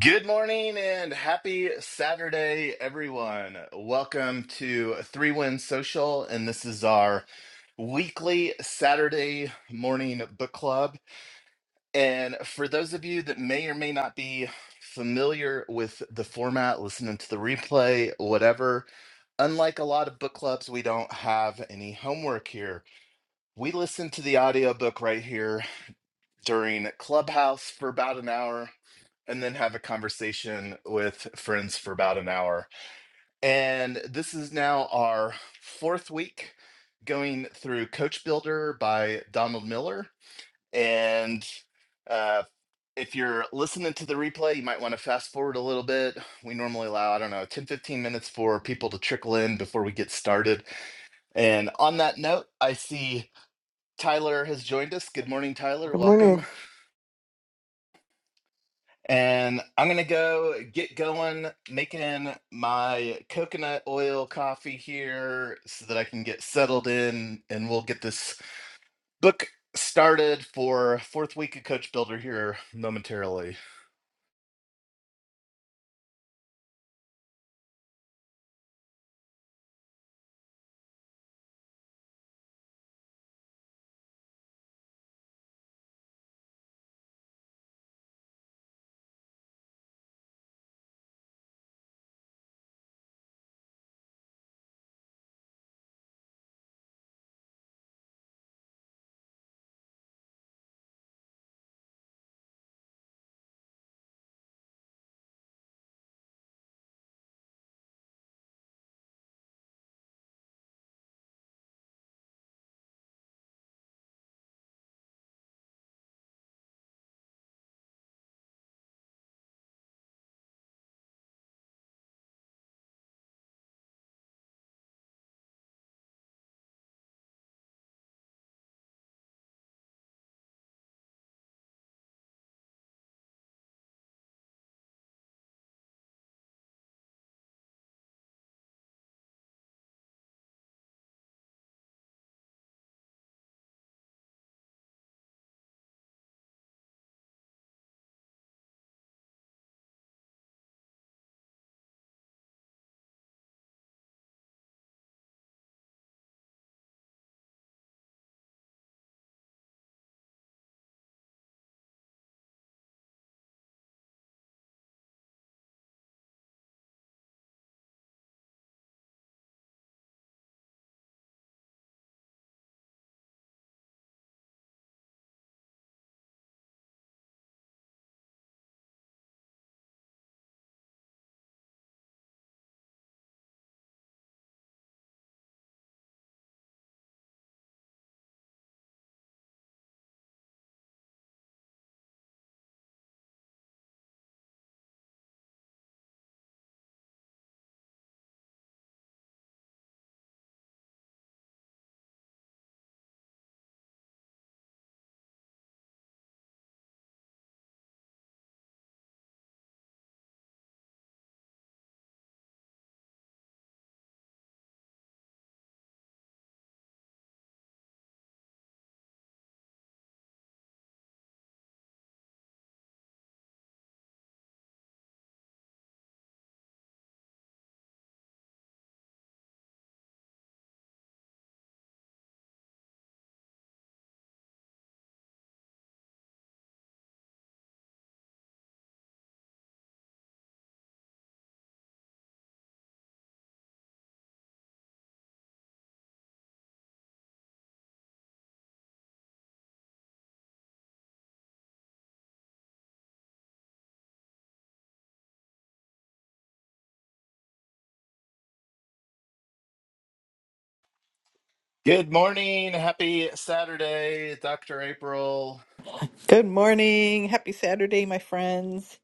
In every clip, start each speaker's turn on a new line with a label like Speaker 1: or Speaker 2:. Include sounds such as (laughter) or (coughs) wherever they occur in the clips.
Speaker 1: Good morning and happy Saturday, everyone. Welcome to Three Win Social, and this is our weekly Saturday morning book club. And for those of you that may or may not be familiar with the format, listening to the replay, whatever, unlike a lot of book clubs, we don't have any homework here. We listen to the audiobook right here during Clubhouse for about an hour and then have a conversation with friends for about an hour. And this is now our fourth week going through Coach Builder by Donald Miller. And uh, if you're listening to the replay, you might want to fast forward a little bit. We normally allow, I don't know, 10, 15 minutes for people to trickle in before we get started. And on that note, I see Tyler has joined us. Good morning, Tyler.
Speaker 2: Good
Speaker 1: Welcome.
Speaker 2: morning.
Speaker 1: And I'm gonna go get going, making my coconut oil coffee here so that I can get settled in, and we'll get this book started for fourth week of Coach Builder here momentarily. Good morning, happy Saturday, Dr. April.
Speaker 3: Good morning. Happy Saturday, my friends.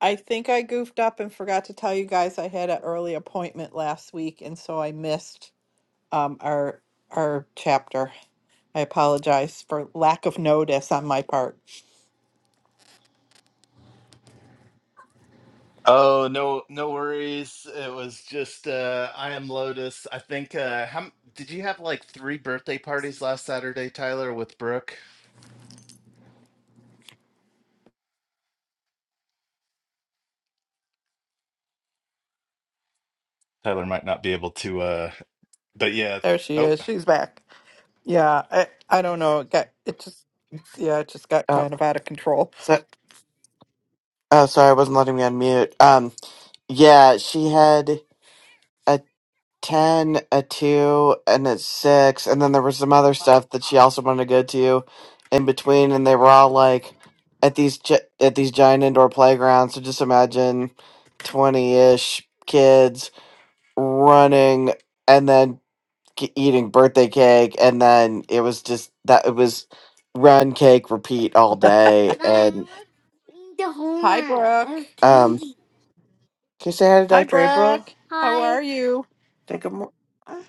Speaker 3: I think I goofed up and forgot to tell you guys I had an early appointment last week, and so I missed um, our our chapter. I apologize for lack of notice on my part.
Speaker 1: Oh, no, no worries. It was just uh I am Lotus. I think uh how m- did you have like three birthday parties last Saturday, Tyler, with Brooke? Tyler might not be able to. uh But yeah,
Speaker 3: There she
Speaker 1: oh,
Speaker 3: is. She's back. Yeah, I, I don't know. It got it just yeah, it just got
Speaker 2: Oh,
Speaker 3: kind of out of control.
Speaker 2: so, oh, sorry, I wasn't letting me unmute. Um, yeah, she had a 10, a 2, and a 6, and then there was some other stuff that she also wanted to go to in between, and they were all like at these gi- at these giant indoor playgrounds. So just imagine 20-ish kids running, and then c- eating birthday cake and then it was just that it was run cake repeat all day Mom, and let's read the
Speaker 3: Hi,
Speaker 2: homework
Speaker 3: Brooke.
Speaker 2: It's um candy. can you say hi to
Speaker 3: Hi,
Speaker 2: dr april
Speaker 3: Brooke. How are you?
Speaker 2: Take a. more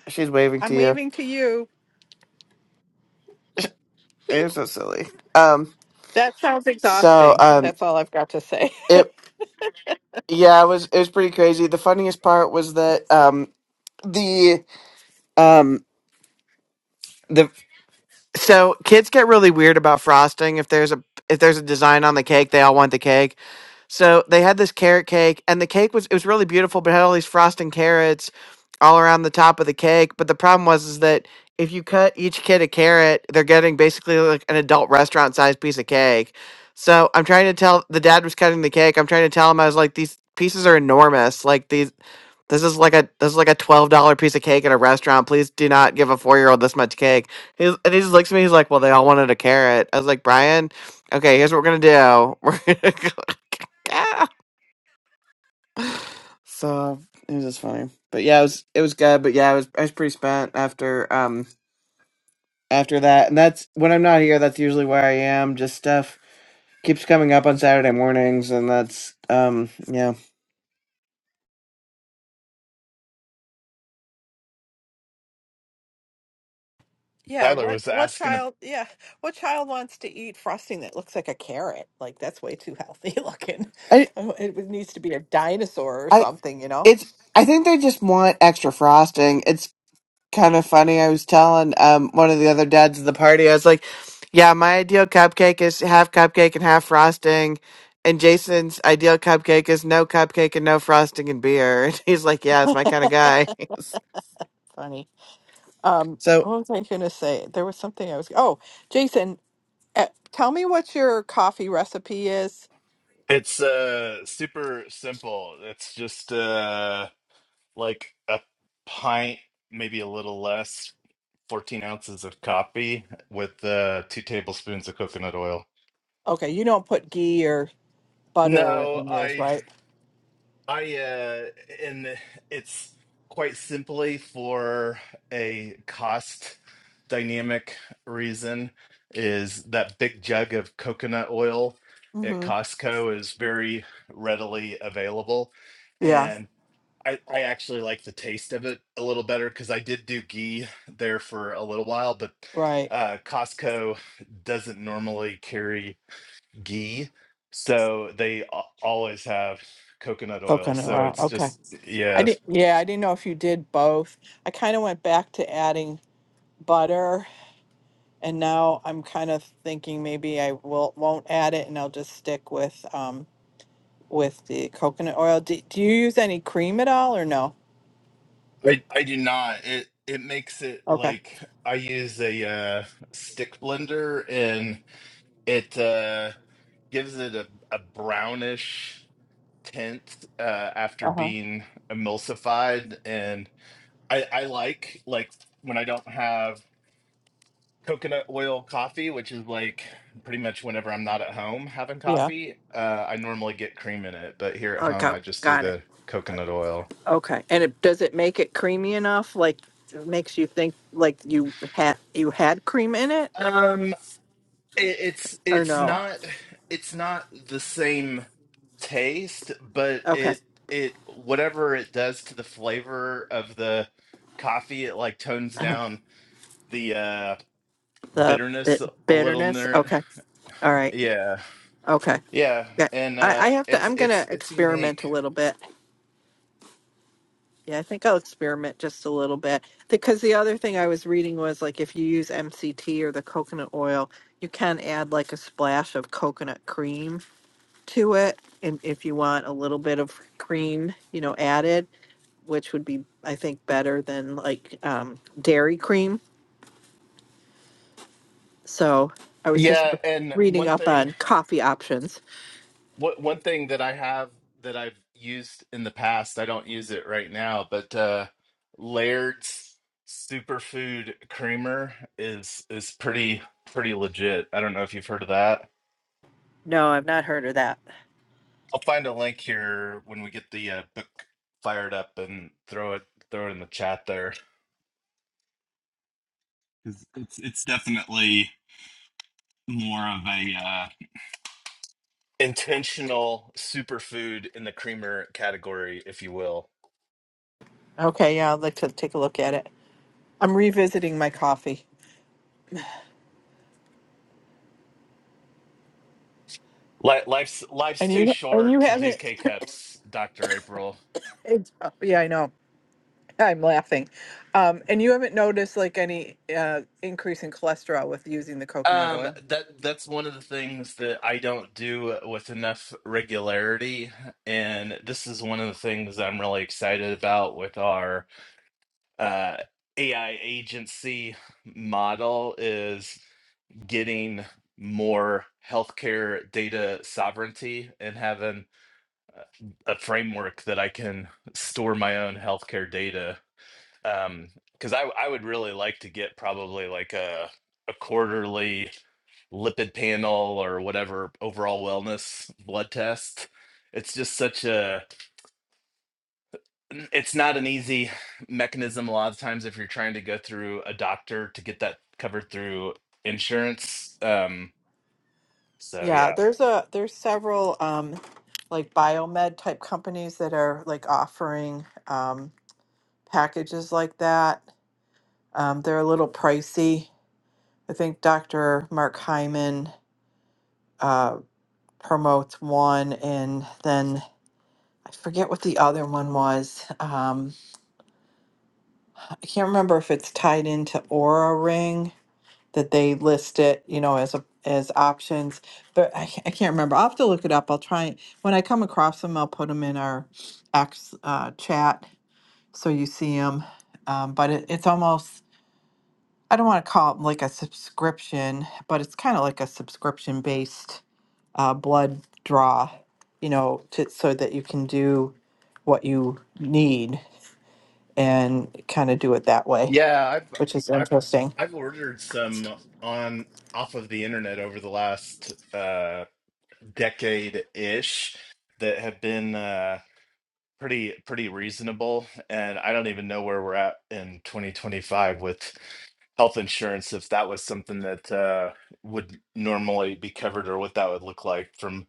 Speaker 2: she's waving to
Speaker 3: I'm
Speaker 2: you
Speaker 3: waving to you.
Speaker 2: you're so silly (laughs) um
Speaker 3: That sounds
Speaker 2: so
Speaker 3: exhausting.
Speaker 2: um
Speaker 3: That's all I've got to say.
Speaker 2: it yeah it was it was pretty crazy the funniest part was that um the um the so kids get really weird about frosting if there's a if there's a design on the cake they all want the cake So they had this carrot cake, and the cake was it was really beautiful, but it had all these frosting carrots all around the top of the cake. But the problem was is that if you cut each kid a carrot, they're getting basically like an adult restaurant sized piece of cake. So I'm trying to tell the dad was cutting the cake. I'm trying to tell him I was like, these pieces are enormous. Like these this is like a this is like a twelve dollar piece of cake at a restaurant. Please do not give a four year old this much cake. He's, and he just looks at me. He's like, "Well, they all wanted a carrot." I was like, "Brian, okay, here's what we're gonna do. (laughs) We're gonna go." Ah! So it was just funny. But yeah, it was it was good. But yeah, I was I was pretty spent after um after that. And that's when I'm not here. That's usually where I am. Just stuff keeps coming up on Saturday mornings, and that's um yeah.
Speaker 3: Yeah,
Speaker 1: Tyler
Speaker 3: what
Speaker 1: was
Speaker 3: what
Speaker 1: asking.
Speaker 3: child, yeah, what child wants to eat frosting that looks like a carrot? Like that's way too healthy (laughs) looking.
Speaker 2: I
Speaker 3: Oh, It would- needs to be a dinosaur or
Speaker 2: I
Speaker 3: something, you know?
Speaker 2: it's I think they just want extra frosting. It's kind of funny. I was telling um one of the other dads at the party, I was like, Yeah, my ideal cupcake is half cupcake and half frosting. And Jason's ideal cupcake is no cupcake and no frosting and beer. (laughs) And he's like, Yeah, it's my
Speaker 3: (laughs)
Speaker 2: kind of guy.
Speaker 3: Funny. Um,
Speaker 2: (laughs) so
Speaker 3: what was I gonna say? There was something I was, oh, Jason, Uh, tell me what your coffee recipe is.
Speaker 1: It's uh super simple. It's just uh like a pint, maybe a little less, 14 ounces of coffee with uh two tablespoons of coconut oil.
Speaker 3: Okay, you don't put ghee or butter
Speaker 1: No,
Speaker 3: in yours,
Speaker 1: I
Speaker 3: right?
Speaker 1: I uh and it's quite simply for a cost dynamic reason is that big jug of coconut oil at
Speaker 3: Mm-hmm.
Speaker 1: Costco is very readily available
Speaker 3: Yeah,
Speaker 1: and I, I actually like the taste of it a little better because I did do ghee there for a little while, but
Speaker 3: right.
Speaker 1: uh, Costco doesn't normally carry ghee. So they a- always have coconut oil.
Speaker 3: Coconut
Speaker 1: So
Speaker 3: oil.
Speaker 1: it's
Speaker 3: Okay.
Speaker 1: just
Speaker 3: I
Speaker 1: yeah.
Speaker 3: did. Yeah, I didn't know if you did both. I kind of went back to adding butter, and now I'm kind of thinking maybe I will won't add it, and I'll just stick with um with the coconut oil. Do, do you use any cream at all, or no?
Speaker 1: I I do not. It it makes it
Speaker 3: Okay.
Speaker 1: like I use a uh, stick blender and it uh, gives it a, a brownish tint uh, after
Speaker 3: Uh huh.
Speaker 1: being emulsified and I I like like when I don't have coconut oil coffee, which is like pretty much whenever I'm not at home having
Speaker 3: Yeah.
Speaker 1: coffee. Uh, I normally get cream in it, but here at home,
Speaker 3: Okay.
Speaker 1: I just do
Speaker 3: Got it.
Speaker 1: the coconut oil.
Speaker 3: Okay, and it, does it make it creamy enough? Like, it makes you think like you had you had cream in it,
Speaker 1: Um, it, it's
Speaker 3: or
Speaker 1: it's
Speaker 3: no?
Speaker 1: not it's not the same taste, but
Speaker 3: Okay,
Speaker 1: it it whatever it does to the flavor of the coffee, it like tones
Speaker 3: uh
Speaker 1: down the uh
Speaker 3: the
Speaker 1: bitterness
Speaker 3: bit
Speaker 1: a little
Speaker 3: bitterness.
Speaker 1: near
Speaker 3: Okay, all right.
Speaker 1: yeah
Speaker 3: Okay,
Speaker 1: yeah
Speaker 3: yeah.
Speaker 1: and
Speaker 3: I,
Speaker 1: uh
Speaker 3: I have to.
Speaker 1: it's
Speaker 3: I'm
Speaker 1: it's
Speaker 3: gonna
Speaker 1: it's unique
Speaker 3: experiment a little bit. Yeah, I think I'll experiment just a little bit because the other thing I was reading was like if you use MCT or the coconut oil, you can add like a splash of coconut cream to it, and if you want a little bit of cream, you know, added which would be, I think, better than like um, dairy cream. So I was just
Speaker 1: Yeah,
Speaker 3: re-
Speaker 1: and
Speaker 3: reading
Speaker 1: one
Speaker 3: up
Speaker 1: thing,
Speaker 3: on coffee options.
Speaker 1: what one thing that I have that I've used in the past, I don't use it right now, but uh Laird's superfood creamer is is pretty pretty legit. I don't know if you've heard of that.
Speaker 3: No, I've not heard of that.
Speaker 1: I'll find a link here when we get the uh, book fired up and throw it throw it in the chat there. 'Cause It's it's definitely more of a uh intentional superfood in the creamer category, if you will.
Speaker 3: Okay, yeah, I'd like to take a look at it. I'm revisiting my coffee,
Speaker 1: Li- Life's life's
Speaker 3: and
Speaker 1: too
Speaker 3: you and
Speaker 1: short
Speaker 3: you
Speaker 1: to do
Speaker 3: haven't.
Speaker 1: K
Speaker 3: (laughs)
Speaker 1: cups, Doctor April.
Speaker 3: It's, oh, yeah, I know. I'm laughing, um, and you haven't noticed like any uh, increase in cholesterol with using the coconut
Speaker 1: Um,
Speaker 3: oil.
Speaker 1: that that's one of the things that I don't do with enough regularity, and this is one of the things I'm really excited about with our uh, AI agency model is getting more healthcare data sovereignty and having a framework that I can store my own healthcare data um because i i would really like to get probably like a a quarterly lipid panel or whatever overall wellness blood test it's just such a it's not an easy mechanism a lot of times if you're trying to go through a doctor to get that covered through insurance um so
Speaker 3: Yeah,
Speaker 1: yeah
Speaker 3: there's a there's several um, like biomed type companies that are like offering. Um, packages like that. Um, they're a little pricey. I think Dr. Mark Hyman uh, promotes one, and then I forget what the other one was. Um, I can't remember if it's tied into Aura Ring that they list it, you know, as a as options, but I, ca- I can't remember. I'll have to look it up. I'll try when I come across them. I'll put them in our X uh, chat so you see them. Um, but it, it's almost I don't want to call it like a subscription, but it's kind of like a subscription based uh, blood draw, you know, to, so that you can do what you need and kind of do it that way,
Speaker 1: yeah i've
Speaker 3: which is
Speaker 1: i've
Speaker 3: interesting.
Speaker 1: i've ordered some on off of the internet over the last uh decade ish that have been uh pretty pretty reasonable and i don't even know where we're at in 2025 with health insurance if that was something that uh, would normally be covered or what that would look like from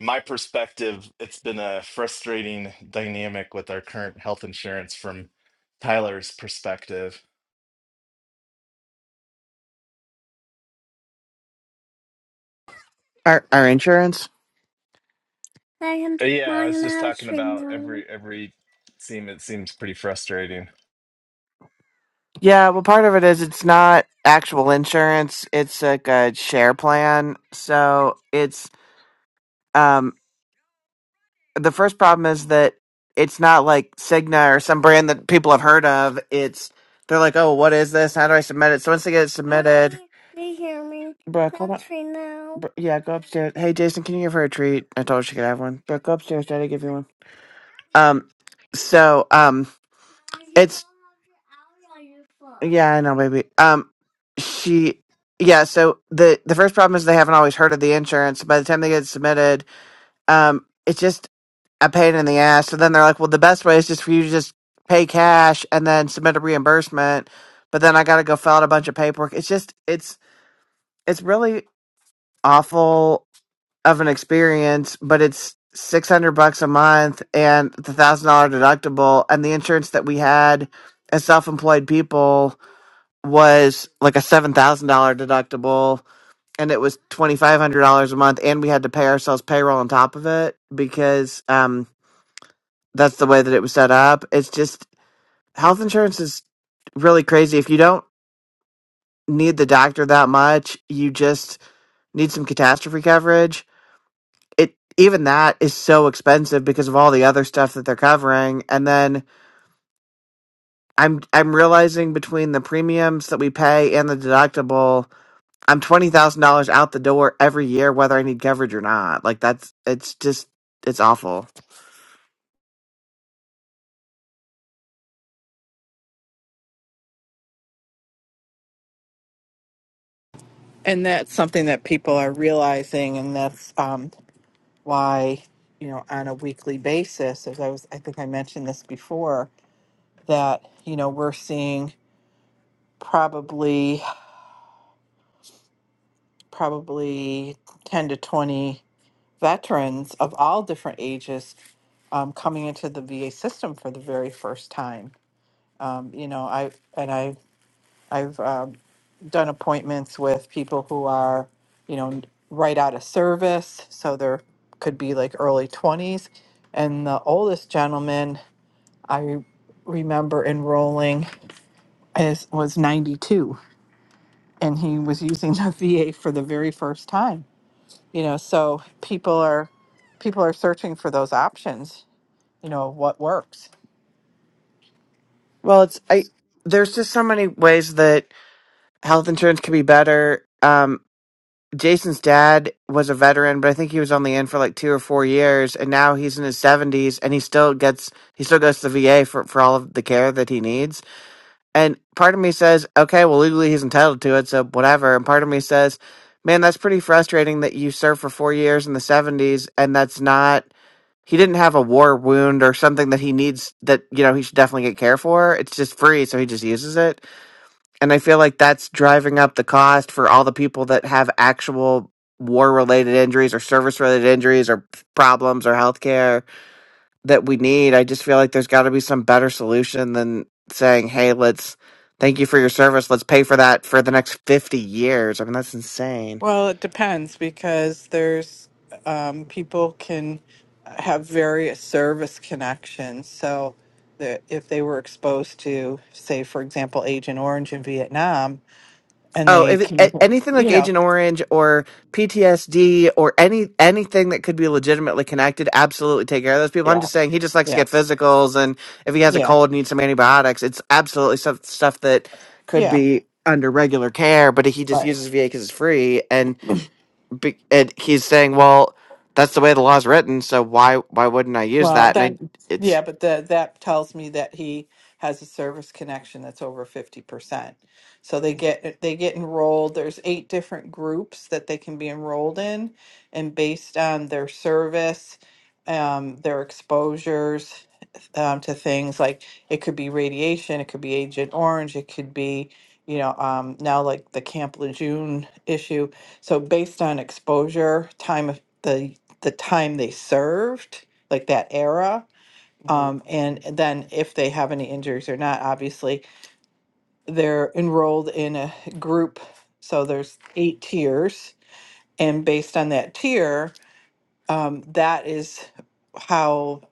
Speaker 1: my perspective it's been a frustrating dynamic with our current health insurance from tyler's perspective
Speaker 2: our our insurance?
Speaker 1: Uh, yeah i was just talking about every every seem it seems pretty frustrating
Speaker 2: Yeah, well part of it is it's not actual insurance. It's like a share plan. So it's um the first problem is that it's not like Cigna or some brand that people have heard of. It's they're like, oh, what is this? How do I submit it? So once they get it submitted, Brooke, hold on. Br- Yeah, go upstairs. Hey, Jason, can you give her a treat? I told her she could have one. Brooke, go upstairs. Daddy, give you one. Um, so um, it's yeah, I know, baby. Um, she yeah. So the the first problem is they haven't always heard of the insurance. By the time they get it submitted, um, it's just a pain in the ass. So then they're like, well, the best way is just for you to just pay cash and then submit a reimbursement. But then I got to go fill out a bunch of paperwork. It's just, it's, it's really awful of an experience, but it's 600 bucks a month and the thousand dollar deductible. And the insurance that we had as self employed people was like a $7,000 deductible. And it was twenty five hundred dollars a month, and we had to pay ourselves payroll on top of it because um, that's the way that it was set up. It's just health insurance is really crazy. If you don't need the doctor that much, you just need some catastrophe coverage. It even that is so expensive because of all the other stuff that they're covering. And then I'm I'm realizing between the premiums that we pay and the deductible, I'm twenty thousand dollars out the door every year, whether I need coverage or not. Like that's it's just it's awful.
Speaker 3: And that's something that people are realizing, and that's um, why, you know, on a weekly basis, as I was, I think I mentioned this before, that, you know, we're seeing probably, probably 10 to 20 veterans of all different ages um, coming into the VA system for the very first time. Um, you know, I and I I've um, done appointments with people who are, you know, right out of service, so there could be like early twenties, and the oldest gentleman I remember enrolling is was ninety two, and he was using the (laughs) VA for the very first time. You know, so people are people are searching for those options you know, what works.
Speaker 2: Well, it's I. There's just so many ways that health insurance can be better. Um, Jason's dad was a veteran, but I think he was only in for like two or four years, and now he's in his seventies, and he still gets he still goes to the VA for for all of the care that he needs. And part of me says, okay, well legally he's entitled to it, so whatever. And part of me says, man, that's pretty frustrating that you served for four years in the seventies, and that's not he didn't have a war wound or something that he needs that you know he should definitely get care for it's just free so he just uses it and i feel like that's driving up the cost for all the people that have actual war related injuries or service related injuries or problems or healthcare that we need i just feel like there's got to be some better solution than saying hey let's thank you for your service let's pay for that for the next 50 years i mean that's insane
Speaker 3: Well, it depends because there's um, people can have various service connections. So, the, if they were exposed to, say, for example, Agent Orange in Vietnam, and
Speaker 2: Oh,
Speaker 3: they
Speaker 2: if it,
Speaker 3: can,
Speaker 2: a- anything like
Speaker 3: you know,
Speaker 2: Agent Orange or PTSD or any anything that could be legitimately connected, absolutely take care of those people. I'm
Speaker 3: yeah,
Speaker 2: just saying he just likes to
Speaker 3: yeah,
Speaker 2: get physicals, and if he has a
Speaker 3: yeah,
Speaker 2: cold, needs some antibiotics, it's absolutely stuff stuff that could
Speaker 3: yeah,
Speaker 2: be under regular care. But he just
Speaker 3: right.
Speaker 2: uses VA because it's free, and be, and he's saying, well, that's the way the law's written, so why why wouldn't I use
Speaker 3: Well,
Speaker 2: that? And I
Speaker 3: then,
Speaker 2: it's
Speaker 3: yeah, but the, that tells me that he has a service connection that's over 50%. So they get they get enrolled. There's eight different groups that they can be enrolled in, and based on their service, um, their exposures um, to things like it could be radiation, it could be Agent Orange, it could be you know um, now like the Camp Lejeune issue. So based on exposure, time of the the time they served like that era.
Speaker 2: hmm
Speaker 3: Um, and then if they have any injuries or not, obviously they're enrolled in a group. So there's eight tiers, and based on that tier, um, that is how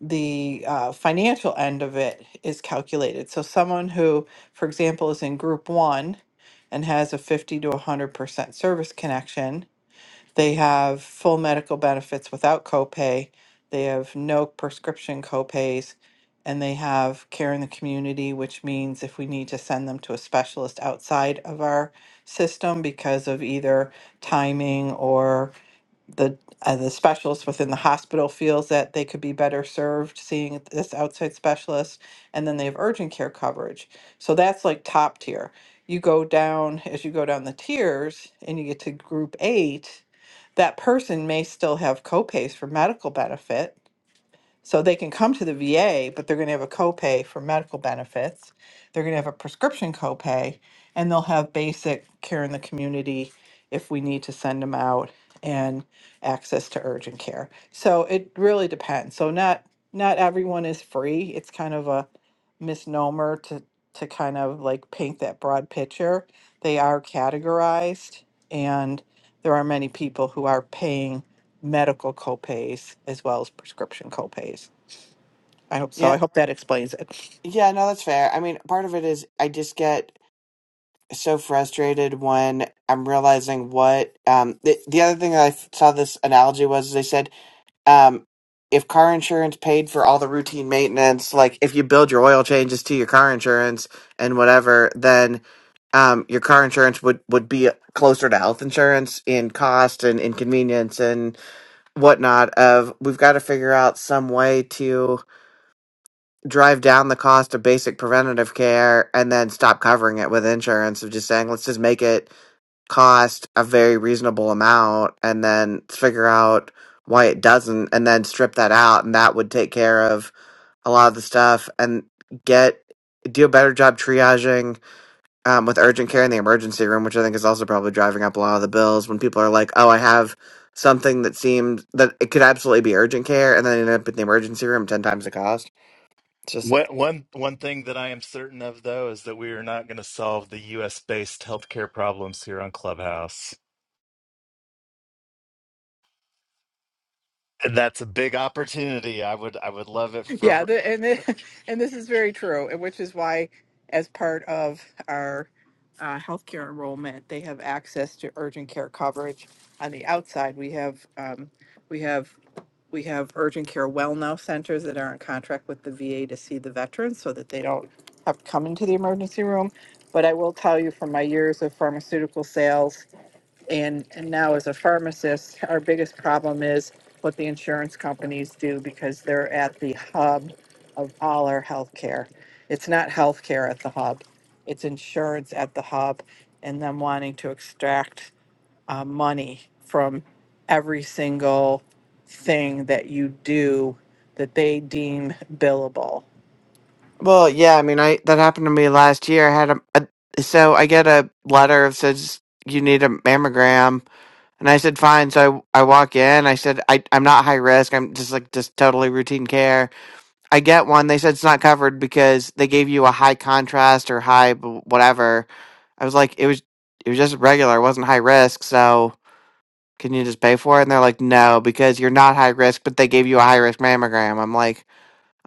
Speaker 3: the uh, financial end of it is calculated. So someone who, for example, is in group one and has a 50 to 100% service connection They have full medical benefits without copay. They have no prescription copays. And they have care in the community, which means if we need to send them to a specialist outside of our system because of either timing or the uh, the specialist within the hospital feels that they could be better served seeing this outside specialist and then they have urgent care coverage so that's like top tier you go down as you go down the tiers and you get to group 8 that person may still have copays for medical benefit so they can come to the VA, but they're going to have a copay for medical benefits. They're going to have a prescription copay, and they'll have basic care in the community if we need to send them out and access to urgent care. So it really depends. So not not everyone is free. It's kind of a misnomer to to kind of like paint that broad picture. They are categorized and there are many people who are paying medical copays as well as prescription copays. I hope so.
Speaker 2: Yeah.
Speaker 3: I hope that explains it.
Speaker 2: Yeah, no, that's fair. I mean, part of it is I just get so frustrated when I'm realizing what um the, the other thing that I f- saw this analogy was they said um, if car insurance paid for all the routine maintenance, like if you build your oil changes to your car insurance and whatever, then um, your car insurance would, would be closer to health insurance in cost and inconvenience and whatnot of we've got to figure out some way to drive down the cost of basic preventative care and then stop covering it with insurance of just saying let's just make it cost a very reasonable amount and then figure out why it doesn't and then strip that out and that would take care of a lot of the stuff and get do a better job triaging um, with urgent care in the emergency room which i think is also probably driving up a lot of the bills when people are like oh i have something that seems that it could absolutely be urgent care and then end up in the emergency room 10 times the cost It's just
Speaker 1: One, one, one thing that I am certain of, though, is that we are not going to solve the U.S. based healthcare problems here on Clubhouse. And that's a big opportunity. I would, I would love it for.
Speaker 3: Yeah,
Speaker 1: for-
Speaker 3: the, and the, (laughs) and this is very true, and which is why, as part of our uh, healthcare enrollment, they have access to urgent care coverage. On the outside, we have um, we have we have urgent care well now centers that are in contract with the VA to see the veterans, so that they don't have to come into the emergency room. But I will tell you, from my years of pharmaceutical sales And, and now as a pharmacist, our biggest problem is what the insurance companies do because they're at the hub of all our healthcare. It's not healthcare at the hub, it's insurance at the hub and them wanting to extract uh, money from every single thing that you do that they deem billable.
Speaker 2: Well, yeah, I mean, I that happened to me last year. I had a, a so I get a letter that says you need a mammogram, and I said fine. So I, I walk in. I said I I'm not high risk. I'm just like just totally routine care. I get one. They said it's not covered because they gave you a high contrast or high b- whatever. I was like, it was it was just regular. It wasn't high risk. So can you just pay for it? And they're like, no, because you're not high risk, but they gave you a high risk mammogram. I'm like.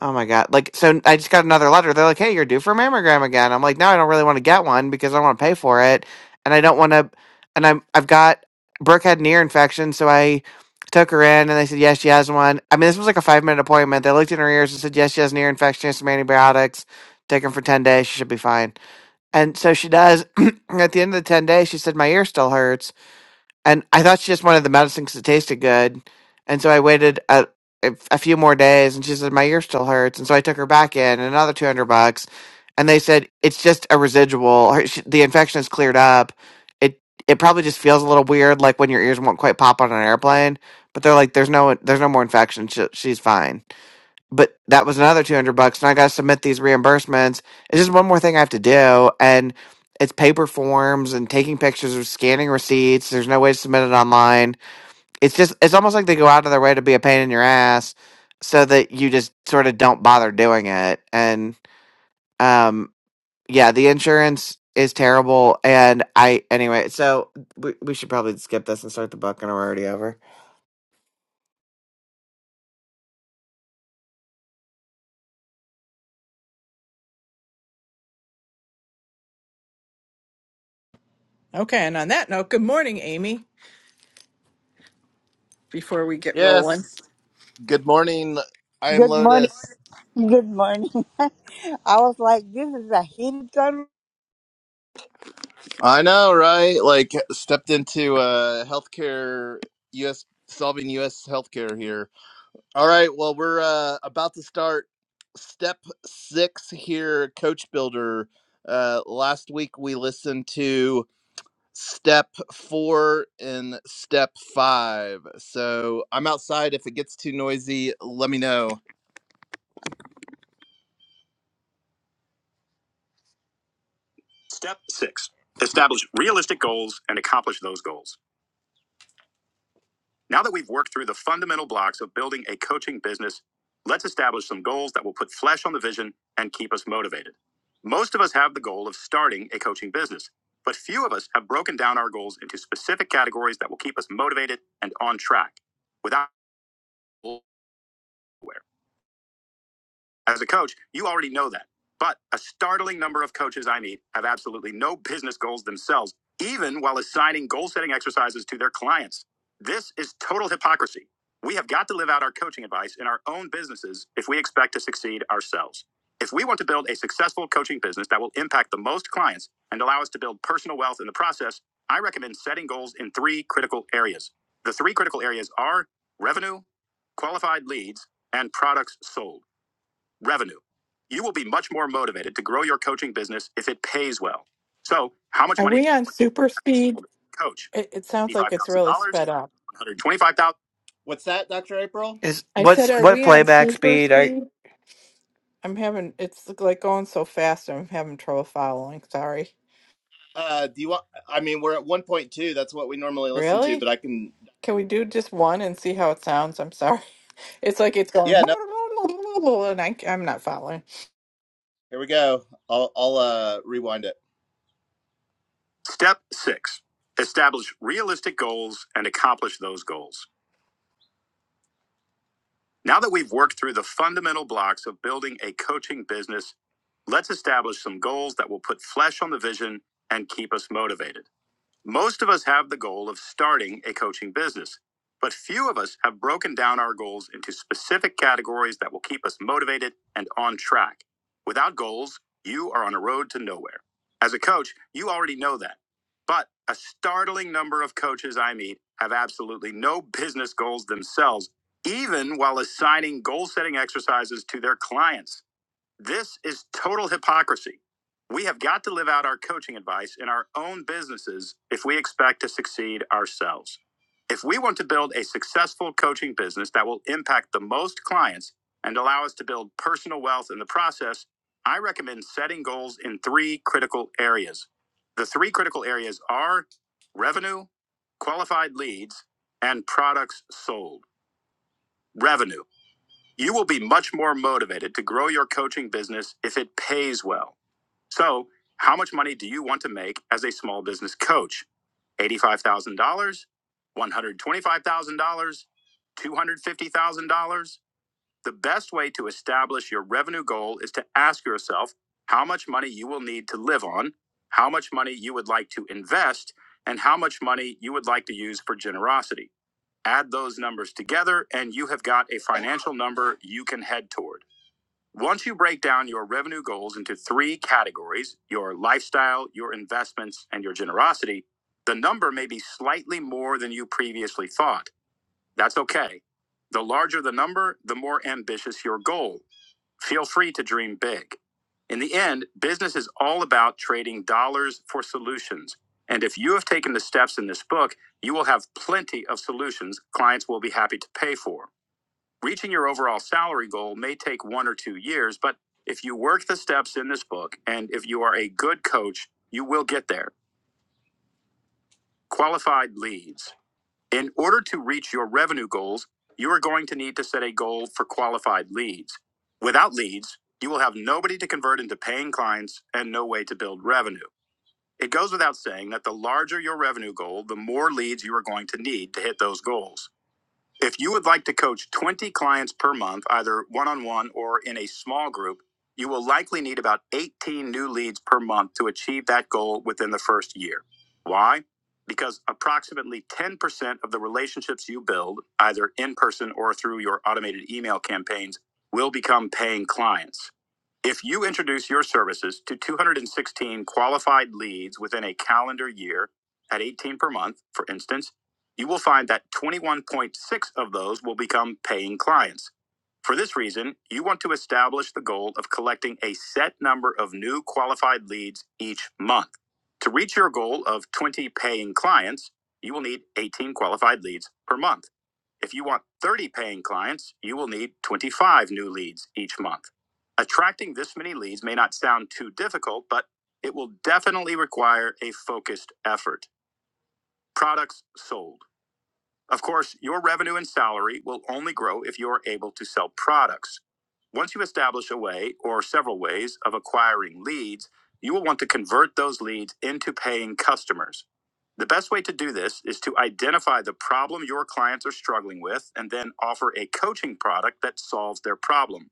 Speaker 2: Oh my god! Like, so I just got another letter. They're like, "Hey, you're due for a mammogram again." I'm like, "No, I don't really want to get one because I don't want to pay for it, and I don't want to." And I'm I've got Brooke had an ear infection, so I took her in, and they said, "Yes, she has one." I mean, this was like a five minute appointment. They looked in her ears and said, "Yes, she has an ear infection. She has some antibiotics. Take them for ten days. She should be fine." And so she does. (clears throat) At the end of the ten days, she said, "My ear still hurts." and I thought she just wanted the medicine because it tasted good. And so I waited a, a a few more days, and she said my ear still hurts. And so I took her back in another two hundred bucks, and they said it's just a residual. Her, she, the infection is cleared up. It it probably just feels a little weird, like when your ears won't quite pop on an airplane. But they're like, there's no there's no more infection. She, she's fine but that was another 200 bucks and i gotta submit these reimbursements it's just one more thing i have to do and it's paper forms and taking pictures or scanning receipts there's no way to submit it online it's just it's almost like they go out of their way to be a pain in your ass so that you just sort of don't bother doing it and um yeah the insurance is terrible and i anyway so we, we should probably skip this and start the book and we're already over
Speaker 3: Okay, and on that note, good morning, Amy. Before we get
Speaker 1: Yes.
Speaker 3: rolling,
Speaker 1: Good morning. I am
Speaker 4: Good morning.
Speaker 1: Lotus.
Speaker 4: Good morning. (laughs) I was like, this is a heated gun.
Speaker 1: I know, right? Like stepped into uh healthcare US solving US healthcare here. All right, well we're uh about to start step 6 here coach builder. Uh last week we listened to step four and step five. So I'm outside. If it gets too noisy, let me know. Step six establish realistic goals and accomplish those goals. Now that we've worked through the fundamental blocks of building a coaching business, let's establish some goals that will put flesh on the vision and keep us motivated. Most of us have the goal of starting a coaching business, but few of us have broken down our goals into specific categories that will keep us motivated and on track without. aware. As a coach, you already know that. But a startling number of coaches I meet have absolutely no business goals themselves, even while assigning goal setting exercises to their clients. This is total hypocrisy. We have got to live out our coaching advice in our own businesses if we expect to succeed ourselves. If we want to build a successful coaching business that will impact the most clients and allow us to build personal wealth in the process, I recommend setting goals in three critical areas. The three critical areas are revenue, qualified leads, and products sold. Revenue. You will be much more motivated to grow your coaching business if it pays well. So, how much
Speaker 3: are
Speaker 1: money
Speaker 3: we
Speaker 1: do
Speaker 3: on super speed?
Speaker 1: you coach?
Speaker 3: It, it sounds like it's really
Speaker 1: $85,000,
Speaker 3: sped up.
Speaker 1: $125,000. What's that, Dr. April?
Speaker 2: is
Speaker 3: I said,
Speaker 2: what's
Speaker 3: are
Speaker 2: what
Speaker 3: we on (laughs)
Speaker 2: playback
Speaker 3: super
Speaker 2: speed are you
Speaker 3: speed? I'm having, it's like like, going so fast, I'm having trouble following. Sorry.
Speaker 1: Uh, do you want, I mean, we're at 1.2. That's what we normally listen to, but
Speaker 3: Really?
Speaker 1: I can,
Speaker 3: Can we do just one and see how it sounds? I'm sorry. (laughs) It's like it's going (laughs)
Speaker 1: yeah, no,
Speaker 3: and I, I'm not following.
Speaker 1: here we go. I'll, I'll, uh, rewind it. Step six, establish realistic goals and accomplish those goals. Now that we've worked through the fundamental blocks of building a coaching business, let's establish some goals that will put flesh on the vision and keep us motivated. Most of us have the goal of starting a coaching business, but few of us have broken down our goals into specific categories that will keep us motivated and on track. Without goals, you are on a road to nowhere. As a coach, you already know that. But a startling number of coaches I meet have absolutely no business goals themselves, even while assigning goal setting exercises to their clients. This is total hypocrisy. We have got to live out our coaching advice in our own businesses if we expect to succeed ourselves. If we want to build a successful coaching business that will impact the most clients and allow us to build personal wealth in the process, I recommend setting goals in three critical areas. The three critical areas are revenue, qualified leads, and products sold. Revenue. You will be much more motivated to grow your coaching business if it pays well. So, how much money do you want to make as a small business coach? $85,000, $125,000, $250,000? The best way to establish your revenue goal is to ask yourself how much money you will need to live on, how much money you would like to invest, and how much money you would like to use for generosity. Add those numbers together, and you have got a financial number you can head toward. Once you break down your revenue goals into three categories your lifestyle, your investments, and your generosity the number may be slightly more than you previously thought. That's okay. The larger the number, the more ambitious your goal. Feel free to dream big. In the end, business is all about trading dollars for solutions. And if you have taken the steps in this book, you will have plenty of solutions clients will be happy to pay for. Reaching your overall salary goal may take one or two years, but if you work the steps in this book and if you are a good coach, you will get there. Qualified leads. In order to reach your revenue goals, you are going to need to set a goal for qualified leads. Without leads, you will have nobody to convert into paying clients and no way to build revenue. It goes without saying that the larger your revenue goal, the more leads you are going to need to hit those goals. If you would like to coach 20 clients per month, either one on one or in a small group, you will likely need about 18 new leads per month to achieve that goal within the first year. Why? Because approximately 10% of the relationships you build, either in person or through your automated email campaigns, will become paying clients. If you introduce your services to 216 qualified leads within a calendar year at 18 per month, for instance, you will find that 21.6 of those will become paying clients. For this reason, you want to establish the goal of collecting a set number of new qualified leads each month. To reach your goal of 20 paying clients, you will need 18 qualified leads per month. If you want 30 paying clients, you will need 25 new leads each month. Attracting this many leads may not sound too difficult, but it will definitely require a focused effort. Products sold. Of course, your revenue and salary will only grow if you are able to sell products. Once you establish a way or several ways of acquiring leads, you will want to convert those leads into paying customers. The best way to do this is to identify the problem your clients are struggling with and then offer a coaching product that solves their problem.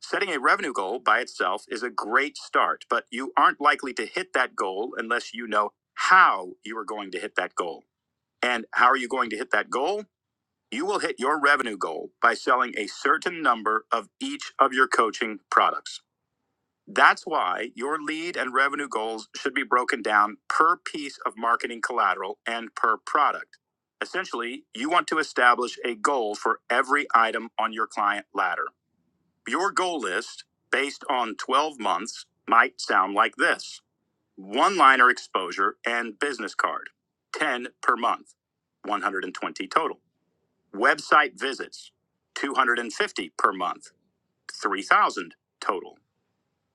Speaker 1: Setting a revenue goal by itself is a great start, but you aren't likely to hit that goal unless you know how you are going to hit that goal. And how are you going to hit that goal? You will hit your revenue goal by selling a certain number of each of your coaching products. That's why your lead and revenue goals should be broken down per piece of marketing collateral and per product. Essentially, you want to establish a goal for every item on your client ladder. Your goal list, based on 12 months, might sound like this one liner exposure and business card, 10 per month, 120 total. Website visits, 250 per month, 3,000 total.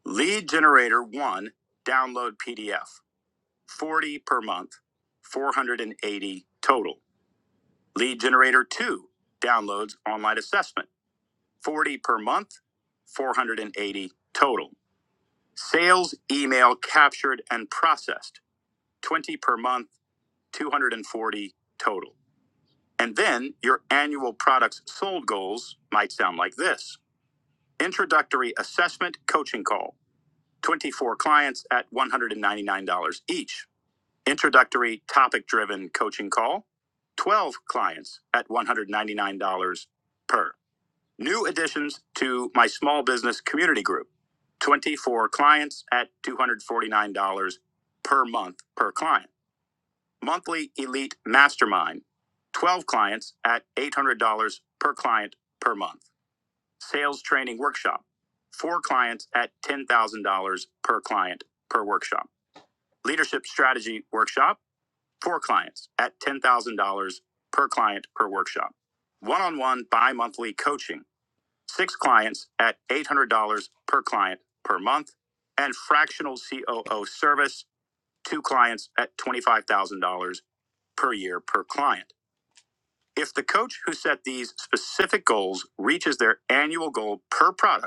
Speaker 1: Lead generator one, download PDF, 40 per month, 480 total. Lead generator two, downloads online assessment, 40 per month, 480 total. Sales email captured and processed, 20 per month, 240 total. And then your annual products sold goals might sound like this. Introductory assessment coaching call 24 clients at $199 each. Introductory topic driven coaching call 12 clients at $199 per. New additions to my small business community group 24 clients at $249 per month per client. Monthly elite mastermind 12 clients at $800 per client per month sales training workshop. Four clients at $10,000 per client per workshop. Leadership strategy workshop. Four clients at $10,000 per client per workshop. One on one bi monthly coaching. Six clients at $800 per client per month. And fractional COO service. Two clients at $25,000 per year per client. If the coach who set these specific goals reaches their annual goal per product,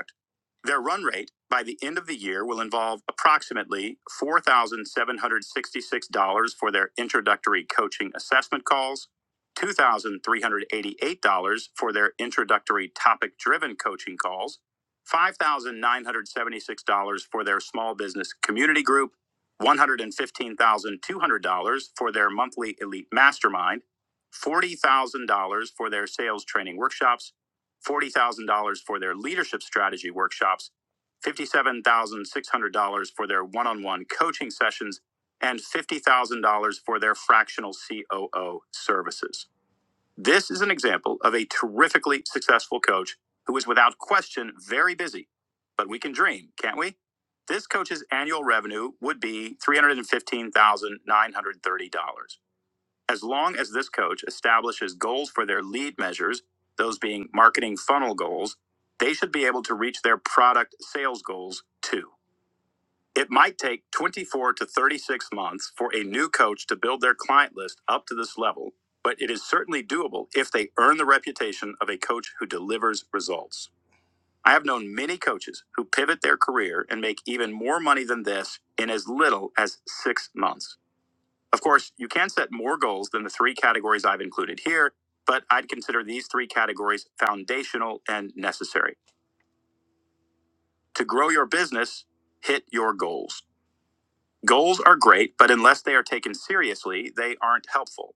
Speaker 1: their run rate by the end of the year will involve approximately $4,766 for their introductory coaching assessment calls, $2,388 for their introductory topic driven coaching calls, $5,976 for their small business community group, $115,200 for their monthly elite mastermind, $40,000 for their sales training workshops $40,000 for their leadership strategy workshops, $57,600 for their one on one coaching sessions, and $50,000 for their fractional COO services. This is an example of a terrifically successful coach who is without question very busy, but we can dream, can't we? This coach's annual revenue would be $315,930. As long as this coach establishes goals for their lead measures, those being marketing funnel goals, they should be able to reach their product sales goals too. It might take 24 to 36 months for a new coach to build their client list up to this level, but it is certainly doable if they earn the reputation of a coach who delivers results. I have known many coaches who pivot their career and make even more money than this in as little as six months. Of course, you can set more goals than the three categories I've included here, but I'd consider these three categories foundational and necessary. To grow your business, hit your goals. Goals are great, but unless they are taken seriously, they aren't helpful.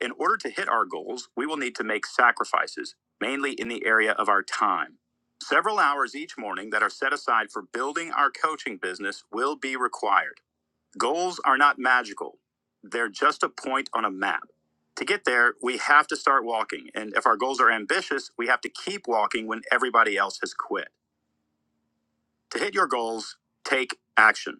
Speaker 1: In order to hit our goals, we will need to make sacrifices, mainly in the area of our time. Several hours each morning that are set aside for building our coaching business will be required. Goals are not magical. They're just a point on a map. To get there, we have to start walking. And if our goals are ambitious, we have to keep walking when everybody else has quit. To hit your goals, take action.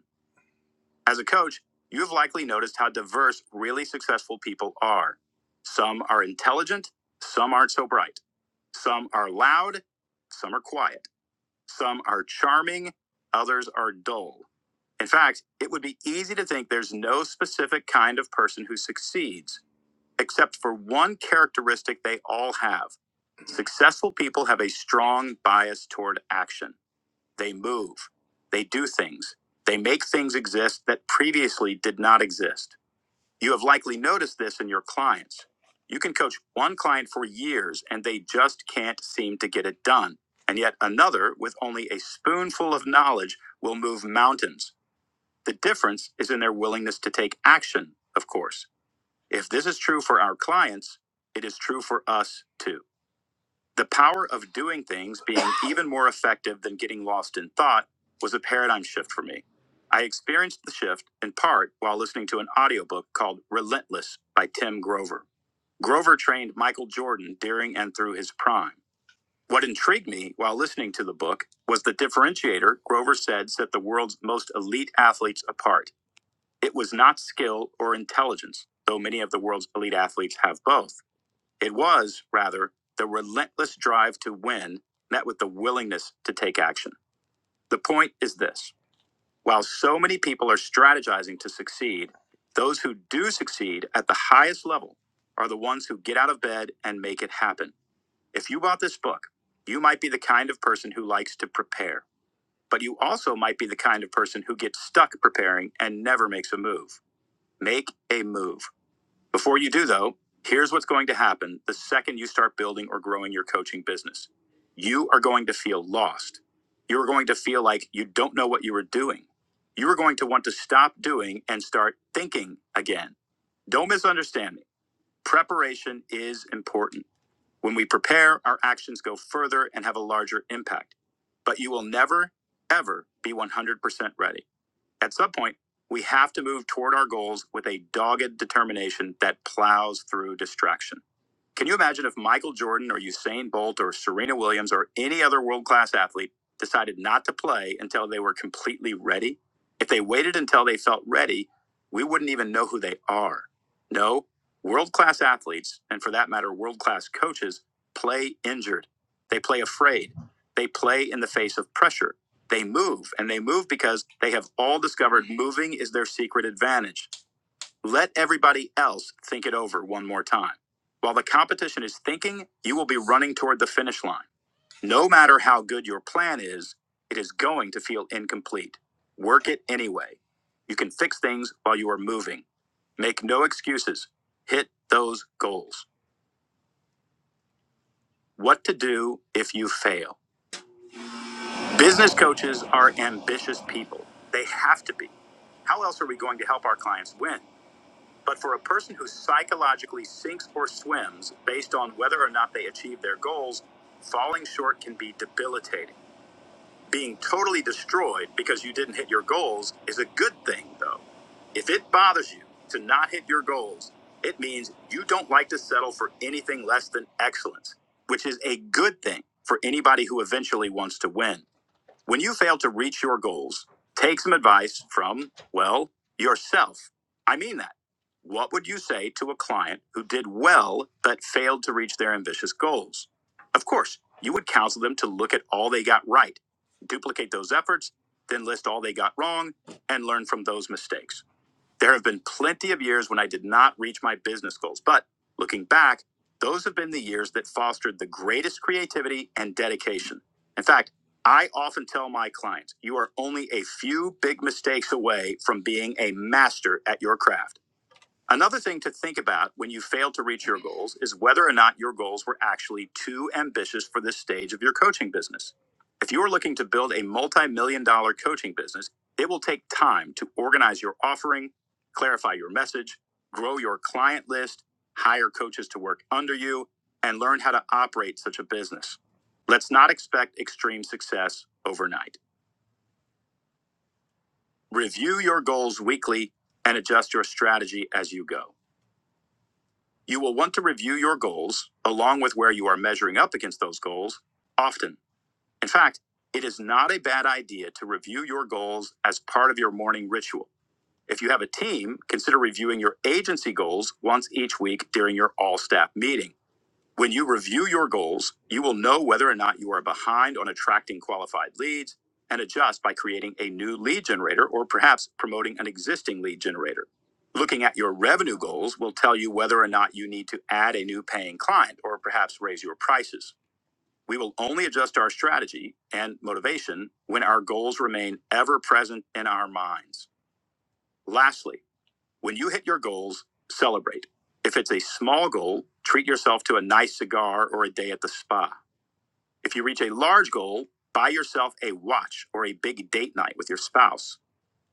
Speaker 1: As a coach, you have likely noticed how diverse really successful people are. Some are intelligent, some aren't so bright. Some are loud, some are quiet. Some are charming, others are dull. In fact, it would be easy to think there's no specific kind of person who succeeds, except for one characteristic they all have. Successful people have a strong bias toward action. They move, they do things, they make things exist that previously did not exist. You have likely noticed this in your clients. You can coach one client for years and they just can't seem to get it done. And yet another, with only a spoonful of knowledge, will move mountains. The difference is in their willingness to take action, of course. If this is true for our clients, it is true for us too. The power of doing things being (coughs) even more effective than getting lost in thought was a paradigm shift for me. I experienced the shift in part while listening to an audiobook called Relentless by Tim Grover. Grover trained Michael Jordan during and through his prime. What intrigued me while listening to the book was the differentiator Grover said set the world's most elite athletes apart it was not skill or intelligence, though many of the world's elite athletes have both. It was, rather, the relentless drive to win met with the willingness to take action. The point is this while so many people are strategizing to succeed, those who do succeed at the highest level are the ones who get out of bed and make it happen. If you bought this book, you might be the kind of person who likes to prepare, but you also might be the kind of person who gets stuck preparing and never makes a move. Make a move. Before you do, though, here's what's going to happen the second you start building or growing your coaching business you are going to feel lost. You're going to feel like you don't know what you were doing. You are going to want to stop doing and start thinking again. Don't misunderstand me. Preparation is important. When we prepare, our actions go further and have a larger impact. But you will never, ever be 100% ready. At some point, we have to move toward our goals with a dogged determination that plows through distraction. Can you imagine if Michael Jordan or Usain Bolt or Serena Williams or any other world class athlete decided not to play until they were completely ready? If they waited until they felt ready, we wouldn't even know who they are. No, world class athletes, and for that matter, world class coaches, play injured. They play afraid. They play in the face of pressure. They move, and they move because they have all discovered moving is their secret advantage. Let everybody else think it over one more time. While the competition is thinking, you will be running toward the finish line. No matter how good your plan is, it is going to feel incomplete. Work it anyway. You can fix things while you are moving. Make no excuses. Hit those goals. What to do if you fail. Business coaches are ambitious people. They have to be. How else are we going to help our clients win? But for a person who psychologically sinks or swims based on whether or not they achieve their goals, falling short can be debilitating. Being totally destroyed because you didn't hit your goals is a good thing, though. If it bothers you to not hit your goals, it means you don't like to settle for anything less than excellence, which is a good thing for anybody who eventually wants to win. When you fail to reach your goals, take some advice from, well, yourself. I mean that. What would you say to a client who did well but failed to reach their ambitious goals? Of course, you would counsel them to look at all they got right, duplicate those efforts, then list all they got wrong, and learn from those mistakes. There have been plenty of years when I did not reach my business goals, but looking back, those have been the years that fostered the greatest creativity and dedication. In fact, I often tell my clients, you are only a few big mistakes away from being a master at your craft. Another thing to think about when you fail to reach your goals is whether or not your goals were actually too ambitious for this stage of your coaching business. If you are looking to build a multi million dollar coaching business, it will take time to organize your offering, clarify your message, grow your client list, hire coaches to work under you, and learn how to operate such a business. Let's not expect extreme success overnight. Review your goals weekly and adjust your strategy as you go. You will want to review your goals, along with where you are measuring up against those goals, often. In fact, it is not a bad idea to review your goals as part of your morning ritual. If you have a team, consider reviewing your agency goals once each week during your all staff meeting. When you review your goals, you will know whether or not you are behind on attracting qualified leads and adjust by creating a new lead generator or perhaps promoting an existing lead generator. Looking at your revenue goals will tell you whether or not you need to add a new paying client or perhaps raise your prices. We will only adjust our strategy and motivation when our goals remain ever present in our minds. Lastly, when you hit your goals, celebrate. If it's a small goal, treat yourself to a nice cigar or a day at the spa. If you reach a large goal, buy yourself a watch or a big date night with your spouse.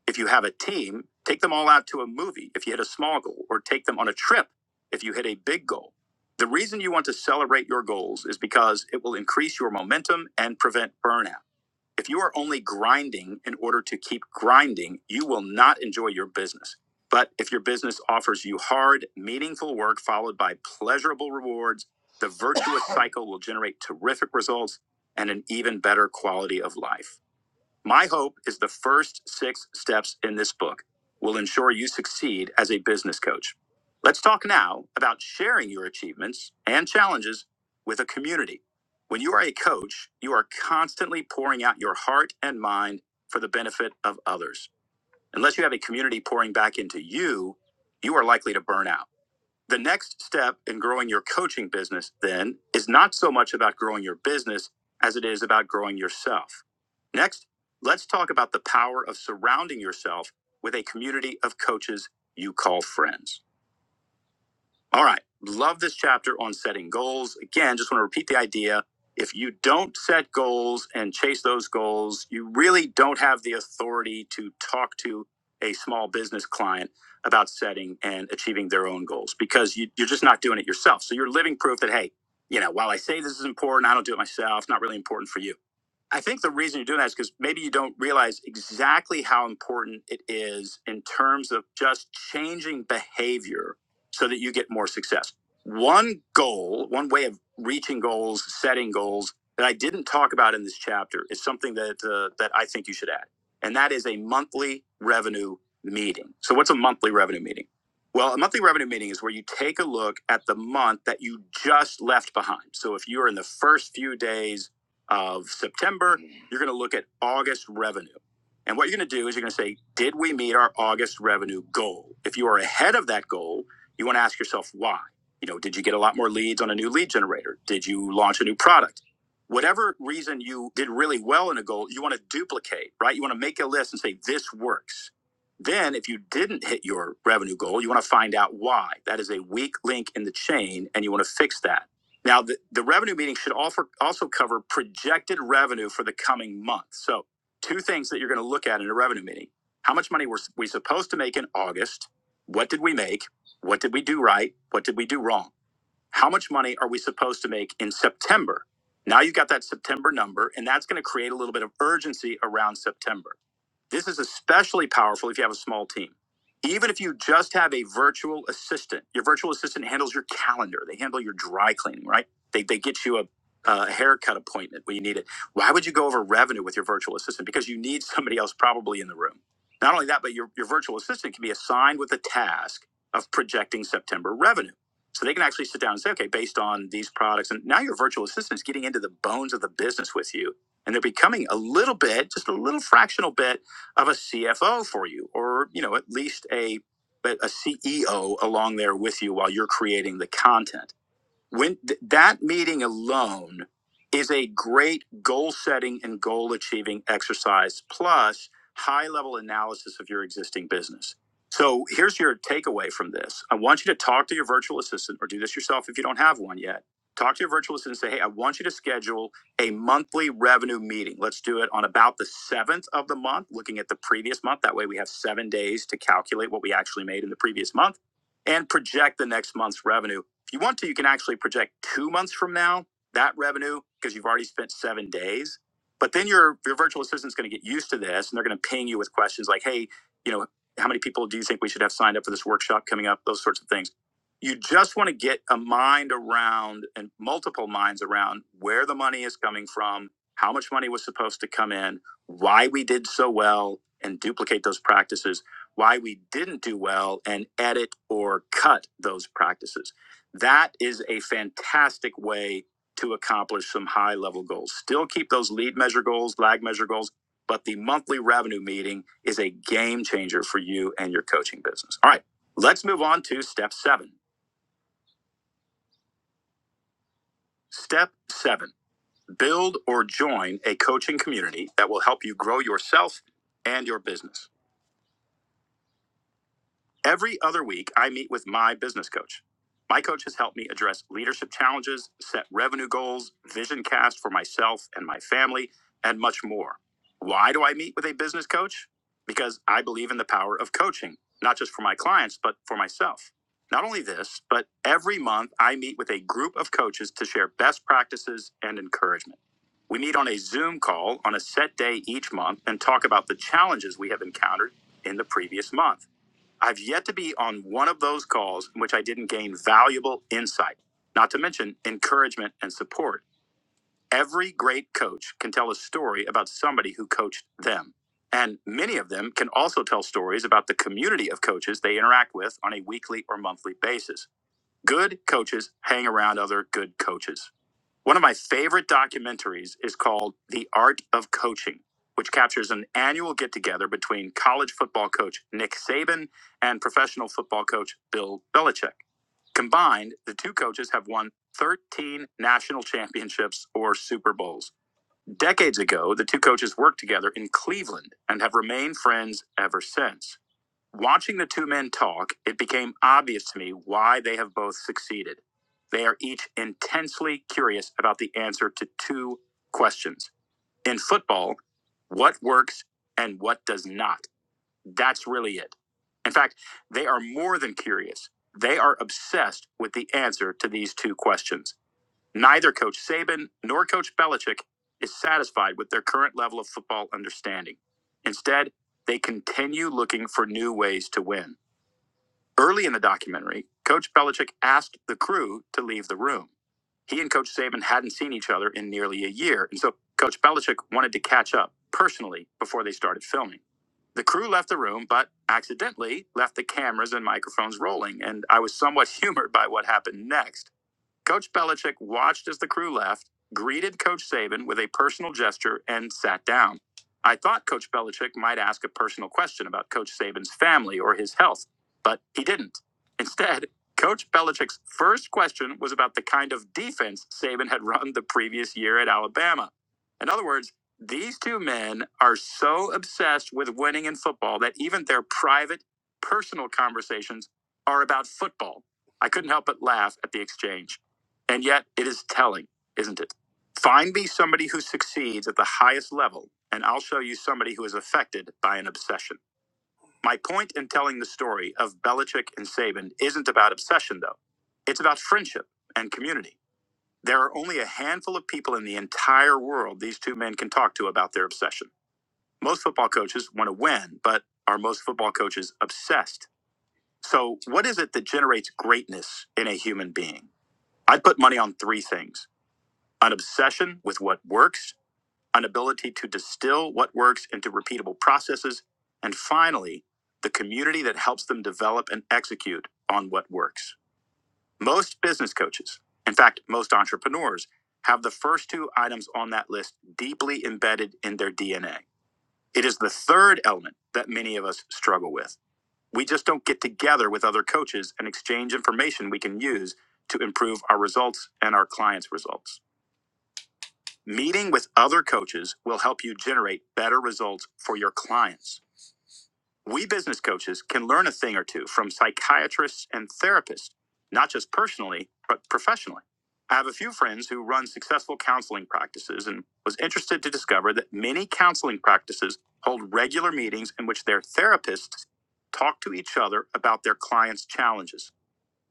Speaker 1: If you have a team, take them all out to a movie if you hit a small goal, or take them on a trip if you hit a big goal. The reason you want to celebrate your goals is because it will increase your momentum and prevent burnout. If you are only grinding in order to keep grinding, you will not enjoy your business. But if your business offers you hard, meaningful work followed by pleasurable rewards, the virtuous (laughs) (coughs) cycle will generate terrific results and an even better quality of life. My hope is the first six steps in this book will ensure you succeed as a business coach. Let's talk now about sharing your achievements and challenges with a community. When you are a coach, you are constantly pouring out your heart and mind for the benefit of others. Unless you have a community pouring back into you, you are likely to burn out. The next step in growing your coaching business, then, is not so much about growing your business as it is about growing yourself. Next, let's talk about the power of surrounding yourself with a community of coaches you call friends. All right. Love this chapter on setting goals. Again, just want to repeat the idea. If you don't set goals and chase those goals, you really don't have the authority to talk to a small business client about setting and achieving their own goals because you, you're just not doing it yourself. So you're living proof that, hey, you know, while I say this is important, I don't do it myself, It's not really important for you. I think the reason you're doing that is because maybe you don't realize exactly how important it is in terms of just changing behavior so that you get more success. One goal, one way of reaching goals, setting goals that I didn't talk about in this chapter is something that uh, that I think you should add, and that is a monthly revenue meeting. So, what's a monthly revenue meeting? Well, a monthly revenue meeting is where you take a look at the month that you just left behind. So, if you're in the first few days of September. You're going to look at August revenue. And what you're going to do is you're going to say, did we meet our August revenue goal? If you are ahead of that goal, you want to ask yourself why. You know, did you get a lot more leads on a new lead generator? Did you launch a new product? Whatever reason you did really well in a goal, you want to duplicate, right? You want to make a list and say, this works. Then, if you didn't hit your revenue goal, you want to find out why. That is a weak link in the chain, and you want to fix that. Now, the, the revenue meeting should offer, also cover projected revenue for the coming month. So, two things that you're going to look at in a revenue meeting how much money were we supposed to make in August? What did we make? What did we do right? What did we do wrong? How much money are we supposed to make in September? Now you've got that September number, and that's going to create a little bit of urgency around September. This is especially powerful if you have a small team. Even if you just have a virtual assistant, your virtual assistant handles your calendar. They handle your dry cleaning, right? They, they get you a, a haircut appointment when you need it. Why would you go over revenue with your virtual assistant? Because you need somebody else probably in the room. Not only that, but your, your virtual assistant can be assigned with the task of projecting September revenue. So they can actually sit down and say, okay, based on these products. And now your virtual assistant is getting into the bones of the business with you. And they're becoming a little bit, just a little fractional bit of a CFO for you, or you know, at least a a CEO along there with you while you're creating the content when th- that meeting alone is a great goal setting and goal achieving exercise plus high level analysis of your existing business so here's your takeaway from this i want you to talk to your virtual assistant or do this yourself if you don't have one yet talk to your virtual assistant and say hey i want you to schedule a monthly revenue meeting let's do it on about the seventh of the month looking at the previous month that way we have seven days to calculate what we actually made in the previous month and project the next month's revenue if you want to, you can actually project two months from now that revenue because you've already spent seven days. But then your your virtual assistant's going to get used to this, and they're going to ping you with questions like, "Hey, you know, how many people do you think we should have signed up for this workshop coming up?" Those sorts of things. You just want to get a mind around and multiple minds around where the money is coming from, how much money was supposed to come in, why we did so well, and duplicate those practices, why we didn't do well, and edit or cut those practices that is a fantastic way to accomplish some high level goals. Still keep those lead measure goals, lag measure goals, but the monthly revenue meeting is a game changer for you and your coaching business. All right, let's move on to step seven. Step seven build or join a coaching community that will help you grow yourself and your business. Every other week, I meet with my business coach. My coach has helped me address leadership challenges, set revenue goals, vision cast for myself and my family, and much more. Why do I meet with a business coach? Because I believe in the power of coaching, not just for my clients, but for myself. Not only this, but every month I meet with a group of coaches to share best practices and encouragement. We meet on a Zoom call on a set day each month and talk about the challenges we have encountered in the previous month. I've yet to be on one of those calls in which I didn't gain valuable insight, not to mention encouragement and support. Every great coach can tell a story about somebody who coached them. And many of them can also tell stories about the community of coaches they interact with on a weekly or monthly basis. Good coaches hang around other good coaches. One of my favorite documentaries is called The Art of Coaching, which captures an annual get together between college football coach Nick Saban and professional football coach Bill Belichick. Combined, the two coaches have won 13 national championships or Super Bowls. Decades ago, the two coaches worked together in Cleveland and have remained friends ever since. Watching the two men talk, it became obvious to me why they have both succeeded. They are each intensely curious about the answer to two questions. In football, what works and what does not? That's really it. In fact, they are more than curious. They are obsessed with the answer to these two questions. Neither Coach Saban nor Coach Belichick is satisfied with their current level of football understanding. Instead, they continue looking for new ways to win. Early in the documentary, Coach Belichick asked the crew to leave the room. He and Coach Saban hadn't seen each other in nearly a year, and so Coach Belichick wanted to catch up personally before they started filming. The crew left the room, but accidentally left the cameras and microphones rolling, and I was somewhat (laughs) humored by what happened next. Coach Belichick watched as the crew left, greeted Coach Saban with a personal gesture, and sat down. I thought Coach Belichick might ask a personal question about Coach Saban's family or his health, but he didn't. Instead, Coach Belichick's first question was about the kind of defense Saban had run the previous year at Alabama. In other words, these two men are so obsessed with winning in football that even their private, personal conversations are about football. I couldn't help but laugh at the exchange. And yet it is telling, isn't it? Find me somebody who succeeds at the highest level, and I'll show you somebody who is affected by an obsession. My point in telling the story of Belichick and Saban isn't about obsession, though. It's about friendship and community. There are only a handful of people in the entire world these two men can talk to about their obsession. Most football coaches want to win, but are most football coaches obsessed? So, what is it that generates greatness in a human being? I'd put money on three things an obsession with what works, an ability to distill what works into repeatable processes, and finally, the community that helps them develop and execute on what works. Most business coaches, in fact, most entrepreneurs, have the first two items on that list deeply embedded in their DNA. It is the third element that many of us struggle with. We just don't get together with other coaches and exchange information we can use to improve our results and our clients' results. Meeting with other coaches will help you generate better results for your clients. We business coaches can learn a thing or two from psychiatrists and therapists, not just personally, but professionally. I have a few friends who run successful counseling practices and was interested to discover that many counseling practices hold regular meetings in which their therapists talk to each other about their clients' challenges.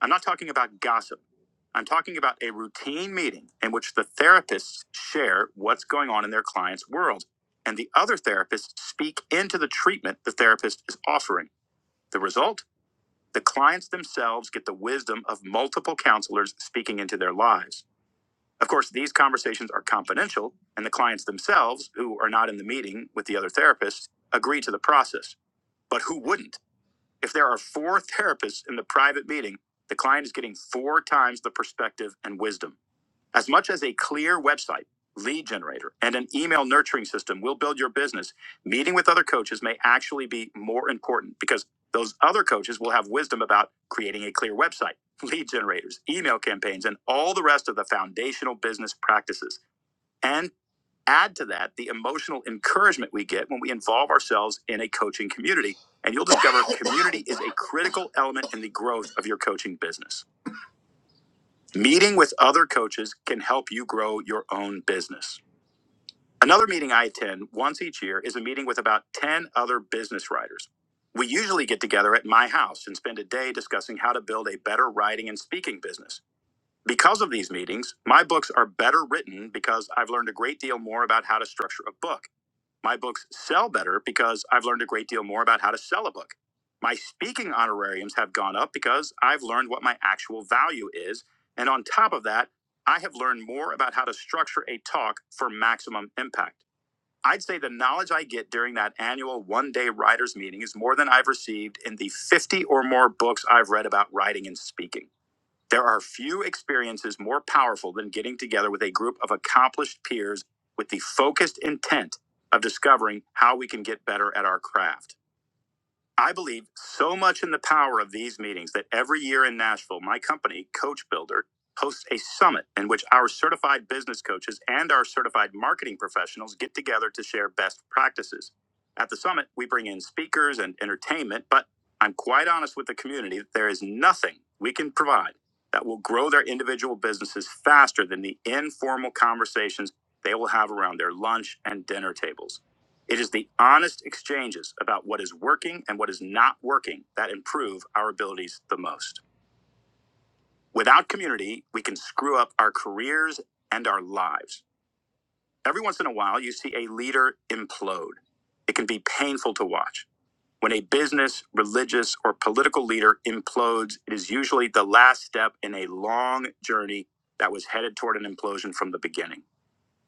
Speaker 1: I'm not talking about gossip. I'm talking about a routine meeting in which the therapists share what's going on in their client's world, and the other therapists speak into the treatment the therapist is offering. The result? The clients themselves get the wisdom of multiple counselors speaking into their lives. Of course, these conversations are confidential, and the clients themselves, who are not in the meeting with the other therapists, agree to the process. But who wouldn't? If there are four therapists in the private meeting, the client is getting four times the perspective and wisdom. As much as a clear website, lead generator, and an email nurturing system will build your business, meeting with other coaches may actually be more important because those other coaches will have wisdom about creating a clear website, lead generators, email campaigns, and all the rest of the foundational business practices. And Add to that the emotional encouragement we get when we involve ourselves in a coaching community, and you'll discover community is a critical element in the growth of your coaching business. Meeting with other coaches can help you grow your own business. Another meeting I attend once each year is a meeting with about 10 other business writers. We usually get together at my house and spend a day discussing how to build a better writing and speaking business. Because of these meetings, my books are better written because I've learned a great deal more about how to structure a book my books sell better because I've learned a great deal more about how to sell a book. My speaking honorariums have gone up because I've learned what my actual value is. And on top of that, I have learned more about how to structure a talk for maximum impact. I'd say the knowledge I get during that annual one day writers meeting is more than I've received in the 50 or more books I've read about writing and speaking. There are few experiences more powerful than getting together with a group of accomplished peers with the focused intent of discovering how we can get better at our craft. I believe so much in the power of these meetings that every year in Nashville, my company, Coach Builder, hosts a summit in which our certified business coaches and our certified marketing professionals get together to share best practices. At the summit, we bring in speakers and entertainment, but I'm quite honest with the community that there is nothing we can provide that will grow their individual businesses faster than the informal conversations they will have around their lunch and dinner tables. It is the honest exchanges about what is working and what is not working that improve our abilities the most. Without community, we can screw up our careers and our lives. Every once in a while, you see a leader implode. It can be painful to watch. When a business, religious, or political leader implodes, it is usually the last step in a long journey that was headed toward an implosion from the beginning.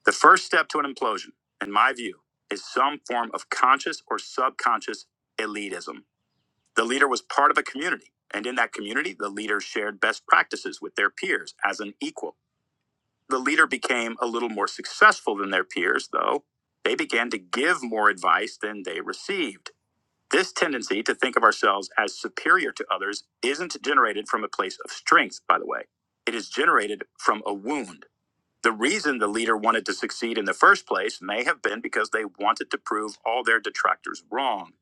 Speaker 1: The first step to an implosion, in my view, is some form of conscious or subconscious elitism. The leader was part of a community, and in that community, the leader shared best practices with their peers as an equal. The leader became a little more successful than their peers, though. They began to give more advice than they received. This tendency to think of ourselves as superior to others isn't generated from a place of strength, by the way. It is generated from a wound the reason the leader wanted to succeed in the first place may have been because they wanted to prove all their detractors wrong.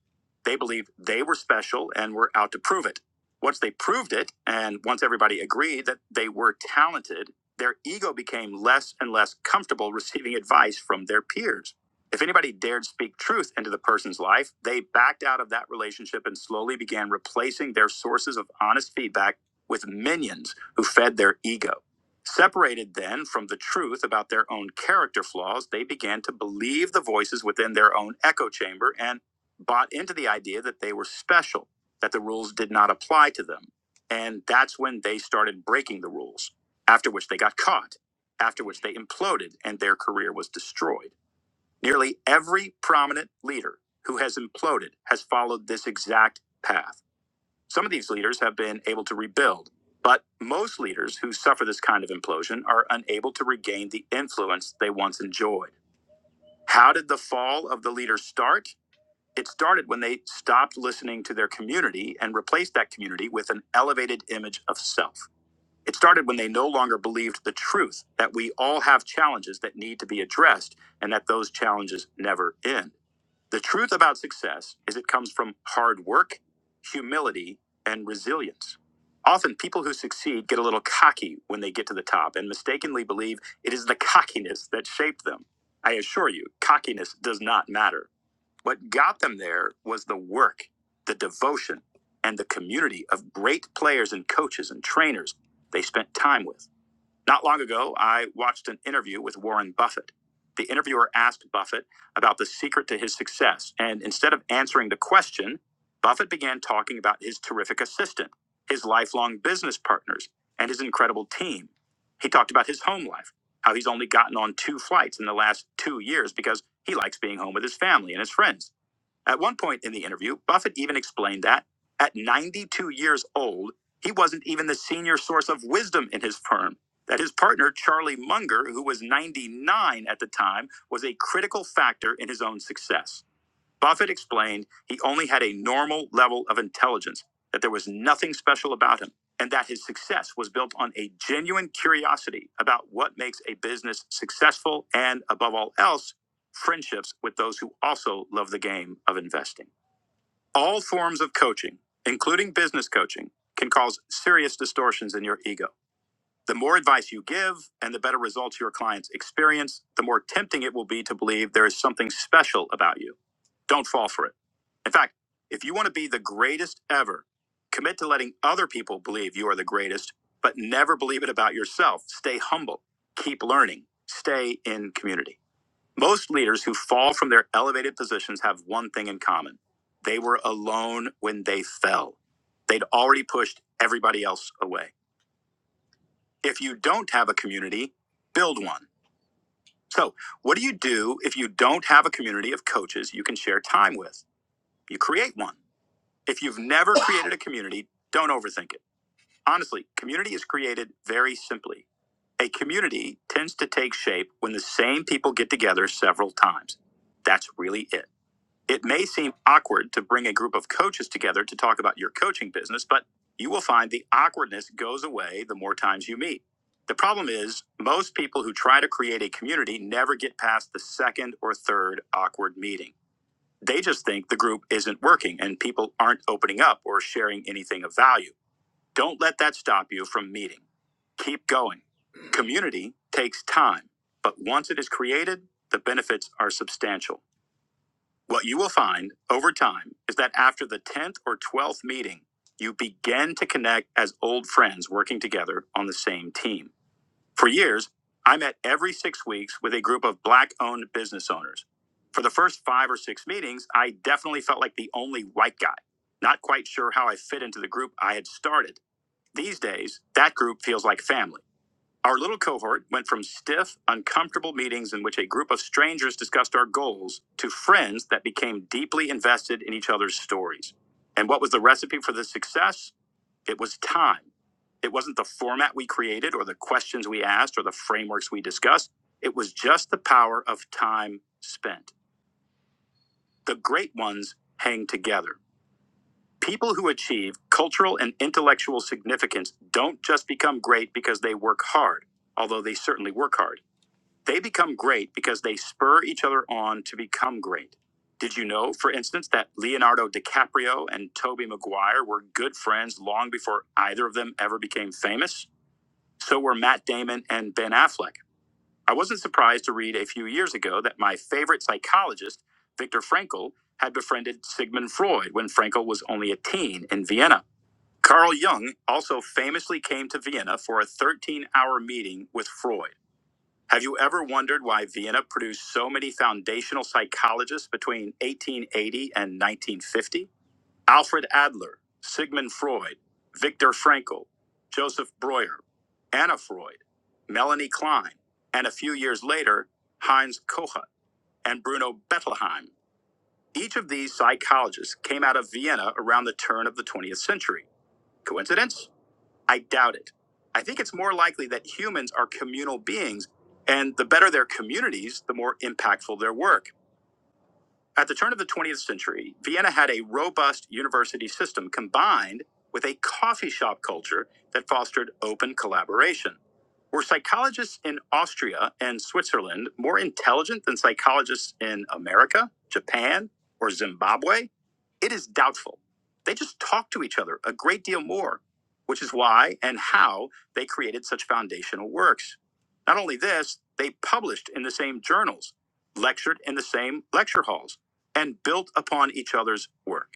Speaker 1: They believed they were special and were out to prove it. Once they proved it, and once everybody agreed that they were talented, their ego became less and less comfortable receiving advice from their peers. If anybody dared speak truth into the person's life, they backed out of that relationship and slowly began replacing their sources of honest feedback with minions who fed their ego. Separated then from the truth about their own character flaws, they began to believe the voices within their own echo chamber and bought into the idea that they were special, that the rules did not apply to them. And that's when they started breaking the rules, after which they got caught, after which they imploded and their career was destroyed. Nearly every prominent leader who has imploded has followed this exact path. Some of these leaders have been able to rebuild, but most leaders who suffer this kind of implosion are unable to regain the influence they once enjoyed. How did the fall of the leaders start? It started when they stopped listening to their community and replaced that community with an elevated image of self. It started when they no longer believed the truth that we all have challenges that need to be addressed and that those challenges never end. The truth about success is it comes from hard work, humility, and resilience. Often, people who succeed get a little cocky when they get to the top and mistakenly believe it is the cockiness that shaped them. I assure you, cockiness does not matter. What got them there was the work, the devotion, and the community of great players and coaches and trainers they spent time with. Not long ago, I watched an interview with Warren Buffett. The interviewer asked Buffett about the secret to his success, and instead of answering the question, Buffett began talking about his terrific assistant, his lifelong business partners, and his incredible team. He talked about his home life, how he's only gotten on two flights in the last two years because he likes being home with his family and his friends. At one point in the interview, Buffett even explained that at 92 years old, he wasn't even the senior source of wisdom in his firm. That his partner, Charlie Munger, who was 99 at the time, was a critical factor in his own success. Buffett explained he only had a normal level of intelligence, that there was nothing special about him, and that his success was built on a genuine curiosity about what makes a business successful and, above all else, friendships with those who also love the game of investing. All forms of coaching, including business coaching, can cause serious distortions in your ego. The more advice you give and the better results your clients experience, the more tempting it will be to believe there is something special about you. Don't fall for it. In fact, if you want to be the greatest ever, commit to letting other people believe you are the greatest, but never believe it about yourself. Stay humble, keep learning, stay in community. Most leaders who fall from their elevated positions have one thing in common they were alone when they fell. They'd already pushed everybody else away. If you don't have a community, build one. So, what do you do if you don't have a community of coaches you can share time with? You create one. If you've never created a community, don't overthink it. Honestly, community is created very simply. A community tends to take shape when the same people get together several times. That's really it. It may seem awkward to bring a group of coaches together to talk about your coaching business, but you will find the awkwardness goes away the more times you meet. The problem is, most people who try to create a community never get past the second or third awkward meeting. They just think the group isn't working and people aren't opening up or sharing anything of value. Don't let that stop you from meeting. Keep going. Community takes time, but once it is created, the benefits are substantial. What you will find over time is that after the 10th or 12th meeting, you begin to connect as old friends working together on the same team. For years, I met every six weeks with a group of Black owned business owners. For the first five or six meetings, I definitely felt like the only white guy, not quite sure how I fit into the group I had started. These days, that group feels like family. Our little cohort went from stiff, uncomfortable meetings in which a group of strangers discussed our goals to friends that became deeply invested in each other's stories. And what was the recipe for this success? It was time. It wasn't the format we created or the questions we asked or the frameworks we discussed. It was just the power of time spent. The great ones hang together. People who achieve cultural and intellectual significance don't just become great because they work hard, although they certainly work hard. They become great because they spur each other on to become great. Did you know, for instance, that Leonardo DiCaprio and Tobey Maguire were good friends long before either of them ever became famous? So were Matt Damon and Ben Affleck. I wasn't surprised to read a few years ago that my favorite psychologist, Viktor Frankl, had befriended Sigmund Freud when Frankl was only a teen in Vienna. Carl Jung also famously came to Vienna for a 13 hour meeting with Freud. Have you ever wondered why Vienna produced so many foundational psychologists between 1880 and 1950? Alfred Adler, Sigmund Freud, Viktor Frankl, Joseph Breuer, Anna Freud, Melanie Klein, and a few years later, Heinz Kohut and Bruno Bettelheim. Each of these psychologists came out of Vienna around the turn of the 20th century. Coincidence? I doubt it. I think it's more likely that humans are communal beings, and the better their communities, the more impactful their work. At the turn of the 20th century, Vienna had a robust university system combined with a coffee shop culture that fostered open collaboration. Were psychologists in Austria and Switzerland more intelligent than psychologists in America, Japan, or Zimbabwe? It is doubtful. They just talked to each other a great deal more, which is why and how they created such foundational works. Not only this, they published in the same journals, lectured in the same lecture halls and built upon each other's work.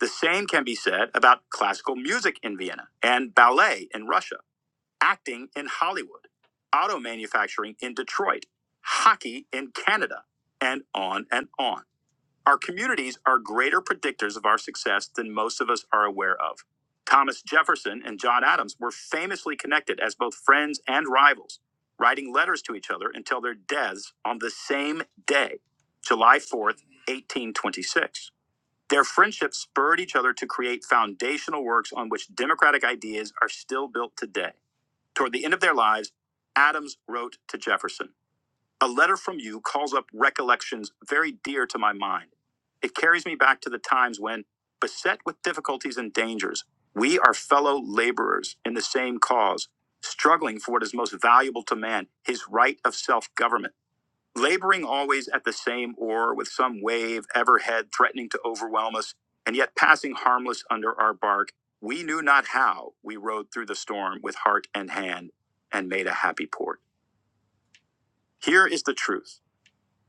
Speaker 1: The same can be said about classical music in Vienna and ballet in Russia, acting in Hollywood, auto manufacturing in Detroit, hockey in Canada, and on and on. Our communities are greater predictors of our success than most of us are aware of. Thomas Jefferson and John Adams were famously connected as both friends and rivals, writing letters to each other until their deaths on the same day, July 4th, 1826. Their friendship spurred each other to create foundational works on which democratic ideas are still built today. Toward the end of their lives, Adams wrote to Jefferson A letter from you calls up recollections very dear to my mind. It carries me back to the times when, beset with difficulties and dangers, we are fellow laborers in the same cause, struggling for what is most valuable to man, his right of self government laboring always at the same oar with some wave ever head threatening to overwhelm us, and yet passing harmless under our bark, we knew not how we rode through the storm with heart and hand and made a happy port. Here is the truth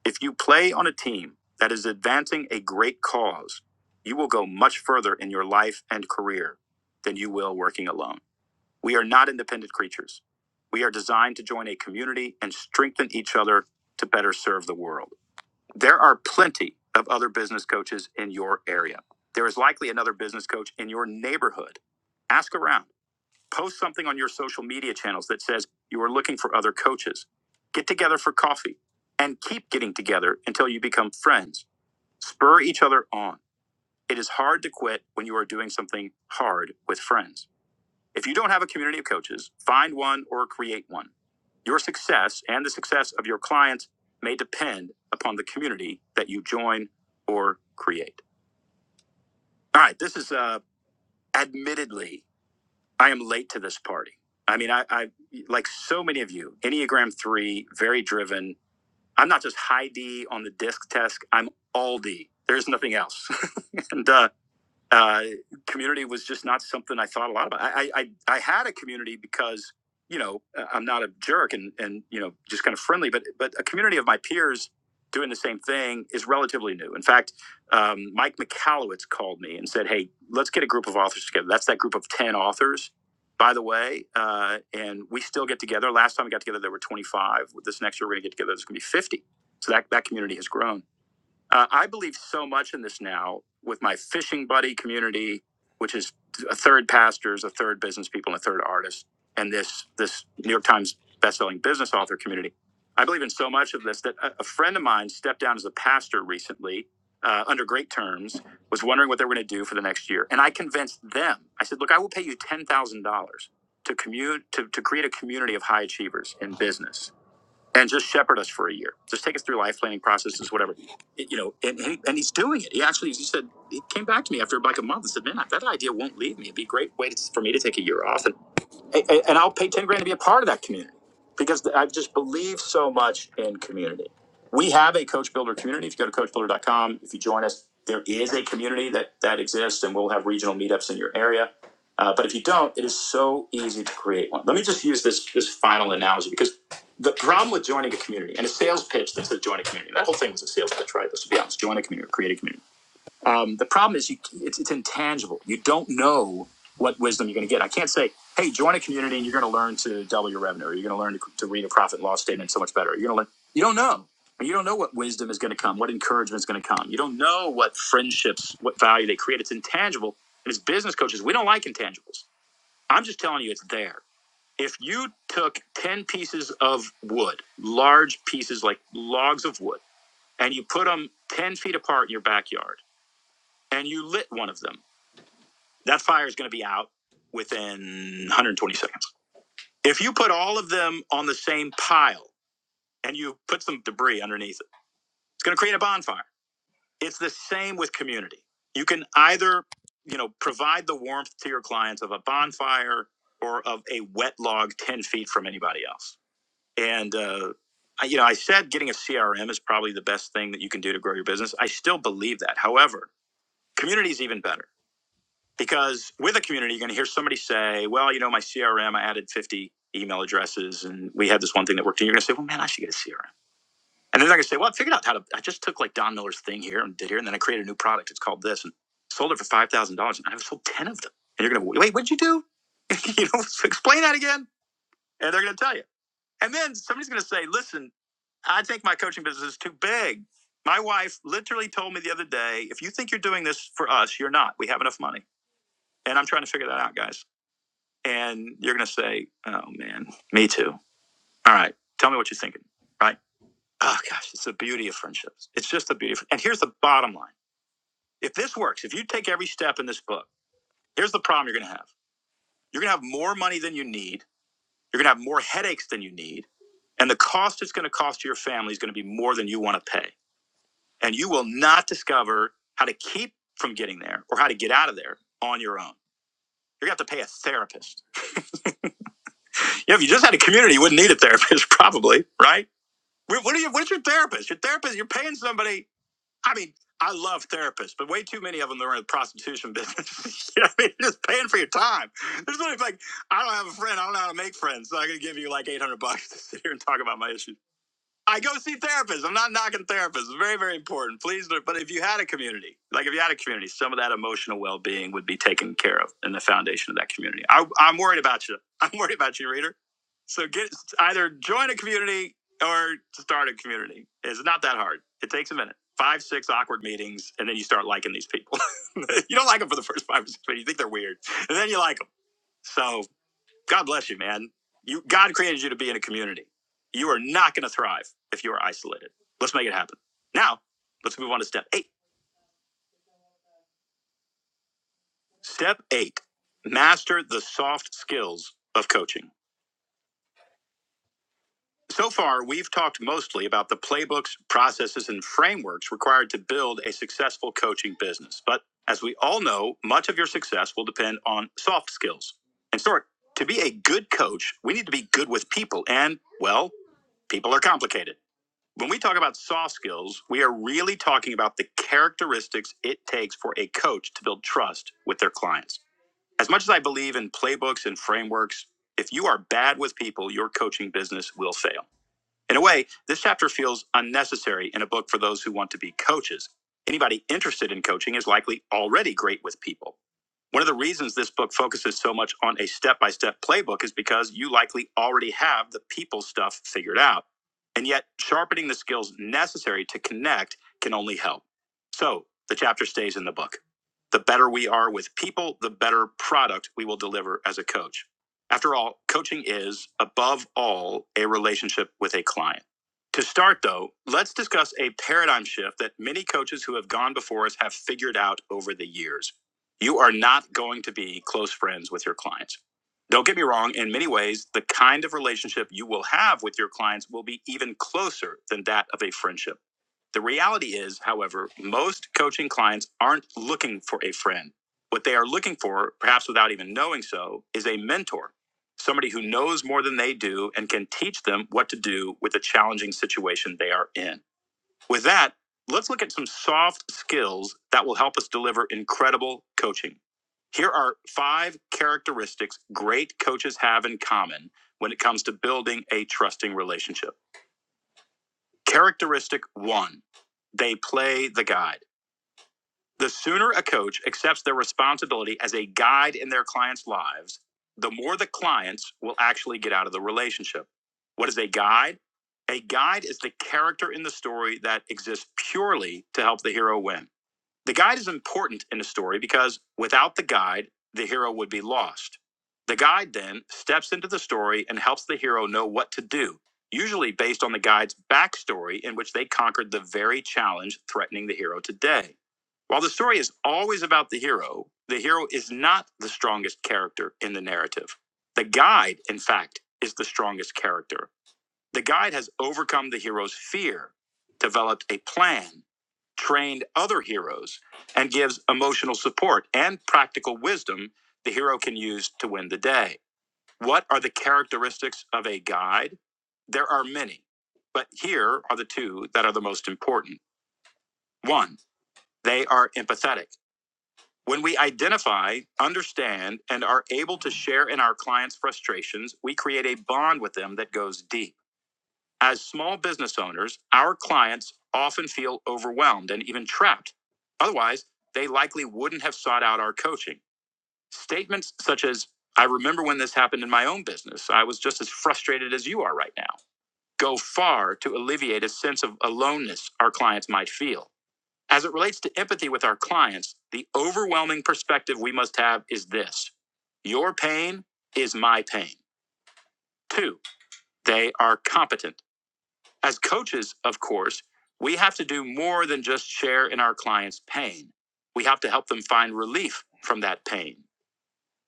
Speaker 1: if you play on a team that is advancing a great cause, you will go much further in your life and career than you will working alone. We are not independent creatures. We are designed to join a community and strengthen each other to better serve the world. There are plenty of other business coaches in your area. There is likely another business coach in your neighborhood. Ask around. Post something on your social media channels that says you are looking for other coaches. Get together for coffee and keep getting together until you become friends. Spur each other on. It is hard to quit when you are doing something hard with friends. If you don't have a community of coaches, find one or create one. Your success and the success of your clients may depend upon the community that you join or create. All right, this is uh, admittedly, I am late to this party. I mean, I, I like so many of you, Enneagram 3, very driven. I'm not just high D on the disc test, I'm all D. There's nothing else. (laughs) and uh, uh, community was just not something I thought a lot about. I, I, I had a community because, you know, I- I'm not a jerk and, and, you know, just kind of friendly, but, but a community of my peers doing the same thing is relatively new. In fact, um, Mike McCallowitz called me and said, Hey, let's get a group of authors together. That's that group of 10 authors, by the way. Uh, and we still get together. Last time we got together, there were 25. This next year, we're going to get together. There's going to be 50. So that, that community has grown. Uh, I believe so much in this now with my fishing buddy community, which is a third pastors, a third business people, and a third artists, and this this New York Times best-selling business author community. I believe in so much of this that a, a friend of mine stepped down as a pastor recently uh, under great terms, was wondering what they were going to do for the next year, and I convinced them. I said, "Look, I will pay you ten thousand dollars to commute to, to create a community of high achievers in business." and just shepherd us for a year. Just take us through life planning processes, whatever. It- you know, and, and, and he's doing it. He actually, he said, he came back to me after like a month and said, man, that idea won't leave me. It'd be a great way to, for me to take a year off. and and I'll pay 10 grand to be a part of that community because I just believe so much in community. We have a coach builder community. If you go to coachbuilder.com, if you join us, there is a community that, that exists and we'll have regional meetups in your area. Uh, but if you don't, it is so easy to create one. Let me just use this, this final analogy because the problem with joining a community and a sales pitch that said join a community, that whole thing was a sales pitch, right? Let's be honest, join a community, create a community um, the problem is you, it's, it's intangible. You don't know what wisdom you're going to get. I can't say, hey, join a community and you're going to learn to double your revenue, or you're going to learn to, to read a profit and loss statement so much better. You're going to learn. You don't know. You don't know what wisdom is going to come, what encouragement is going to come. You don't know what friendships, what value they create. It's intangible. And as business coaches, we don't like intangibles. I'm just telling you, it's there. If you took 10 pieces of wood, large pieces like logs of wood, and you put them 10 feet apart in your backyard, and you lit one of them, that fire is going to be out within 120 seconds. If you put all of them on the same pile and you put some debris underneath it, it's going to create a bonfire. It's the same with community. You can either, you know, provide the warmth to your clients of a bonfire or of a wet log 10 feet from anybody else. And, uh, I- you know, I said getting a CRM is probably the best thing that you can do to grow your business. I still believe that. However, community is even better because with a community, you're going to hear somebody say, well, you know, my CRM, I added 50 email addresses and we had this one thing that worked. And you're going to say, well, man, I should get a CRM. And then they're going to say, well, I figured out how to, I just took like Don Miller's thing here and did here. And then I created a new product. It's called this and sold it for $5,000. And I've sold 10 of them. And you're going to, wait, what'd you do? (laughs) you know, so explain that again. And they're going to tell you. And then somebody's going to say, listen, I think my coaching business is too big. My wife literally told me the other day, if you think you're doing this for us, you're not. We have enough money. And I'm trying to figure that out, guys and you're gonna say, "Oh man, me too." All right, tell me what you're thinking, right? Oh gosh, it's the beauty of friendships. It's just the beauty. Of, and here's the bottom line: if this works, if you take every step in this book, here's the problem you're gonna have. You're gonna have more money than you need. You're gonna have more headaches than you need, and the cost it's gonna cost to your family is gonna be more than you want to pay. And you will not discover how to keep from getting there or how to get out of there on your own. You're gonna have to pay a therapist. You know, if you just had a community, you wouldn't need a therapist, (laughs) probably, right? What are you? What's your therapist? Your therapist? You're paying somebody. I mean, I love therapists, but way too many of them that are in the prostitution business. (laughs) you know what I mean, You're just paying for your time. There's only like, I don't have a friend. I don't know how to make friends, so I am going to give you like 800 bucks to sit here and talk about my issues. I go see therapists. I'm not knocking therapists. It's very, very important. Please, but if you had a community, like if you had a community, some of that emotional well being would be taken care of in the foundation of that community. I, I'm worried about you. (laughs) I'm worried about you, reader. So get either join a community or start a community. It's not that hard. It takes a minute. Five, six awkward meetings, and then you start liking these people. (laughs) you don't like them for the first five or six minutes. You think they're weird, and then you like them. So God bless you, man. You God created you to be in a community. You are not going to thrive if you are isolated. Let's make it happen. Now, let's move on to step 8. Step 8. Master the soft skills of coaching. So far, we've talked mostly about the playbooks, processes, and frameworks required to build a successful coaching business. But as we all know, much of your success will depend on soft skills. And sort to be a good coach, we need to be good with people and well, people are complicated. When we talk about soft skills, we are really talking about the characteristics it takes for a coach to build trust with their clients. As much as I believe in playbooks and frameworks, if you are bad with people, your coaching business will fail. In a way, this chapter feels unnecessary in a book for those who want to be coaches. Anybody interested in coaching is likely already great with people. One of the reasons this book focuses so much on a step by step playbook is because you likely already have the people stuff figured out. And yet, sharpening the skills necessary to connect can only help. So, the chapter stays in the book. The better we are with people, the better product we will deliver as a coach. After all, coaching is, above all, a relationship with a client. To start, though, let's discuss a paradigm shift that many coaches who have gone before us have figured out over the years. You are not going to be close friends with your clients. Don't get me wrong, in many ways, the kind of relationship you will have with your clients will be even closer than that of a friendship. The reality is, however, most coaching clients aren't looking for a friend. What they are looking for, perhaps without even knowing so, is a mentor somebody who knows more than they do and can teach them what to do with the challenging situation they are in. With that, let's look at some soft skills that will help us deliver incredible coaching. Here are five characteristics great coaches have in common when it comes to building a trusting relationship. Characteristic one, they play the guide. The sooner a coach accepts their responsibility as a guide in their clients' lives, the more the clients will actually get out of the relationship. What is a guide? A guide is the character in the story that exists purely to help the hero win. The guide is important in the story because without the guide, the hero would be lost. The guide then steps into the story and helps the hero know what to do, usually based on the guide's backstory in which they conquered the very challenge threatening the hero today. While the story is always about the hero, the hero is not the strongest character in the narrative. The guide, in fact, is the strongest character. The guide has overcome the hero's fear, developed a plan, trained other heroes, and gives emotional support and practical wisdom the hero can use to win the day. What are the characteristics of a guide? There are many, but here are the two that are the most important. One, they are empathetic. When we identify, understand, and are able to share in our clients' frustrations, we create a bond with them that goes deep. As small business owners, our clients often feel overwhelmed and even trapped. Otherwise, they likely wouldn't have sought out our coaching. Statements such as, I remember when this happened in my own business. I was just as frustrated as you are right now. Go far to alleviate a sense of aloneness our clients might feel. As it relates to empathy with our clients, the overwhelming perspective we must have is this your pain is my pain. Two, they are competent. As coaches, of course, we have to do more than just share in our clients' pain. We have to help them find relief from that pain.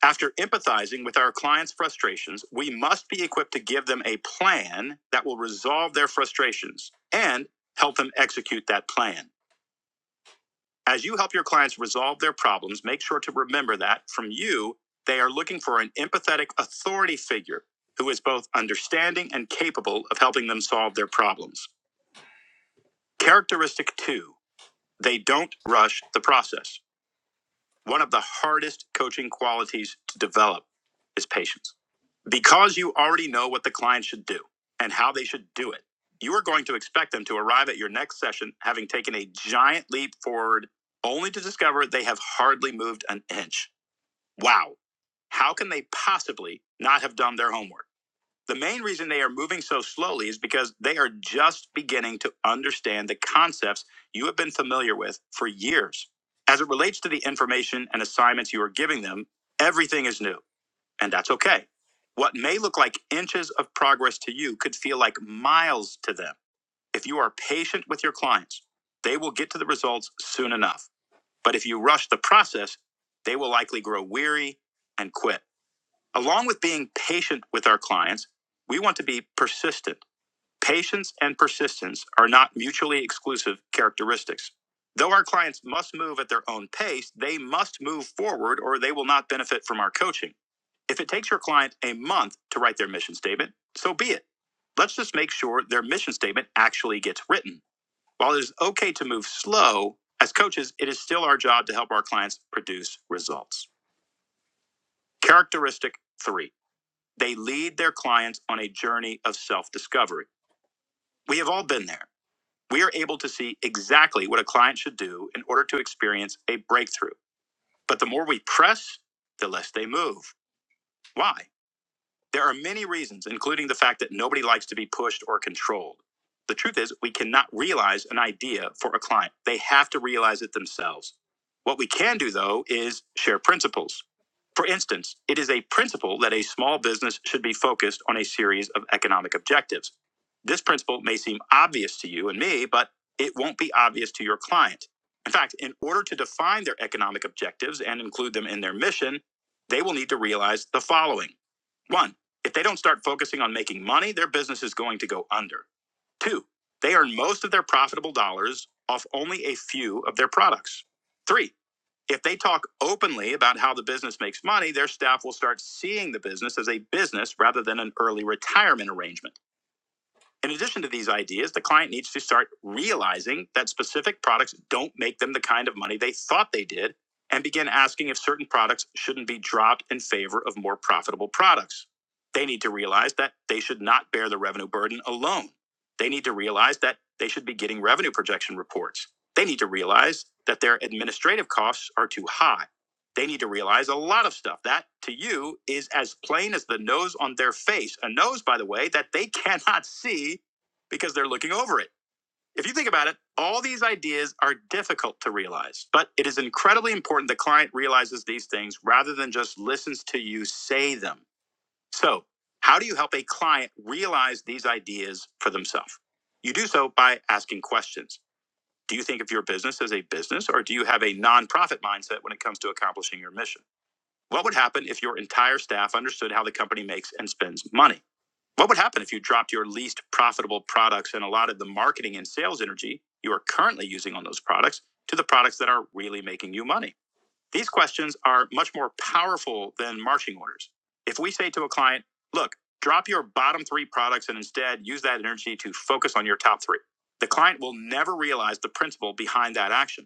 Speaker 1: After empathizing with our clients' frustrations, we must be equipped to give them a plan that will resolve their frustrations and help them execute that plan. As you help your clients resolve their problems, make sure to remember that from you, they are looking for an empathetic authority figure who is both understanding and capable of helping them solve their problems. Characteristic two, they don't rush the process. One of the hardest coaching qualities to develop is patience. Because you already know what the client should do and how they should do it, you are going to expect them to arrive at your next session having taken a giant leap forward, only to discover they have hardly moved an inch. Wow. How can they possibly not have done their homework? The main reason they are moving so slowly is because they are just beginning to understand the concepts you have been familiar with for years. As it relates to the information and assignments you are giving them, everything is new, and that's okay. What may look like inches of progress to you could feel like miles to them. If you are patient with your clients, they will get to the results soon enough. But if you rush the process, they will likely grow weary and quit. Along with being patient with our clients, we want to be persistent. Patience and persistence are not mutually exclusive characteristics. Though our clients must move at their own pace, they must move forward or they will not benefit from our coaching. If it takes your client a month to write their mission statement, so be it. Let's just make sure their mission statement actually gets written. While it is okay to move slow, as coaches, it is still our job to help our clients produce results. Characteristic three they lead their clients on a journey of self discovery. We have all been there. We are able to see exactly what a client should do in order to experience a breakthrough. But the more we press, the less they move. Why? There are many reasons, including the fact that nobody likes to be pushed or controlled. The truth is, we cannot realize an idea for a client. They have to realize it themselves. What we can do, though, is share principles. For instance, it is a principle that a small business should be focused on a series of economic objectives. This principle may seem obvious to you and me, but it won't be obvious to your client. In fact, in order to define their economic objectives and include them in their mission, they will need to realize the following. one. If they don't start focusing on making money, their business is going to go under. Two, they earn most of their profitable dollars off only a few of their products. Three, if they talk openly about how the business makes money, their staff will start seeing the business as a business rather than an early retirement arrangement. In addition to these ideas, the client needs to start realizing that specific products don't make them the kind of money they thought they did and begin asking if certain products shouldn't be dropped in favor of more profitable products. They need to realize that they should not bear the revenue burden alone. They need to realize that they should be getting revenue projection reports. They need to realize that their administrative costs are too high they need to realize a lot of stuff that to you is as plain as the nose on their face. A nose, by the way, that they (laughs) cannot see because they're looking over it. If you think about it, all these ideas are difficult to realize, but it is incredibly important the client realizes these things rather than just listens to you say them. So, how do you help a client realize these ideas for themselves? You do so by asking questions. Do you think of your business as a business or do you have a nonprofit mindset when it comes to accomplishing your mission? What would happen if your entire staff understood how the company makes and spends money? What would happen if you dropped your least profitable products and allotted the marketing and sales energy you are currently using on those products to the products that are really making you money? These questions are much more powerful than marching orders. If we say to a client, look, drop your bottom three products and instead use that energy to focus on your top three, the client will never realize the principle behind that action.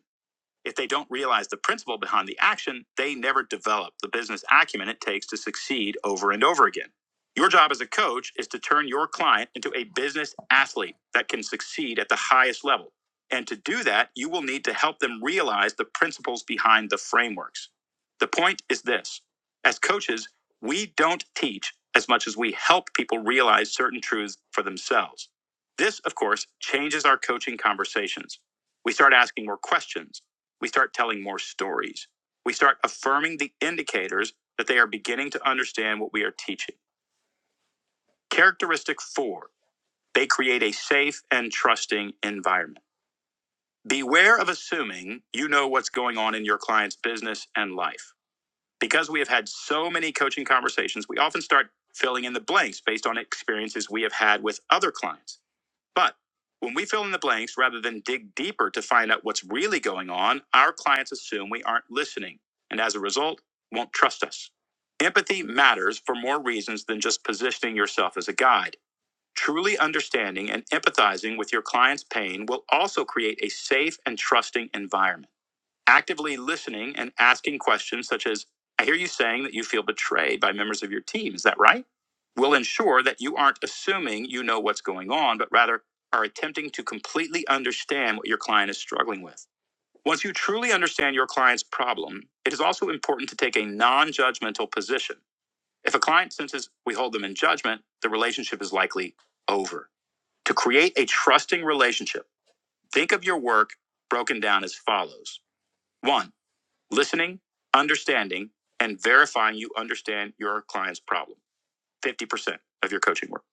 Speaker 1: If they don't realize the principle behind the action, they never develop the business acumen it takes to succeed over and over again. Your job as a coach is to turn your client into a business athlete that can succeed at the highest level. And to do that, you will need to help them realize the principles behind the frameworks. The point is this as coaches, we don't teach as much as we help people realize certain truths for themselves. This, of course, changes our coaching conversations. We start asking more questions we start telling more stories. We start affirming the indicators that they are beginning to understand what we are teaching. Characteristic four, they create a safe and trusting environment. Beware of assuming you know what's going on in your client's business and life. Because we have had so many coaching conversations, we often start filling in the blanks based on experiences we have had with other clients. But when we fill in the blanks rather than dig deeper to find out what's really going on, our clients assume we aren't listening and as a result won't trust us. Empathy matters for more reasons than just positioning yourself as a guide. Truly understanding and empathizing with your client's pain will also create a safe and trusting environment actively listening and asking questions such as, I hear you saying that you feel betrayed by members of your team. Is that right? Will ensure that you aren't assuming you know what's going on, but rather are attempting to completely understand what your client is struggling with. Once you truly understand your client's problem, it is also important to take a non judgmental position. If a client senses we hold them in judgment, the relationship is likely over. To create a trusting relationship, think of your work broken down as follows 1 listening, understanding, and verifying you understand your client's problem. 50% of your coaching work.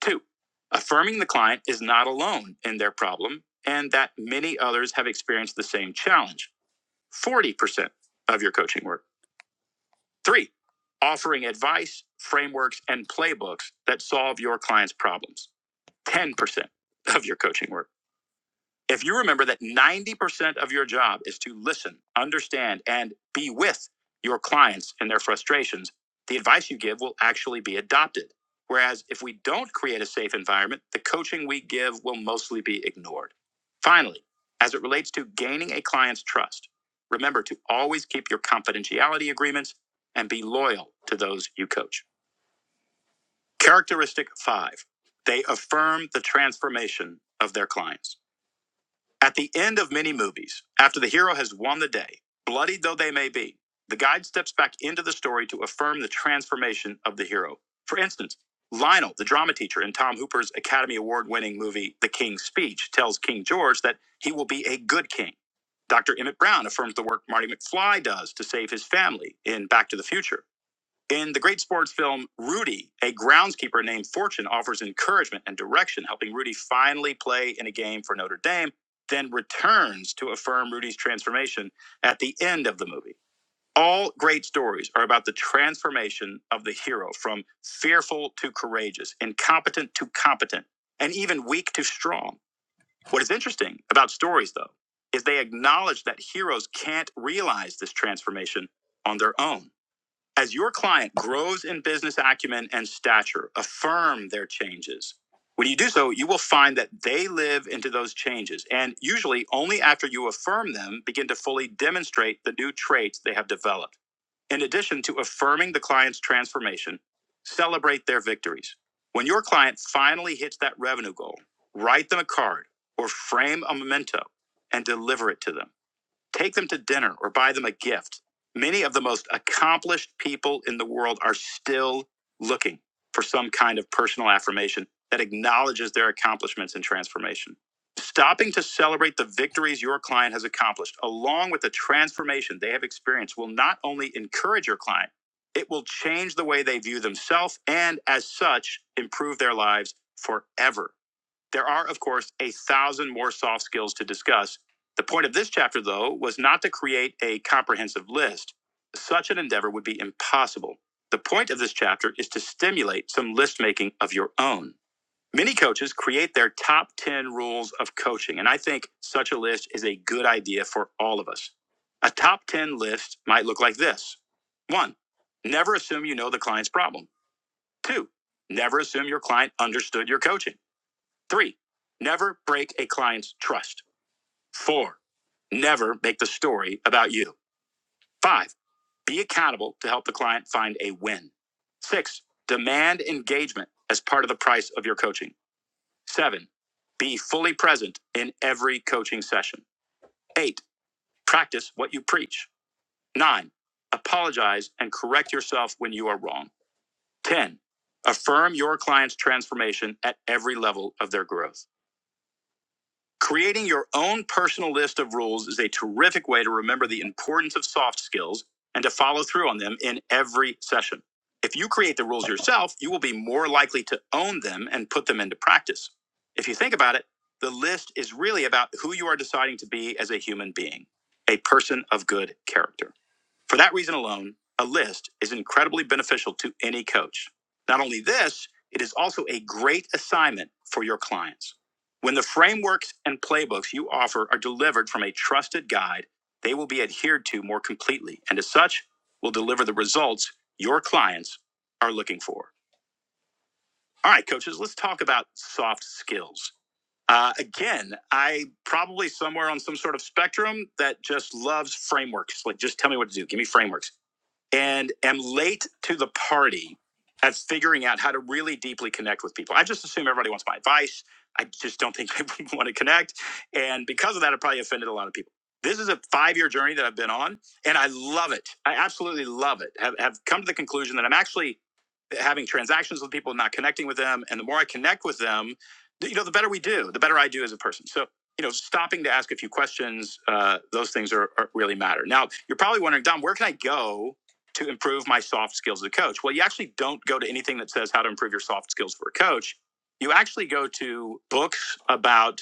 Speaker 1: Two, affirming the client is not alone in their problem and that many others have experienced the same challenge. 40% of your coaching work. Three, offering advice, frameworks, and playbooks that solve your client's problems. 10% of your coaching work. If you remember that 90% of your job is to listen, understand, and be with your clients and their frustrations, the advice you give will actually be adopted. Whereas if we don't create a safe environment, the coaching we give will mostly be ignored. Finally, as it relates to gaining a client's trust, remember to always keep your confidentiality agreements and be loyal to those you coach. Characteristic five, they affirm the transformation of their clients. At the end of many movies, after the hero has won the day, bloodied though they may be, the guide steps back into the story to affirm the transformation of the hero. For instance, Lionel, the drama teacher in Tom Hooper's Academy Award winning movie The King's Speech, tells King George that he will be a good king. Dr. Emmett Brown affirms the work Marty McFly does to save his family in Back to the Future. In the great sports film Rudy, a groundskeeper named Fortune offers encouragement and direction, helping Rudy finally play in a game for Notre Dame, then returns to affirm Rudy's transformation at the end of the movie. All great stories are about the transformation of the hero from fearful to courageous, incompetent to competent, and even weak to strong. What is interesting about stories, though, is they acknowledge that heroes can't realize this transformation on their own. As your client grows in business acumen and stature, affirm their changes. When you do so, you will find that they live into those changes, and usually only after you affirm them begin to fully demonstrate the new traits they have developed. In addition to affirming the client's transformation, celebrate their victories. When your client finally hits that revenue goal, write them a card or frame a memento and deliver it to them. Take them to dinner or buy them a gift. Many of the most accomplished people in the world are still looking for some kind of personal affirmation that acknowledges their accomplishments and transformation. Stopping to celebrate the victories your client has accomplished, along with the transformation they have experienced, will not only encourage your client, it will change the way they view themselves and, as such, improve their lives forever. There are, of course, a thousand more soft skills to discuss. The point of this chapter, though, was not to create a comprehensive list. Such an endeavor would be impossible. The point of this chapter is to stimulate some list making of your own. Many coaches create their top 10 rules of coaching, and I think such a list is a good idea for all of us. A top 10 list might look like this one, never assume you know the client's problem. Two, never assume your client understood your coaching. Three, never break a client's trust. Four, never make the story about you. Five, be accountable to help the client find a win. Six, demand engagement as part of the price of your coaching. Seven, be fully present in every coaching session. Eight, practice what you preach. Nine, apologize and correct yourself when you are wrong. 10. Affirm your client's transformation at every level of their growth. Creating your own personal list of rules is a terrific way to remember the importance of soft skills and to follow through on them in every session. If you create the rules yourself, you will be more likely to own them and put them into practice. If you think about it, the list is really about who you are deciding to be as a human being, a person of good character. For that reason alone, a list is incredibly beneficial to any coach. Not only this, it is also a great assignment for your clients. When the frameworks and playbooks you offer are delivered from a trusted guide, they will be adhered to more completely and as such will deliver the results your clients are looking for. All right, coaches, let's talk about soft skills. Uh, again, I probably somewhere on some sort of spectrum that just loves frameworks. Like, just tell me what to do. Give me frameworks and am late to the party at figuring out how to really deeply connect with people. I just assume everybody wants my advice. I just don't think people (laughs) want to connect. And because of that, I probably offended a lot of people. This is a five year journey that I've been on, and I love it. I absolutely love it. Have, have come to the conclusion that I'm actually having transactions with people, not connecting with them. And the more I connect with them, you know, the better we do, the better I do as a person. So, you know, stopping to ask a few questions, uh, those things are, are really matter. Now, you're probably wondering, Dom, where can I go to improve my soft skills as a coach. Well, you actually don't go to anything that says how to improve your soft skills for a coach. You actually go to books about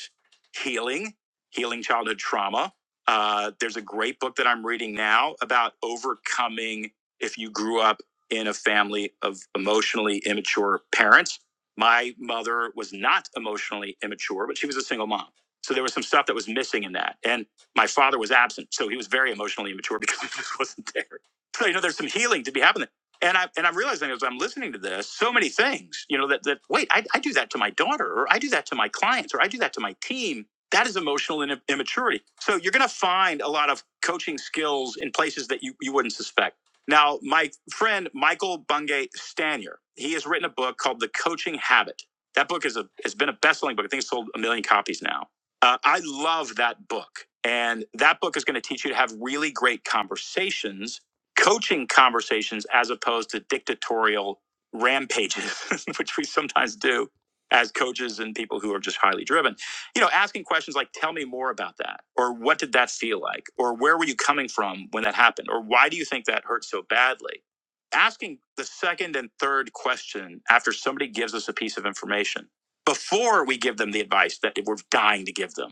Speaker 1: healing, healing childhood trauma. Uh, there's a great book that I'm reading now about overcoming if you grew up in a family of emotionally immature parents. My mother was not emotionally immature, but she was a single mom. So there was some stuff that was missing in that. And my father was absent. So he was very emotionally immature (laughs) because he just wasn't there so, you know, there's some healing to be happening. And I and I'm realizing as I'm listening to this, so many things, you know, that that wait, I, I do that to my daughter, or I do that to my clients, or I do that to my team. That is emotional in, immaturity. So you're going to find a lot of coaching skills in places that you, you wouldn't suspect. Now, my friend Michael Bungay Stanier, he has written a book called The Coaching Habit. That book is a has been a best-selling book. I think it's sold a million copies now. Uh, I love that book, and that book is going to teach you to have really great conversations coaching conversations as opposed to dictatorial rampages, (laughs) which we sometimes do as coaches and people who are just highly driven. You know, asking questions like, tell me more about that, or what did that feel like, or where were you coming from when that happened, or why do you think that hurt so badly? Asking the second and third question after somebody gives us a piece of information before we give them the advice that we're dying to give them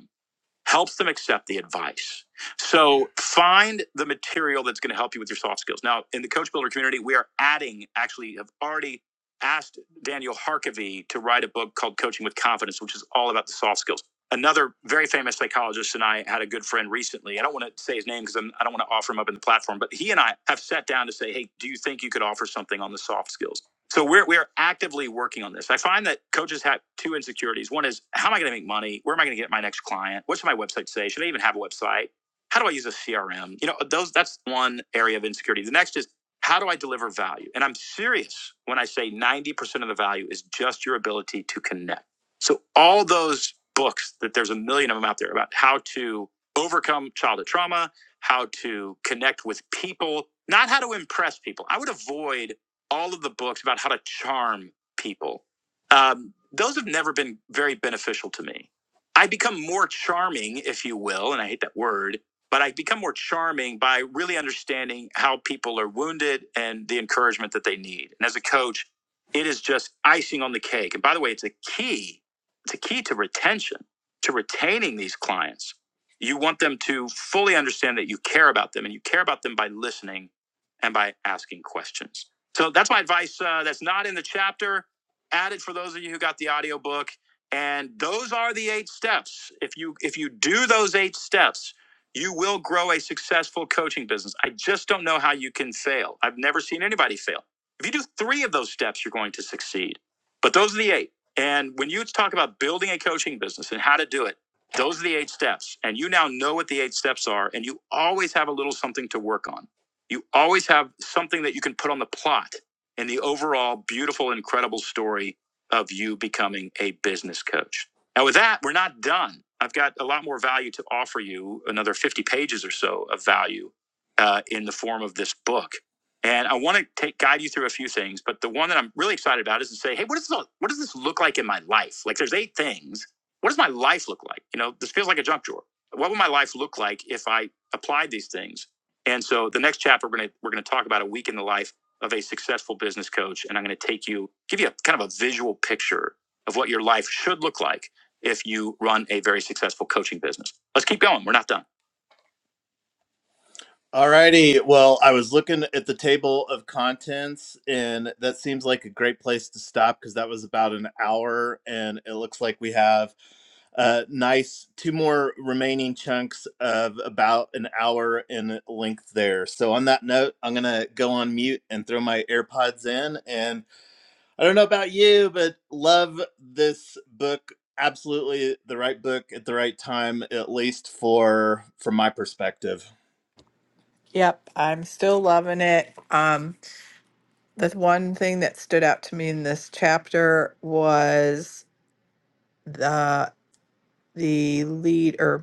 Speaker 1: helps them accept the advice. So find the material that's going to help you with your soft skills. Now, in the Coach Builder community, we are adding, actually, have already asked Daniel Harkavy to write a book called Coaching with Confidence, which is all about the soft skills. Another very famous psychologist and I had a good friend recently. I don't want to say his name because I'm, I don't want to offer him up in the platform, but he and I have sat down to say, hey, do you think you could offer something on the soft skills? So we're we are actively working on this. I find that coaches have two insecurities. One is how am I going to make money? Where am I going to get my next client? What should my website say? Should I even have a website? How do I use a CRM? You know, those that's one area of insecurity. The next is how do I deliver value? And I'm serious when I say 90% of the value is just your ability to connect. So all those books that there's a million of them out there about how to overcome childhood trauma, how to connect with people, not how to impress people. I would avoid all of the books about how to charm people. Um, those have never been very beneficial to me. I become more charming, if you will, and I hate that word, but I become more charming by really understanding how people are wounded and the encouragement that they need. And as a coach, it is just icing on the cake. And by the way, it's a key, it's a key to retention, to retaining these clients. You want them to fully understand that you care about them and you care about them by listening and by asking questions. So that's my advice. Uh, that's not in the chapter. Added for those of you who got the audiobook. And those are the eight steps. If you if you do those eight steps, you will grow a successful coaching business. I just don't know how you can fail. I've never seen anybody fail. If you do three of those steps, you're going to succeed. But those are the eight. And when you talk about building a coaching business and how to do it, those are the eight steps. And you now know what the eight steps are, and you always have a little something to work on. You always have something that you can put on the plot in the overall beautiful, incredible story of you becoming a business coach. Now, with that, we're not done. I've got a lot more value to offer you, another 50 pages or so of value uh, in the form of this book. And I want to take guide you through a few things, but the one that I'm really excited about is to say, hey, what is this, what does this look like in my life? Like, there's eight things. What does my life look like? You know, this feels like a junk drawer. What would my life look like if I applied these things? And so the next chapter we're gonna we're gonna talk about a week in the life of a successful business coach, and I'm gonna take you give you a kind of a visual picture of what your life should look like if you run a very successful coaching business. Let's keep going. We're not done. All righty. Well, I was looking at the table of contents, and that seems like a great place to stop because that was about an hour, and it looks like we have uh, nice two more remaining chunks of about an hour in length there. So on that note, I'm gonna go on mute and throw my AirPods in. And I don't know about you, but love this book. Absolutely the right book at the right time, at least for from my perspective.
Speaker 3: Yep, I'm still loving it. Um, the one thing that stood out to me in this chapter was the the leader.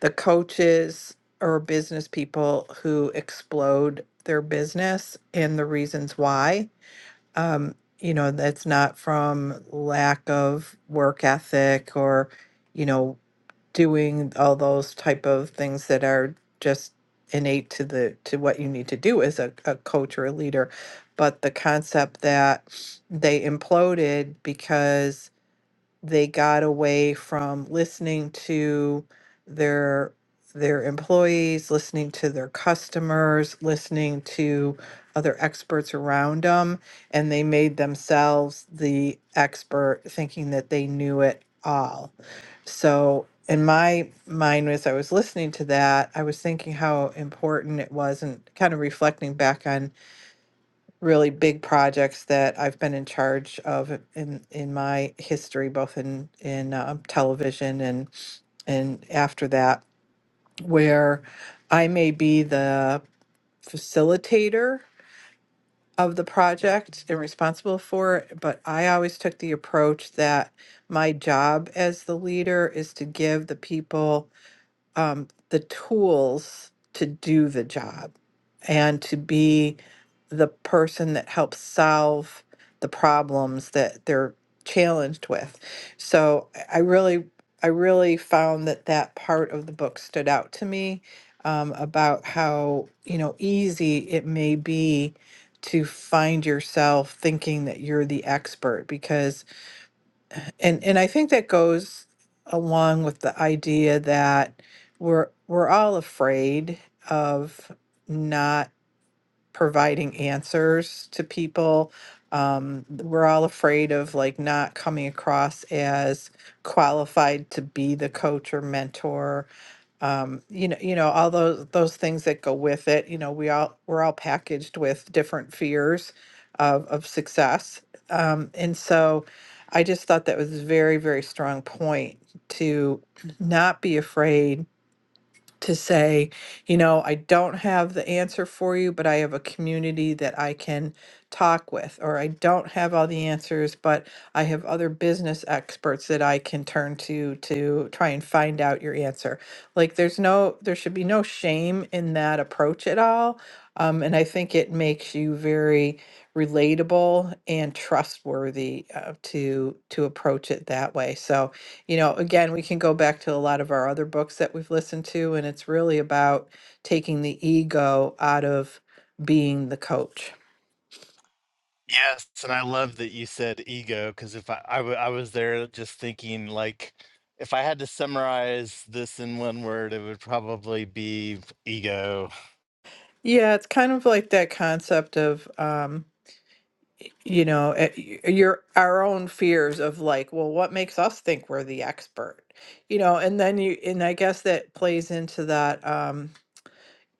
Speaker 3: the coaches or business people who explode their business and the reasons why. Um, you know, that's not from lack of work ethic or, you know, doing all those type of things that are just innate to the to what you need to do as a, a coach or a leader. But the concept that they imploded because they got away from listening to their their employees, listening to their customers, listening to other experts around them, and they made themselves the expert, thinking that they knew it all. So in my mind, as I was listening to that, I was thinking how important it was, and kind of reflecting back on really big projects that I've been in charge of in in my history, both in in um, television and and after that, where I may be the facilitator of the project and responsible for it. But I always took the approach that my job as the leader is to give the people um, the tools to do the job and to be the person that helps solve the problems that they're challenged with. So I I really, I really found that that part of the book stood out to me um, about how you know easy it may be to find yourself thinking that you're the expert because and and I think that goes along with the idea that we're we're all afraid of not providing answers to people. Um, we're all afraid of like not coming across as qualified to be the coach or mentor um, you know, you know, all those those things that go with it. You know, we all we're all packaged with different fears of of success, um, and so I just thought that was a very very strong point to not be afraid to say, you know, I don't have the answer for you, but I have a community that I can talk with, or I don't have all the answers, but I have other business experts that I can turn to to try and find out your answer. Like, there's no, there should be no shame in that approach at all. Um, and I think it makes you very relatable and trustworthy uh, to to approach it that way. So, you know, again, we can go back to a lot of our other books that we've listened to, and it's really about taking the ego out of being the coach.
Speaker 1: Yes, and I love that you said ego because if I, I w- I was there just thinking like if I had to summarize this in one word, it would probably be ego.
Speaker 3: Yeah, it's kind of like that concept of, um, you know, it- y- your our own fears of like, well, what makes us think we're the expert, you know, and then you, and I guess that plays into that, um,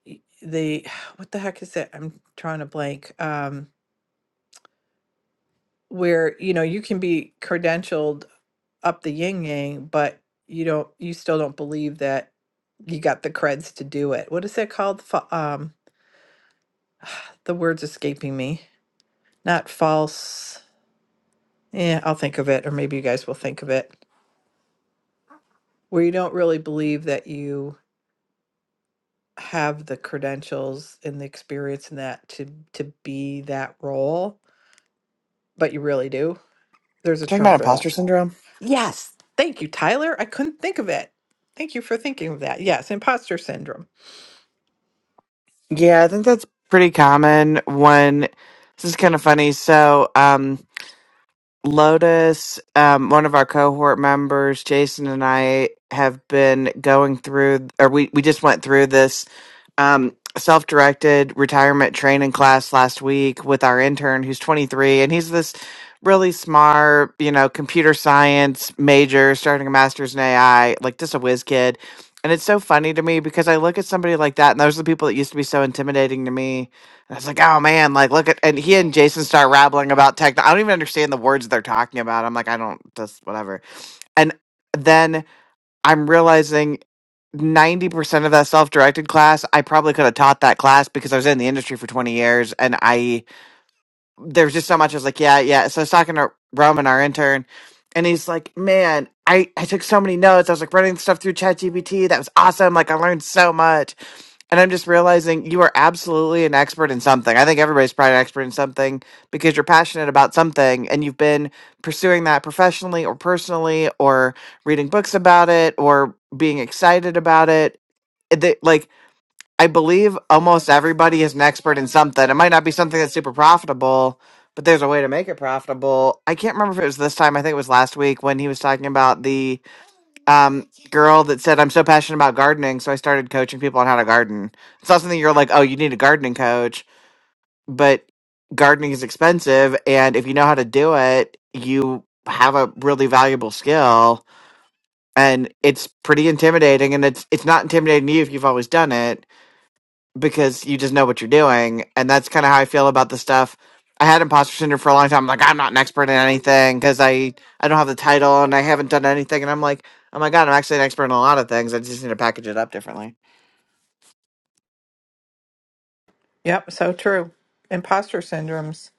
Speaker 3: y- the (sighs) what the heck is it? I'm trying to blank. Um, where you know you can be credentialed up the yin yang, but you don't you still don't believe that you got the creds to do it. What is that called? Fa- Um, the word's escaping me. Not false. Yeah, I'll think of it, or maybe you guys will think of it. Where you don't really believe that you have the credentials and the experience and that to to be that role, but you really do. There's a
Speaker 2: talking
Speaker 3: term
Speaker 2: about
Speaker 3: for that.
Speaker 2: imposter syndrome
Speaker 3: Yes. Thank you, Tyler. I couldn't think of it. Thank you for thinking of that. Yes, imposter syndrome
Speaker 2: Yeah, I think that's pretty common when this is kind of funny. So, um Lotus, um, one of our cohort members, Jason and I have been going through, or we, we just went through this um, self directed retirement training class last week with our intern who's 23. And he's this really smart, you know, computer science major, starting a master's in AI, like just a whiz kid. And it's so funny to me because I look at somebody like that, and those are the people that used to be so intimidating to me and I was like, oh man, like look at and he and Jason start rambling about tech. I don't even understand the words they're talking about. I'm like, I don't just whatever. And then I'm realizing 90% of that self-directed class, I probably could have taught that class because I was in the industry for 20 years and I there was just so much. I was like, yeah, yeah. So I was talking to Roman, our intern, and he's like, man, I, I took so many notes. I was like running stuff through ChatGPT. That was awesome. Like I learned so much. And I'm just realizing you are absolutely an expert in something. I think everybody's probably an expert in something because you're passionate about something and you've been pursuing that professionally or personally or reading books about it or being excited about it It- they- Like. I believe almost everybody is an expert in something. It might not be something that's super profitable, but there's a way to make it profitable. I can't remember if it was this time. I think it was last week when he was talking about the um, girl that said, "I'm so passionate about gardening, so I started coaching people on how to garden." It's not something you're like, "Oh, you need a gardening coach," but gardening is expensive, and if you know how to do it, you have a really valuable skill, and it's pretty intimidating. And it's it's not intimidating to you if you've always done it because you just know what you're doing. And that's kind of how I feel about the stuff. I had imposter syndrome for a long time. I'm like, I'm not an expert in anything because I, I don't have the title and I haven't done anything. And I'm like, oh my God, I'm actually an expert in a lot of things. I just need to package it up differently.
Speaker 3: Yep, so true. Imposter syndrome's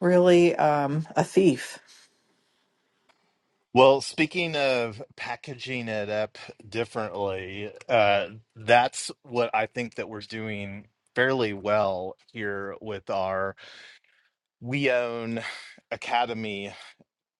Speaker 3: really um, a thief.
Speaker 1: Well, speaking of packaging it up differently, uh, that's what I think that we're doing fairly well here with our We Own Academy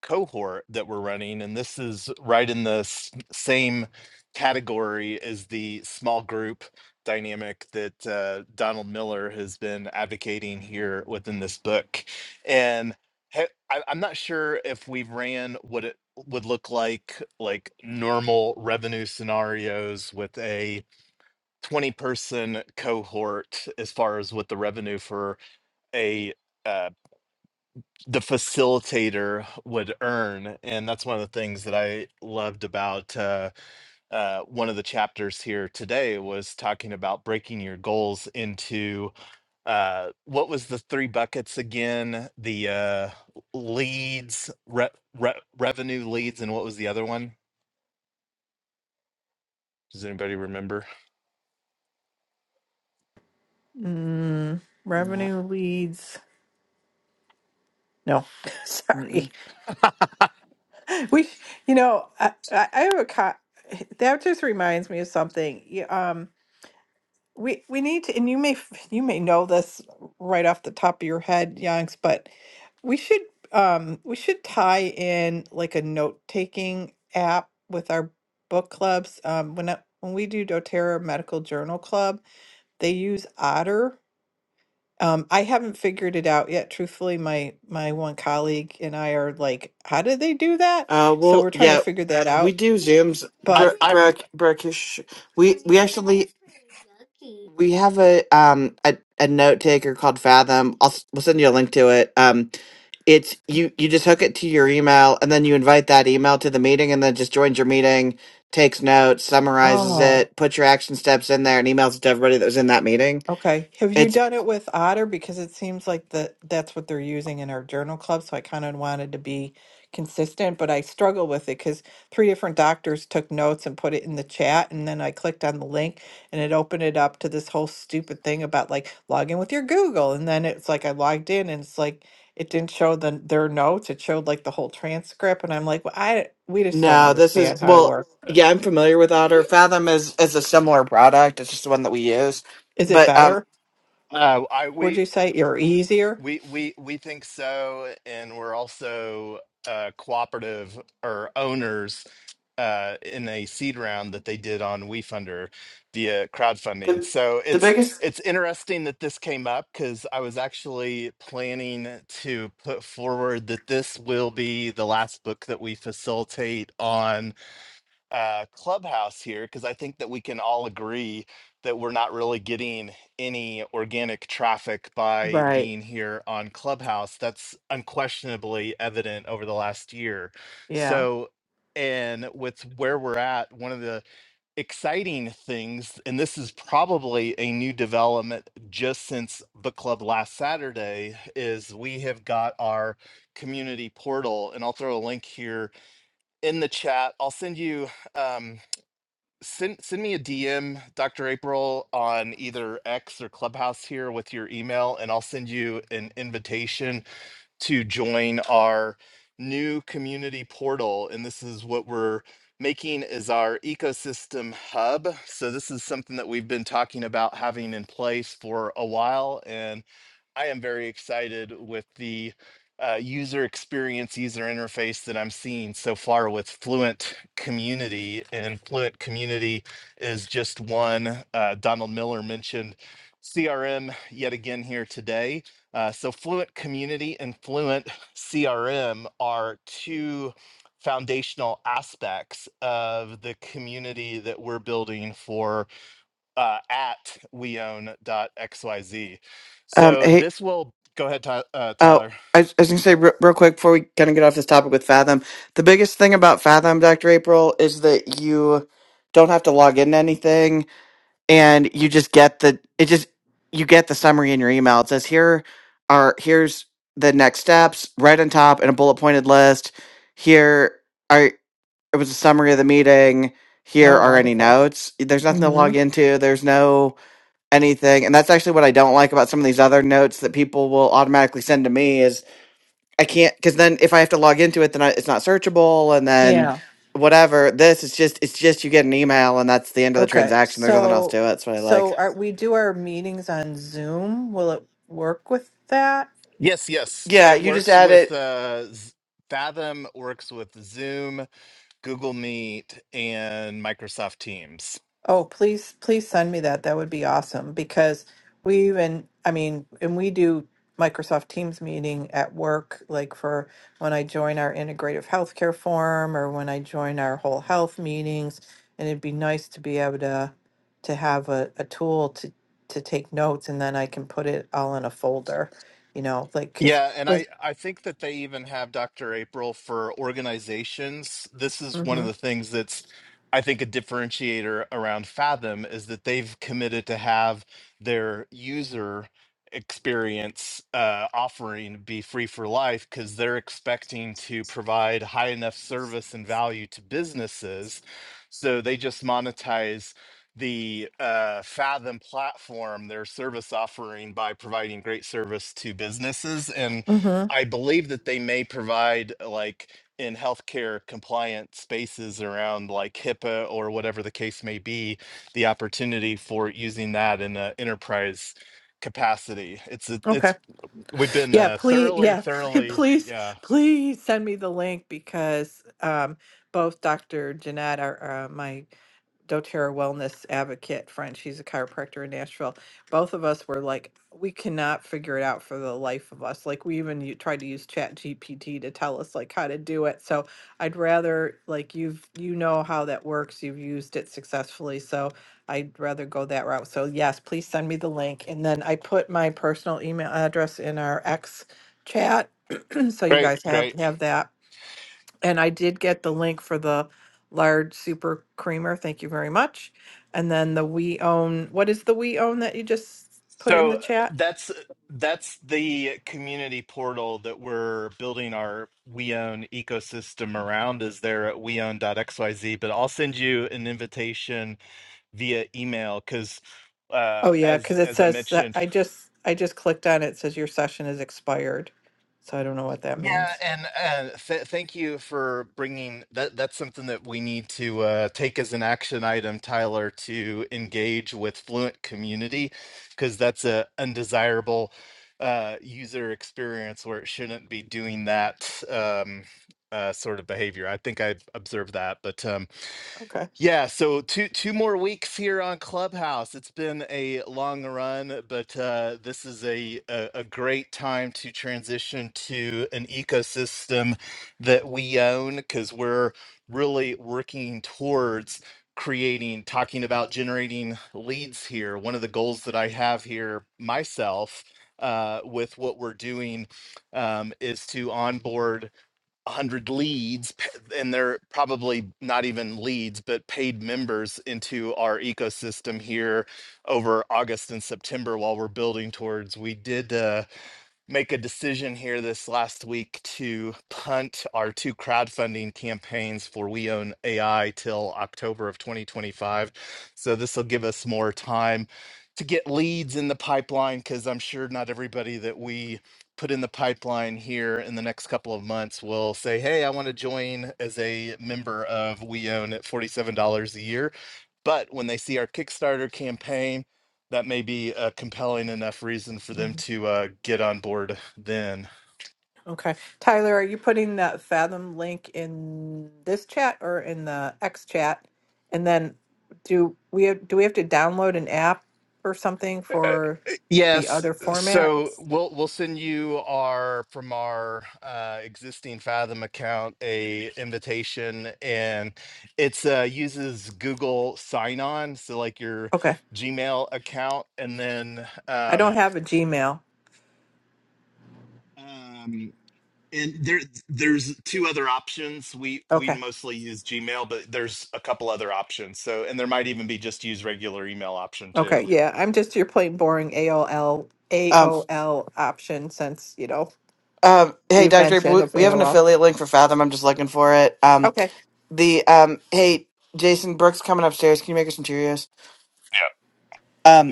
Speaker 1: cohort that we're running, and this is right in the s- same category as the small group dynamic that uh, Donald Miller has been advocating here within this book. And ha- I, I'm not sure if we've ran what it would look like, like normal revenue scenarios with a 20 person cohort as far as what the revenue for a uh, the facilitator would earn and that's one of the things that i loved about uh, uh, one of the chapters here today was talking about breaking your goals into uh, what was the three buckets again the uh, leads re- re- revenue leads and what was the other one does anybody remember
Speaker 3: Mm,
Speaker 2: Not-
Speaker 3: revenue leads. No, (laughs) sorry.
Speaker 2: mm-mm.
Speaker 3: We, you know, I, I I have a co- that just reminds me of something. Y- Um, we we need to, and you may (laughs) f- you may know this right off the top of your head, Yanks, but we should um we should tie in like a note taking app with our book clubs. Um, when I, when we do DoTerra Medical Journal Club They use Otter. Um, I haven't figured it out yet. Truthfully, my my one colleague and I are like, how do they do that?
Speaker 2: Uh,
Speaker 3: So
Speaker 2: well,
Speaker 3: we're trying to
Speaker 2: yeah,
Speaker 3: figure that (laughs)
Speaker 2: we
Speaker 3: out.
Speaker 2: do Zooms.
Speaker 3: But
Speaker 1: i'm
Speaker 2: Brooke,
Speaker 1: i'm
Speaker 2: Brooke, Brooke, we, we actually, we have a, um, a, a note taker called Fathom. I'll, s- we'll send you a link to it. Um, it's you you just hook it to your email and then you invite that email to the meeting and then just joins your meeting takes notes summarizes
Speaker 3: oh.
Speaker 2: it puts your action steps in there and emails it to everybody that was in that meeting
Speaker 3: Okay. Have you
Speaker 2: it's
Speaker 3: done it with Otter? Because it seems like the that's what they're using in our journal club. So I kind of wanted to be consistent, but I struggle with it because three different doctors took notes and put it in the chat, and then I clicked on the link and it opened it up to this whole stupid thing about like log in with your Google, and then it's like I logged in and it's like it didn't show the their notes. It showed like the whole transcript, and I'm like, well, I we just don't
Speaker 2: no this is
Speaker 3: understand how to
Speaker 2: well
Speaker 3: work.
Speaker 2: yeah i'm familiar with otter fathom is is a similar product it's just the one that we use
Speaker 3: Is it
Speaker 2: but um.
Speaker 3: better?
Speaker 1: uh, i we
Speaker 3: Would you say or easier?
Speaker 1: We we we think so, and we're also uh, cooperative or owners uh, in a seed round that they did on WeFunder via crowdfunding.
Speaker 2: the
Speaker 1: So
Speaker 2: the
Speaker 1: it's
Speaker 2: biggest
Speaker 1: it's interesting that this came up because I was actually planning to put forward that this will be the last book that we facilitate on uh, clubhouse here because I think that we can all agree that we're not really getting any organic traffic by
Speaker 3: Right.
Speaker 1: being here on Clubhouse. That's unquestionably evident over the last year.
Speaker 3: Yeah.
Speaker 1: So, and with where we're at, one of the exciting things, and this is probably a new development just since book club last Saturday, is we have got our community portal. And I'll throw a link here in the chat. I'll send you. Um, send send me a DM, Dr. April, on either X or Clubhouse here with your email, and I'll send you an invitation to join our new community portal. And this is what we're making is our ecosystem hub. So this is something that we've been talking about having in place for a while, and I am very excited with the uh, user experience, user interface that I'm seeing so far with Fluent Community. And Fluent Community is just one. Uh, Donald Miller mentioned CRM yet again here today. Uh, so, Fluent Community and Fluent CRM are two foundational aspects of the community that we're building for uh, at weown.xyz.
Speaker 2: um
Speaker 1: So
Speaker 2: hey
Speaker 1: this will go ahead, Ty- uh,
Speaker 2: oh
Speaker 1: Tyler.
Speaker 2: I, was- I was gonna say re- real quick before we kind of get off this topic with Fathom, the biggest thing about Fathom, Doctor April, is that you don't have to log into anything, and you just get the it just you get the summary in your email. It says here are here's the next steps right on top in a bullet pointed list. Here are it was a summary of the meeting. Here
Speaker 3: Oh,
Speaker 2: are any
Speaker 3: wonderful.
Speaker 2: notes. There's nothing to
Speaker 3: hmm
Speaker 2: log into. There's no anything. And that's actually what I don't like about some of these other notes that people will automatically send to me is I can't because then if I have to log into it, then I, it's not searchable, and then Yeah.
Speaker 3: Yeah.
Speaker 2: whatever. This is just it's just you get an email and that's the end of the
Speaker 3: Okay.
Speaker 2: transaction. There's nothing else to
Speaker 3: So,
Speaker 2: it. That's what I like.
Speaker 3: so are we do our meetings on Zoom? Will it work with that?
Speaker 1: Yes, yes.
Speaker 2: Yeah,
Speaker 1: It
Speaker 2: you just
Speaker 1: works
Speaker 2: add
Speaker 1: with
Speaker 2: it.
Speaker 1: uh, Z- Fathom, works with Zoom, Google Meet, and Microsoft Teams.
Speaker 3: Oh, please, please send me that. That would be awesome because we even, I mean, and we do Microsoft Teams meeting at work, like for when I join our integrative healthcare forum or when I join our whole health meetings. And it'd be nice to be able to to have a, a tool to to take notes and then I can put it all in a folder, you know, like because
Speaker 1: Yeah, and I I think that they even have Dr. April for organizations. This is one of
Speaker 3: Mm-hmm.
Speaker 1: the things that's I think a differentiator around Fathom is that they've committed to have their user experience uh, offering be free for life because they're expecting to provide high enough service and value to businesses. So they just monetize the uh, Fathom platform, their service offering by providing great service to businesses. And
Speaker 3: Mm-hmm.
Speaker 1: I believe that they may provide uh, like in healthcare compliant spaces around like HIPAA or whatever the case may be, the opportunity for using that in an enterprise capacity. It's a,
Speaker 3: Okay.
Speaker 1: it's we've been
Speaker 3: Yeah.
Speaker 1: uh,
Speaker 3: Please.
Speaker 1: thoroughly,
Speaker 3: Yeah. (laughs) pl-
Speaker 1: thoroughly,
Speaker 3: Please.
Speaker 1: yeah.
Speaker 3: Please send me the link because um, both Dr. Jeanette, our, uh, my DoTerra wellness advocate friend, she's a chiropractor in Nashville. Both of us were like, we cannot figure it out for the life of us. Like we even u- tried to use Chat GPT to tell us like how to do it. So I'd rather like you've you know how that works. You've used it successfully. So I'd rather go that route. So yes, please send me the link. And then I put my personal email address in our X chat. (clears throat) so you
Speaker 1: Great,
Speaker 3: guys have
Speaker 1: great.
Speaker 3: have that. And I did get the link for the large super creamer. Thank you very much. And then the we own what is the we own that you just put in
Speaker 1: So
Speaker 3: the chat?
Speaker 1: that's that's the community portal that we're building our WeOwn ecosystem around is there at weown.xyz. But I'll send you an invitation via email because uh,
Speaker 3: Oh yeah,
Speaker 1: as
Speaker 3: because it
Speaker 1: as I
Speaker 3: says that
Speaker 1: mentioned.
Speaker 3: I just I just clicked on it. It says your session is expired. So I don't know what that
Speaker 1: Yeah,
Speaker 3: means.
Speaker 1: and uh, th thank you for bringing that. That's something that we need to uh, take as an action item, Tyler, to engage with Fluent community, because that's a undesirable uh, user experience where it shouldn't be doing that um, uh, sort of behavior. I think I observed that, but um,
Speaker 3: Okay.
Speaker 1: yeah, so two two more weeks here on Clubhouse. It's been a long run, but uh, this is a, a a great time to transition to an ecosystem that we own because we're really working towards creating, talking about generating leads here. One of the goals that I have here myself uh, with what we're doing um, is to onboard. 100 leads and they're probably not even leads but paid members into our ecosystem here over august and september while we're building towards we did uh, make a decision here this last week to punt our two crowdfunding campaigns for We Own AI till October of 2025. So this will give us more time to get leads in the pipeline because I'm sure not everybody that we put in the pipeline here in the next couple of months will say, Hey, I want to join as a member of We Own at $47 a year. But when they see our Kickstarter campaign, that may be a compelling enough reason for them
Speaker 3: Mhm.
Speaker 1: to uh, get on board then.
Speaker 3: Okay. Tyler, are you putting that Fathom link in this chat or in the X chat? And then do we have, do we have to download an app or something for the
Speaker 1: Yes,
Speaker 3: other format?
Speaker 1: so we'll we'll send you our from our uh, existing Fathom account a invitation, and it's uh, uses Google Sign On, so like your
Speaker 3: Okay.
Speaker 1: Gmail account, and then
Speaker 3: I don't
Speaker 1: um,
Speaker 3: have a Gmail.
Speaker 1: um, And there, there's two other options. We we
Speaker 3: Okay.
Speaker 1: mostly use Gmail, but there's a couple other options. So, and there might even be just use regular email option too.
Speaker 3: Okay, yeah, I'm just your plain boring AOL
Speaker 2: Um,
Speaker 3: AOL option since, you know,
Speaker 2: um,
Speaker 3: the
Speaker 2: hey, Dr. April,
Speaker 3: invention
Speaker 2: we
Speaker 3: of
Speaker 2: we have an
Speaker 3: AOL.
Speaker 2: affiliate link for Fathom. I'm just looking for it. Um,
Speaker 3: Okay.
Speaker 2: the um, hey, Jason Brooks coming upstairs. Can you make us some Cheerios? Um.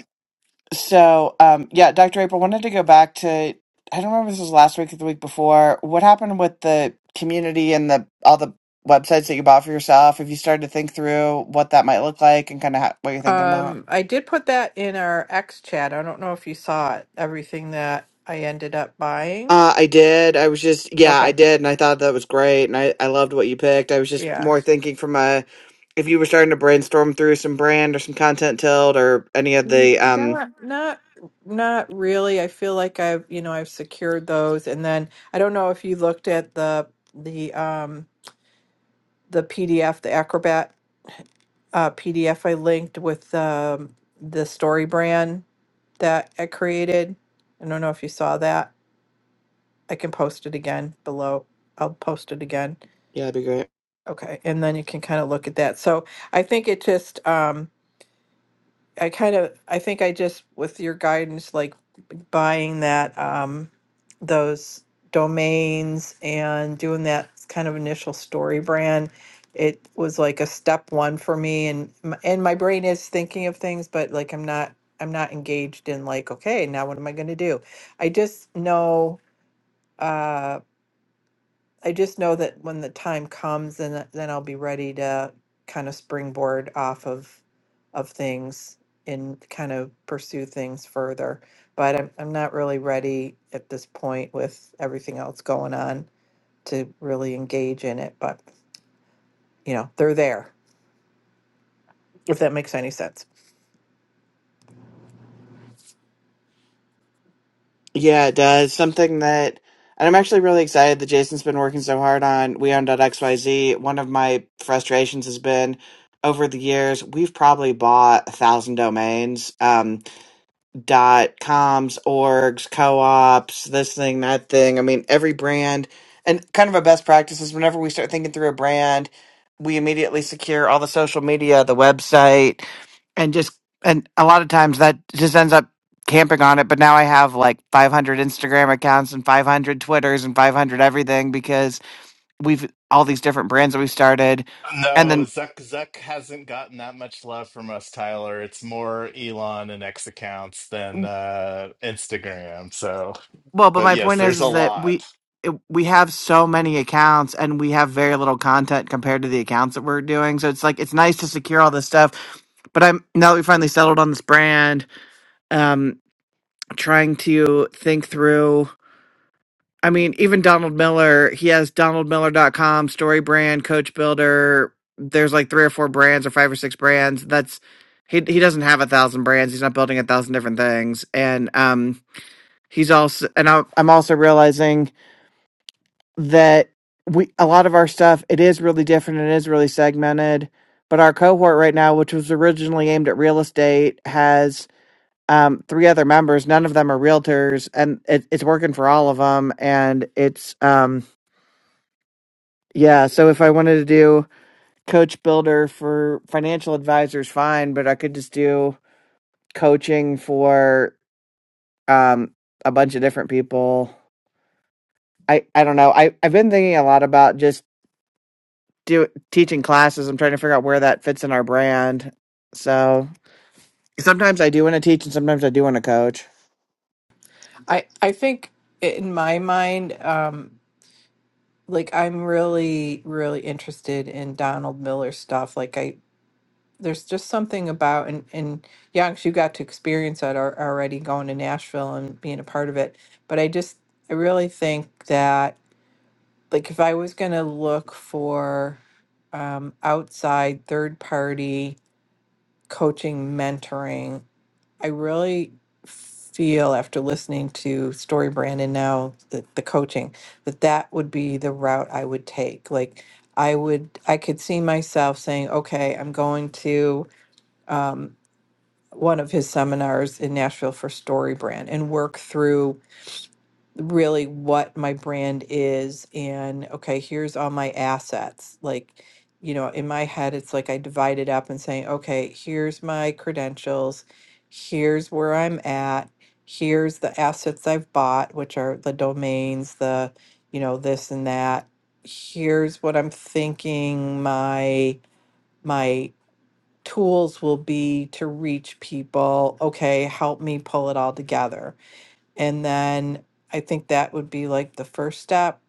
Speaker 2: So, um, yeah, Dr. April wanted to go back to, I don't remember if this was last week or the week before. What happened with the community and the all the websites that you bought for yourself? Have you started to think through what that might look like and kind of ha- what you're thinking about?
Speaker 3: Um, I did put that in our X chat. I don't know if you saw it, everything that I ended up buying.
Speaker 2: Uh, I did. I was just, yeah, I
Speaker 3: Okay.
Speaker 2: did, and I thought that was great, and I, I loved what you picked. I was just
Speaker 3: Yeah.
Speaker 2: more thinking from a if you were starting to brainstorm through some brand or some content tilt or any of
Speaker 3: Mm,
Speaker 2: the um,
Speaker 3: Not not not really. I feel like I've, you know, I've secured those and then I don't know if you looked at the the um the PDF, the Acrobat uh PDF I linked with um the story brand that I created. I don't know if you saw that. I can post it again below. I'll post it again.
Speaker 2: yeah, that'd be great.
Speaker 3: Okay, and then you can kind of look at that. So I think it just, um, I kind of, I think I just, with your guidance, like buying that um, those domains and doing that kind of initial story brand it was like a step one for me and m- and my brain is thinking of things but like i'm not i'm not engaged in like okay now what am i going to do i just know Uh, I just know that when the time comes, then uh, then I'll be ready to kind of springboard off of of things and kind of pursue things further. But I'm I'm not really ready at this point with everything else going on to really engage in it. But you know, they're there. If that makes any sense.
Speaker 2: Yeah, it does. Something that, and I'm actually really excited that Jason's been working so hard on WeOwn.xyz. One of my frustrations has been over the years, we've probably bought a thousand domains, um, dot coms, orgs, co-ops, this thing, that thing. I mean, every brand and kind of a best practice is whenever we start thinking through a brand, we immediately secure all the social media, the website, and just and a lot of times that just ends up camping on it but now i have like 500 instagram accounts and 500 twitters and 500 everything because we've all these different brands that we started and
Speaker 1: No,
Speaker 2: then
Speaker 1: Zuck Zuck hasn't gotten that much love from us, Tyler. It's more Elon and X accounts than uh, Instagram. So,
Speaker 2: well but
Speaker 1: but
Speaker 2: my
Speaker 1: yes,
Speaker 2: point is
Speaker 1: there's a
Speaker 2: is that
Speaker 1: lot.
Speaker 2: we it, we have so many accounts and we have very little content compared to the accounts that we're doing so it's like it's nice to secure all this stuff but i'm now that we finally settled on this brand um trying to think through I mean, even Donald Miller, he has donaldmiller.com, story brand, coach builder. There's like three or four brands or five or six brands. That's he he doesn't have a thousand brands. He's not building a thousand different things. And um he's also and I, I'm also realizing that we a lot of our stuff it is really different. It is really segmented. But our cohort right now, which was originally aimed at real estate, has um, three other members. None of them are realtors, and it, it's working for all of them. And it's um, Yeah, so if I wanted to do coach builder for financial advisors, fine, but I could just do coaching for um a bunch of different people. I I don't know. I I've been thinking a lot about just do teaching classes. I'm trying to figure out where that fits in our brand. So sometimes I do want to teach, and sometimes I do want to coach.
Speaker 3: I I think in my mind, um, like I'm really really interested in Donald Miller stuff. Like I there's just something about and and yeah, 'cause you got to experience that al- already going to Nashville and being a part of it. But I just I really think that like if I was gonna look for um, outside third party coaching mentoring, I really feel after listening to Story Brand and now the, the coaching that that would be the route I would take. Like I would I could see myself saying, okay, I'm going to. Um, one of his seminars in Nashville for Story Brand and work through really what my brand is and okay, here's all my assets. Like, you know, in my head, it's like I divide it up and saying, okay, here's my credentials, here's where I'm at, here's the assets I've bought, which are the domains, the, you know, this and that. Here's what I'm thinking my my tools will be to reach people okay help me pull it all together and then i think that would be like the first step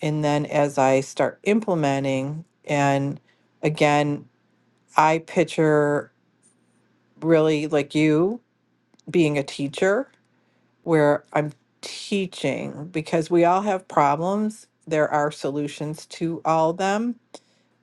Speaker 3: and then as i start implementing and again i picture really like you being a teacher where i'm teaching because we all have problems there are solutions to all of them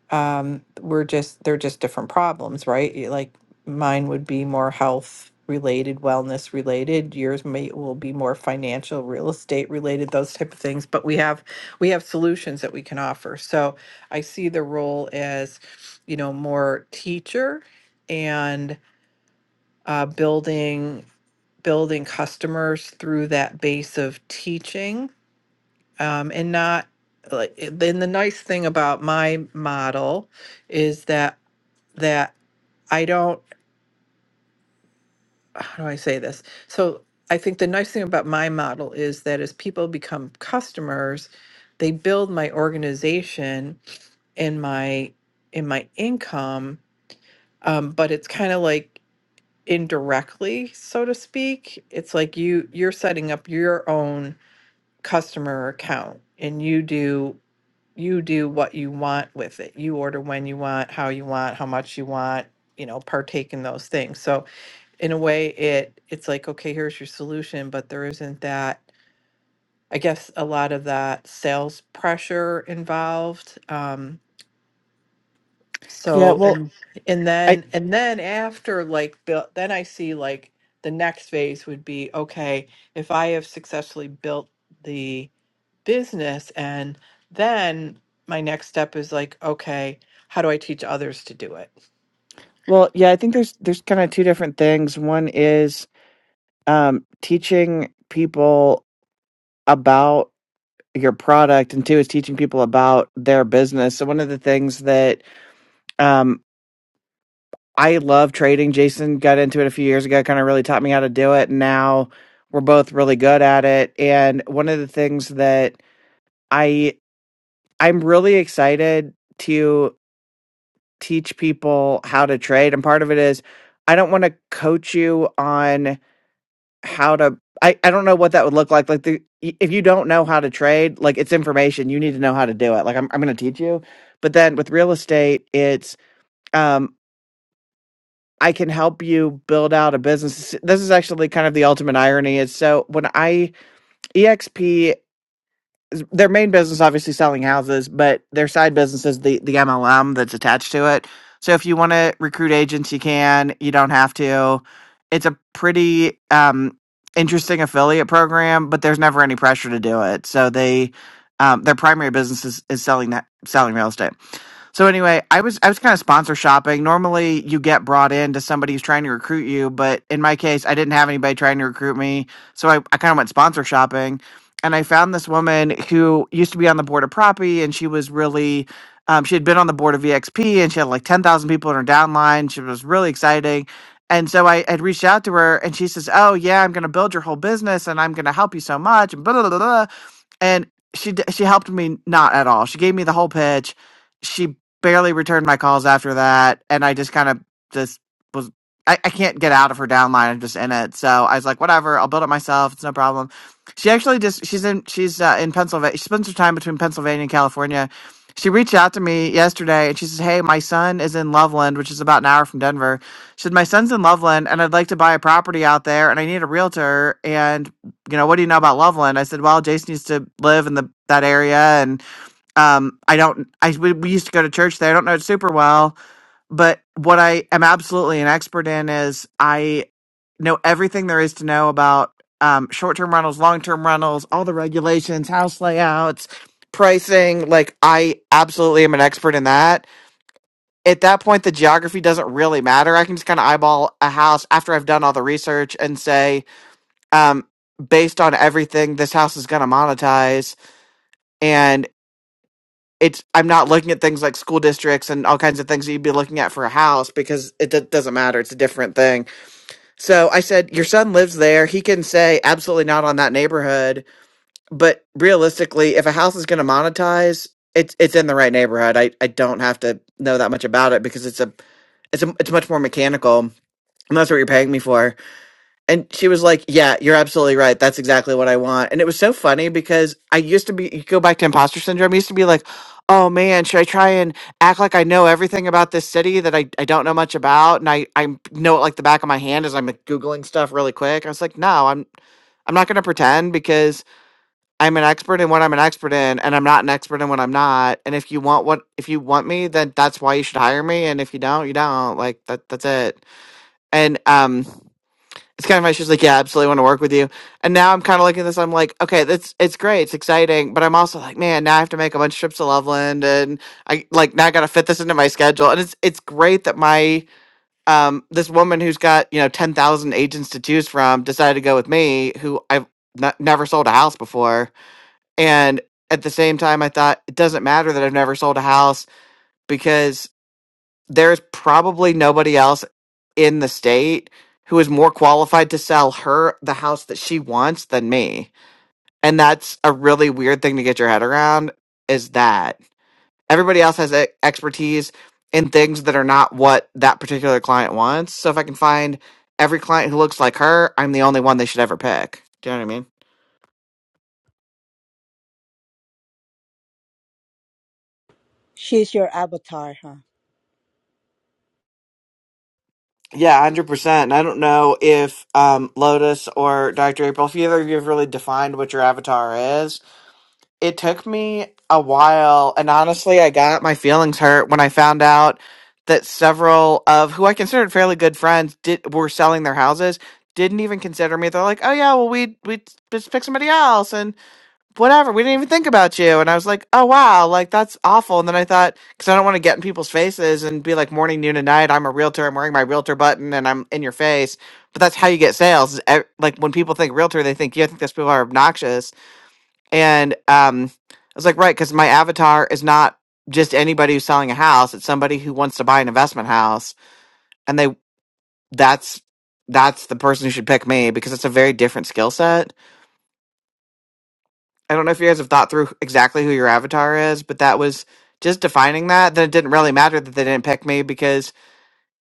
Speaker 3: um, we're just they're just different problems, right? Y- Like mine would be more health related, wellness related. Yours may will be more financial, real estate related, those type of things. But we have we have solutions that we can offer. So I see the role as, you know, more teacher and uh, building building customers through that base of teaching um, and not like i- then the nice thing about my model is that that I don't, how do I say this? So I think the nice thing about my model is that as people become customers, they build my organization and my in my income, um, but it's kind of like indirectly, so to speak. It's like you you're setting up your own customer account and you do you do what you want with it. You order when you want, how you want, how much you want, you know, partake in those things. So in a way it it's like okay here's your solution but there isn't that i guess a lot of that sales pressure involved um
Speaker 2: Yeah,
Speaker 3: so
Speaker 2: well,
Speaker 3: and and
Speaker 2: I
Speaker 3: then and then after like built then i see like the next phase would be okay if i have successfully built the business and then my next step is like okay how do i teach others to do it
Speaker 2: well, yeah, I think there's there's kind of two different things. One is um teaching people about your product and two is teaching people about their business so one of the things that um i love trading jason got into it a few years ago kind of really taught me how to do it and now we're both really good at it and one of the things that i i'm really excited to teach people how to trade and part of it is i don't want to coach you on how to I, I don't know what that would look like like the if you don't know how to trade like it's information you need to know how to do it like i'm, I'm going to teach you but then with real estate it's um i can help you build out a business this is actually kind of the ultimate irony is so when i exp their main business obviously selling houses, but their side business is the the MLM that's attached to it. So if you want to recruit agents, you can. You don't have to. It's a pretty um, interesting affiliate program, but there's never any pressure to do it. So they um, their primary business is, is selling that selling real estate. So anyway, I was I was kind of sponsor shopping. Normally, you get brought in to somebody who's trying to recruit you, but in my case, I didn't have anybody trying to recruit me, so I, I kind of went sponsor shopping, and I found this woman who used to be on the board of Proppy, and she was really, um, she had been on the board of EXP, and she had like ten thousand people in her downline. She was really exciting, and so I had reached out to her, and she says, "Oh yeah, I'm going to build your whole business, and I'm going to help you so much." And blah, blah, blah, blah and she d- she helped me not at all. She gave me the whole pitch. She barely returned my calls after that, and I just kind of just was I, I can't get out of her downline. I'm just in it, so I was like, whatever. I'll build it myself. It's no problem. She actually just she's in she's uh, in Pennsylvania. She spends her time between Pennsylvania and California. She reached out to me yesterday and she says, Hey, my son is in Loveland, which is about an hour from Denver. She said, My son's in Loveland and I'd like to buy a property out there and I need a realtor. And you know, what do you know about Loveland? I said, well, Jason used to live in the that area, and um, I don't, I we, we used to go to church there. I don't know it super well, but what I am absolutely an expert in is I know everything there is to know about um, short-term rentals, long-term rentals, all the regulations, house layouts, pricing. Like I absolutely am an expert in that. At that point, the geography doesn't really matter. I can just kind of eyeball a house after I've done all the research and say, um, based on everything this house is going to monetize and it's i'm not looking at things like school districts and all kinds of things that you'd be looking at for a house because it d- doesn't matter it's a different thing so i said your son lives there he can say absolutely not on that neighborhood but realistically if a house is going to monetize it's it's in the right neighborhood i i don't have to know that much about it because it's a it's a it's much more mechanical and that's what you're paying me for And she was like, Yeah, you're absolutely right. That's exactly what I want. And it was so funny because I used to be, you go back to imposter syndrome, I used to be like, Oh man, should I try and act like I know everything about this city that I, I don't know much about? And I, I know it like the back of my hand as I'm like, Googling stuff really quick. I was like, No, I'm, I'm not going to pretend because I'm an expert in what I'm an expert in and I'm not an expert in what I'm not. And if you want what, if you want me, then that's why you should hire me. And if you don't, you don't. Like that, that's it. And, um, it's kind of my she's like yeah I absolutely want to work with you and now i'm kind of looking at this i'm like okay that's it's great it's exciting but i'm also like man now i have to make a bunch of trips to loveland and i like now i gotta fit this into my schedule and it's it's great that my um this woman who's got you know 10000 agents to choose from decided to go with me who i've n- never sold a house before and at the same time i thought it doesn't matter that i've never sold a house because there's probably nobody else in the state who is more qualified to sell her the house that she wants than me. And that's a really weird thing to get your head around is that everybody else has e- expertise in things that are not what that particular client wants. So if I can find every client who looks like her, I'm the only one they should ever pick. Do you know what I mean?
Speaker 4: She's your avatar, huh?
Speaker 2: Yeah, 100%. And I don't know if um, Lotus or Dr. April, if either of you have really defined what your avatar is it took me a while and honestly i got my feelings hurt when i found out that several of who i considered fairly good friends did were selling their houses didn't even consider me they're like oh yeah well we we just pick somebody else and whatever we didn't even think about you and i was like oh wow like that's awful and then i thought because i don't want to get in people's faces and be like morning noon and night i'm a realtor i'm wearing my realtor button and i'm in your face but that's how you get sales is ev- like when people think realtor they think you i think those people are obnoxious and um, I was like, right, because my avatar is not just anybody who's selling a house; it's somebody who wants to buy an investment house, and they that's that's the person who should pick me because it's a very different skill set. I don't know if you guys have thought through exactly who your avatar is, but that was just defining that. Then it didn't really matter that they didn't pick me because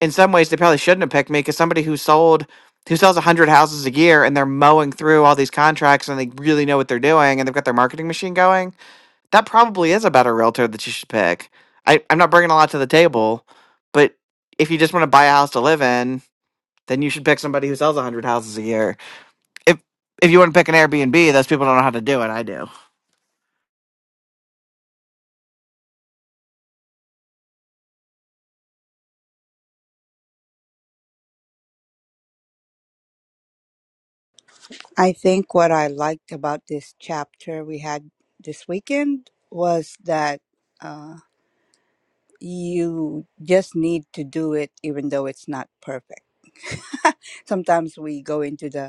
Speaker 2: in some ways they probably shouldn't have picked me because somebody who sold who sells 100 houses a year and they're mowing through all these contracts and they really know what they're doing and they've got their marketing machine going that probably is a better realtor that you should pick. I, I'm not bringing a lot to the table, but if you just want to buy a house to live in, then you should pick somebody who sells 100 houses a year. If if you want to pick an Airbnb, those people don't know how to do it. I do.
Speaker 4: I think what I liked about this chapter we had this weekend was that uh, you just need to do it even though it's not perfect. Sometimes we go into the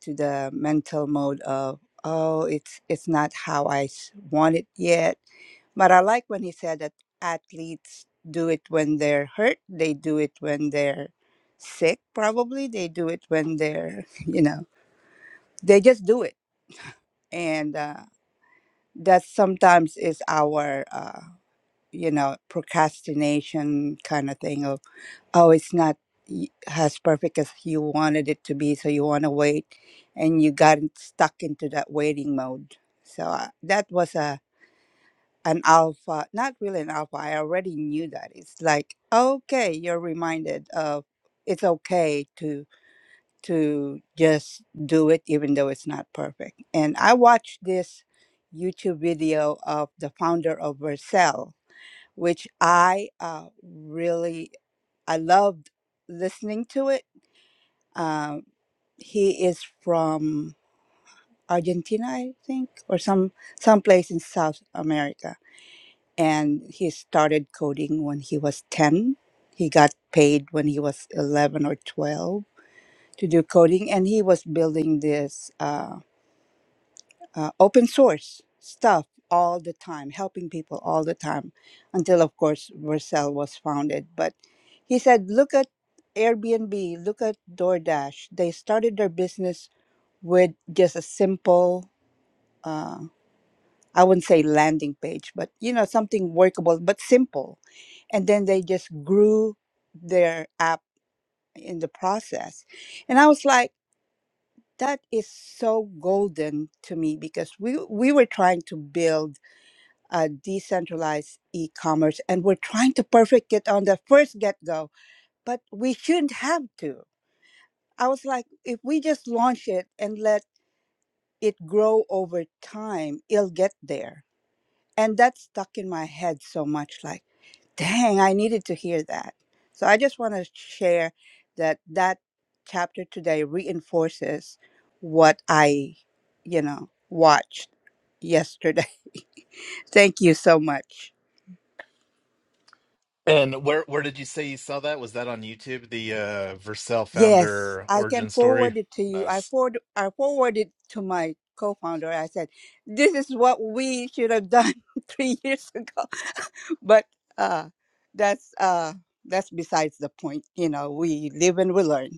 Speaker 4: to the mental mode of oh it's it's not how i s- want it yet but i like when he said that athletes do it when they're hurt they do it when they're sick probably they do it when they're (laughs) you know they just do it and uh, that sometimes is our uh, you know procrastination kind of thing of oh, it's not y- as perfect as you wanted it to be, so you want to wait, and you got stuck into that waiting mode. So uh, that was a an alpha, not really an alpha. I already knew that. It's like okay, you're reminded of it's okay to to just do it, even though it's not perfect. And I watched this YouTube video of the founder of Vercel, which I uh, really I loved listening to it um, he is from Argentina, I think, or some some place in South America. And he started coding when he was ten. He got paid when he was eleven or twelve to do coding, and he was building this uh, uh, open source stuff all the time, helping people all the time, until of course Vercel was founded. But he said, "Look at." Airbnb, look at DoorDash. They started their business with just a simple uh, i wouldn't say landing page but you know something workable but simple and then they just grew their app in the process and i was like that is so golden to me because we we were trying to build a decentralized e-commerce and we're trying to perfect it on the first get-go but we shouldn't have to i was like if we just launch it and let it grow over time it'll get there and that stuck in my head so much like dang i needed to hear that so i just want to share that that chapter today reinforces what i you know watched yesterday (laughs) thank you so much
Speaker 1: And where where did you say you saw that? Was that on YouTube? The uh, Vercel
Speaker 4: Yes,
Speaker 1: founder
Speaker 4: I can
Speaker 1: origin story.
Speaker 4: forward it to you. I
Speaker 1: Nice.
Speaker 4: forward I forwarded to my co-founder. I said, "This is what we should have done (laughs) three years ago," (laughs) but uh, that's uh, that's besides the point. You know, we live and we learn.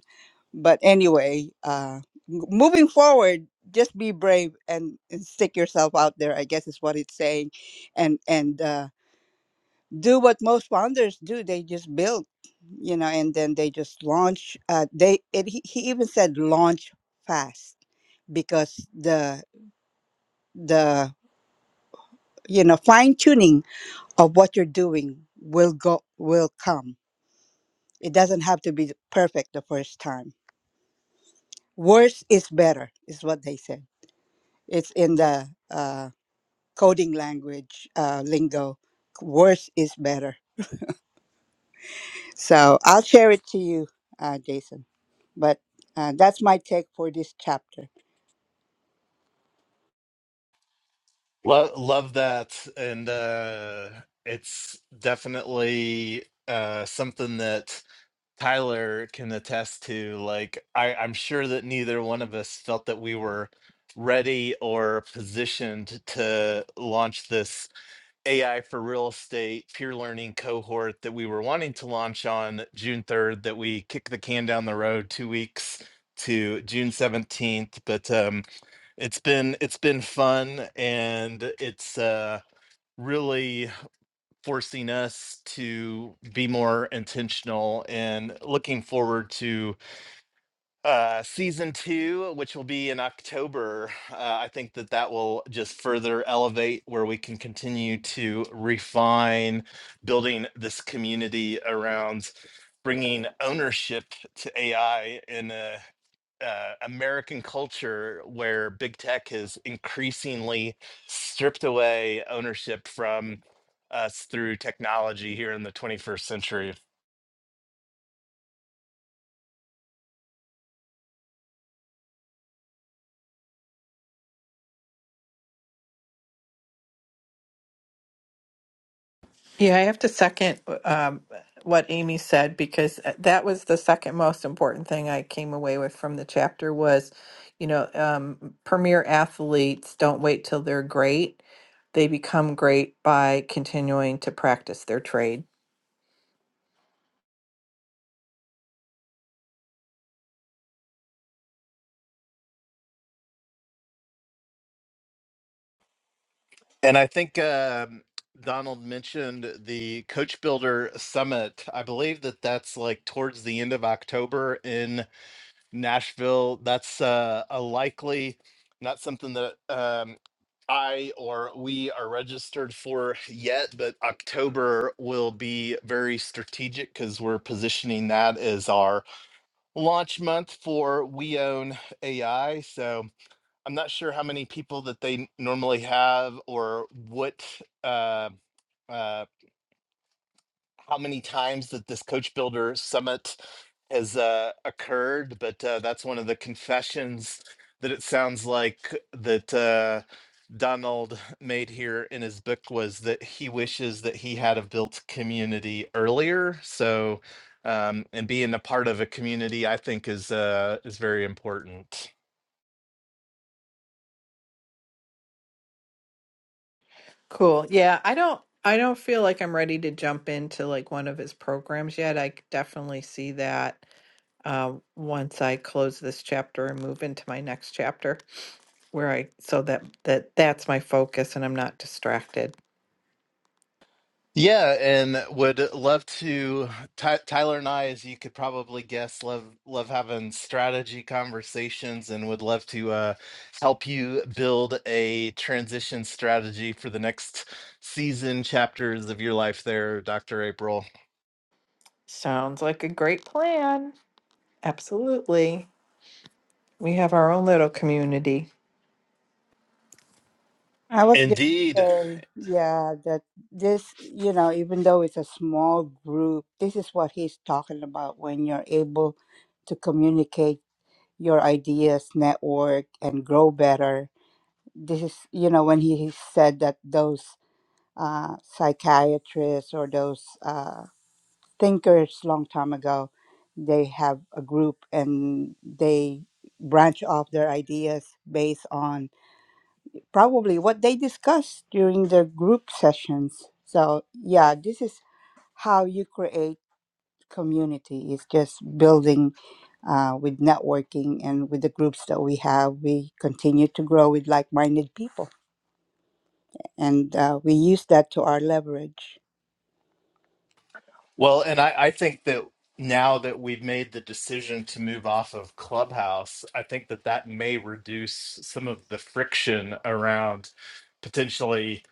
Speaker 4: But anyway, uh, m- moving forward, just be brave and, and stick yourself out there. I guess is what it's saying, and and uh, do what most founders do they just build you know and then they just launch uh, they it, he he even said launch fast because the the you know fine tuning of what you're doing will go will come it doesn't have to be perfect the first time worse is better is what they said it's in the uh, coding language uh, lingo worse is better so i'll share it to you uh, jason but uh, that's my take for this chapter.
Speaker 1: Love, love that. And uh, it's definitely uh, something that Tyler can attest to. Like, I, I'm sure that neither one of us felt that we were ready or positioned to launch this AI for real estate peer learning cohort that we were wanting to launch on June 3rd, that we kicked the can down the road two weeks to June 17th. But, um, it's been it's been fun and it's uh really forcing us to be more intentional and looking forward to uh season two which will be in october uh, i think that that will just further elevate where we can continue to refine building this community around bringing ownership to ai in a uh, American culture where big tech has increasingly stripped away ownership from us through technology here in the 21st century.
Speaker 3: Yeah, I have to second um, what Amy said because uh, that was the second most important thing I came away with from the chapter was, you know, um, premier athletes don't wait till they're great. They become great by continuing to practice their trade.
Speaker 1: And I think um, Donald mentioned the Coach Builder Summit. I believe that that's like towards the end of October in Nashville. That's uh, a likely, not something that um, I or we are registered for yet, but October will be very strategic because we're positioning that as our launch month for We Own AI. So I'm not sure how many people that they normally have or what uh, uh, how many times that this coach builder summit has uh, occurred, but uh, that's one of the confessions that it sounds like that uh, Donald (laughs) made here in his book was that he wishes that he had have built community earlier. So um, and being a part of a community, I think is uh, is very important.
Speaker 3: Cool. Yeah, I don't I don't feel like I'm ready to jump into like one of his programs yet. I c- definitely see that um, once I close this chapter and move into my next chapter. where I so that that that's my focus and I'm not distracted.
Speaker 1: Yeah, and would love to. Ty Tyler and I, as you could probably guess, love love having strategy conversations, and would love to uh, help you build a transition strategy for the next season chapters of your life. There, Doctor April.
Speaker 3: Sounds like a great plan. Absolutely. We have our own little community.
Speaker 4: I was going to
Speaker 1: Indeed.
Speaker 4: say, yeah, that this, you know, even though it's a small group, this is what he's talking about when you're able to communicate your ideas, network, and grow better. This is, you know, when he said that those uh, psychiatrists or those uh, thinkers long time ago, they have a group and they branch off their ideas based on probably what they discussed during the group sessions. So, yeah, this is how you create community. It's just building uh, with networking and with the groups that we have. We continue to grow with like minded people, and uh, we use that to our leverage.
Speaker 1: Well, and I, I think that now that we've made the decision to move off of Clubhouse, I think that that may reduce some of the friction around potentially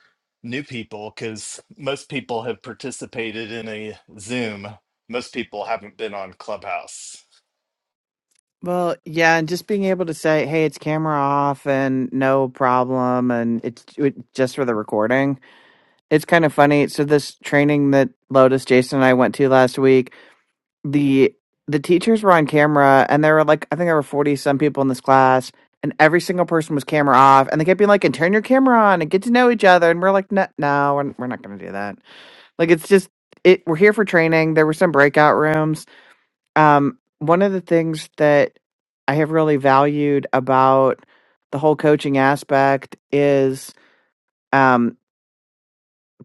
Speaker 1: new people because most people have participated in a Zoom. Most people haven't been on Clubhouse.
Speaker 2: Well, yeah, and just being able to say, "Hey, it's camera off and no problem," and it's it, just for the recording. it's kind of funny. So this training that Lotus, Jason, and I went to last week, the the teachers were on camera, and there were like I think there were forty some people in this class, and every single person was camera off, and they kept being like, "And turn your camera on, and get to know each other." And we're like, "No, no, we're, we're not going to do that." Like it's just it. We're here for training. There were some breakout rooms. Um, one of the things that I have really valued about the whole coaching aspect is um.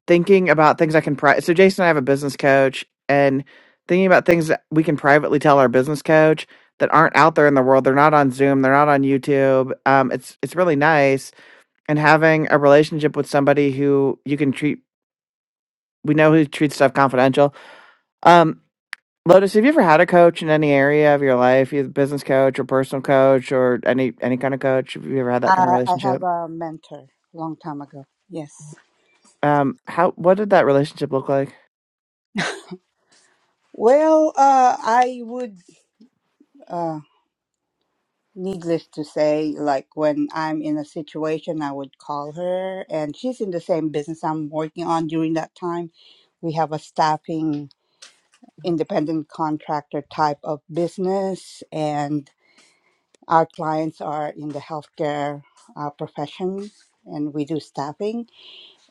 Speaker 2: thinking about things I can pri- so Jason and I have a business coach and thinking about things that we can privately tell our business coach that aren't out there in the world. They're not on Zoom, they're not on YouTube. Um it's it's really nice and having a relationship with somebody who you can treat we know who treats stuff confidential. Um Lotus, have you ever had a coach in any area of your life, either business coach or personal coach or any any kind of coach? Have you ever had that kind of
Speaker 4: Uh, I have
Speaker 2: relationship?
Speaker 4: a mentor long time ago. Yes.
Speaker 2: Um how what did that relationship look like?
Speaker 4: Well, uh, I would. Uh, needless to say, like when I'm in a situation, I would call her, and she's in the same business I'm working on during that time. We have a staffing independent contractor type of business, and our clients are in the healthcare uh, profession, and we do staffing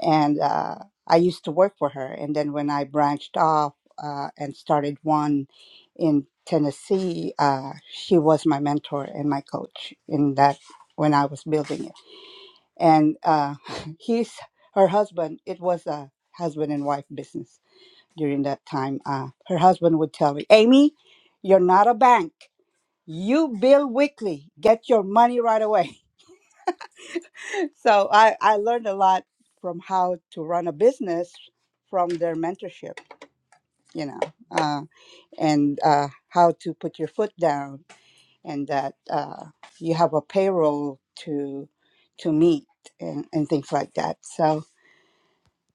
Speaker 4: and uh, I used to work for her. And then when I branched off uh, and started one in Tennessee, uh, she was my mentor and my coach in that when I was building it. And uh, (laughs) he's her husband. It was a husband and wife business during that time. Uh, her husband would tell me, "Amy, you're not a bank." You bill weekly. Get your money right away. So I, I learned a lot from how to run a business from their mentorship, you know, uh, and uh, how to put your foot down and that uh, you have a payroll to to meet and, and things like that. So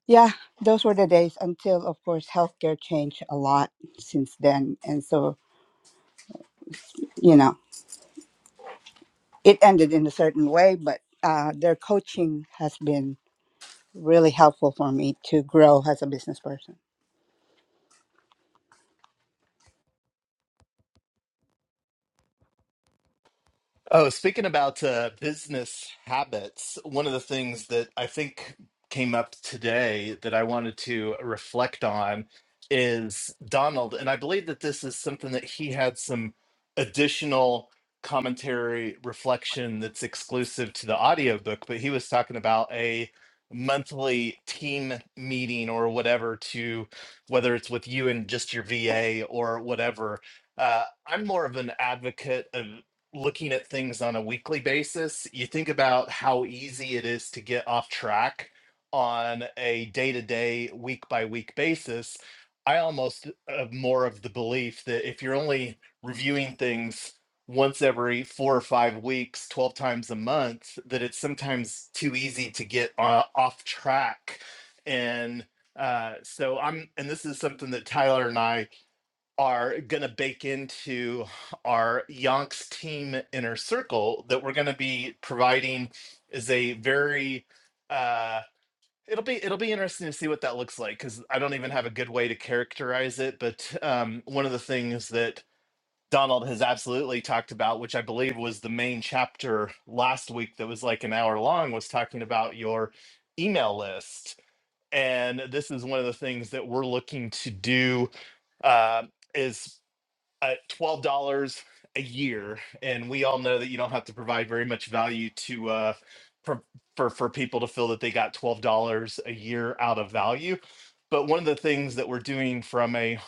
Speaker 4: yeah, those were the days until of course healthcare changed a lot since then. And so, you know, it ended in a certain way, but uh, their coaching has been really helpful for me to grow as a business person.
Speaker 1: Oh, speaking about uh, business habits, one of the things that I think came up today that I wanted to reflect on is Donald. And I believe that this is something that he had some additional commentary reflection that's exclusive to the audiobook, but he was talking about a monthly team meeting or whatever to whether it's with you and just your VA or whatever. Uh, I'm more of an advocate of looking at things on a weekly basis, you think about how easy it is to get off track on a day to day, week by week basis. I almost have more of the belief that if you're only reviewing things once every four or five weeks, 12 times a month, that it's sometimes too easy to get uh, off track. And uh, so I'm, and this is something that Tyler and I are going to bake into our Yonks team inner circle that we're going to be providing is a very uh it'll be it'll be interesting to see what that looks like cuz I don't even have a good way to characterize it but um one of the things that Donald has absolutely talked about which I believe was the main chapter last week that was like an hour long was talking about your email list and this is one of the things that we're looking to do uh, is at twelve dollars a year, and we all know that you don't have to provide very much value to uh, for, for for people to feel that they got twelve dollars a year out of value. But one of the things that we're doing from a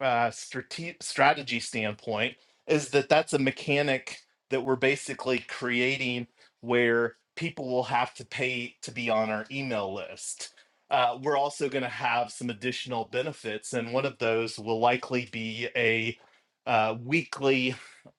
Speaker 1: uh, strate- strategy standpoint is that that's a mechanic that we're basically creating where people will have to pay to be on our email list. Uh, we're also going to have some additional benefits, and one of those will likely be a uh, weekly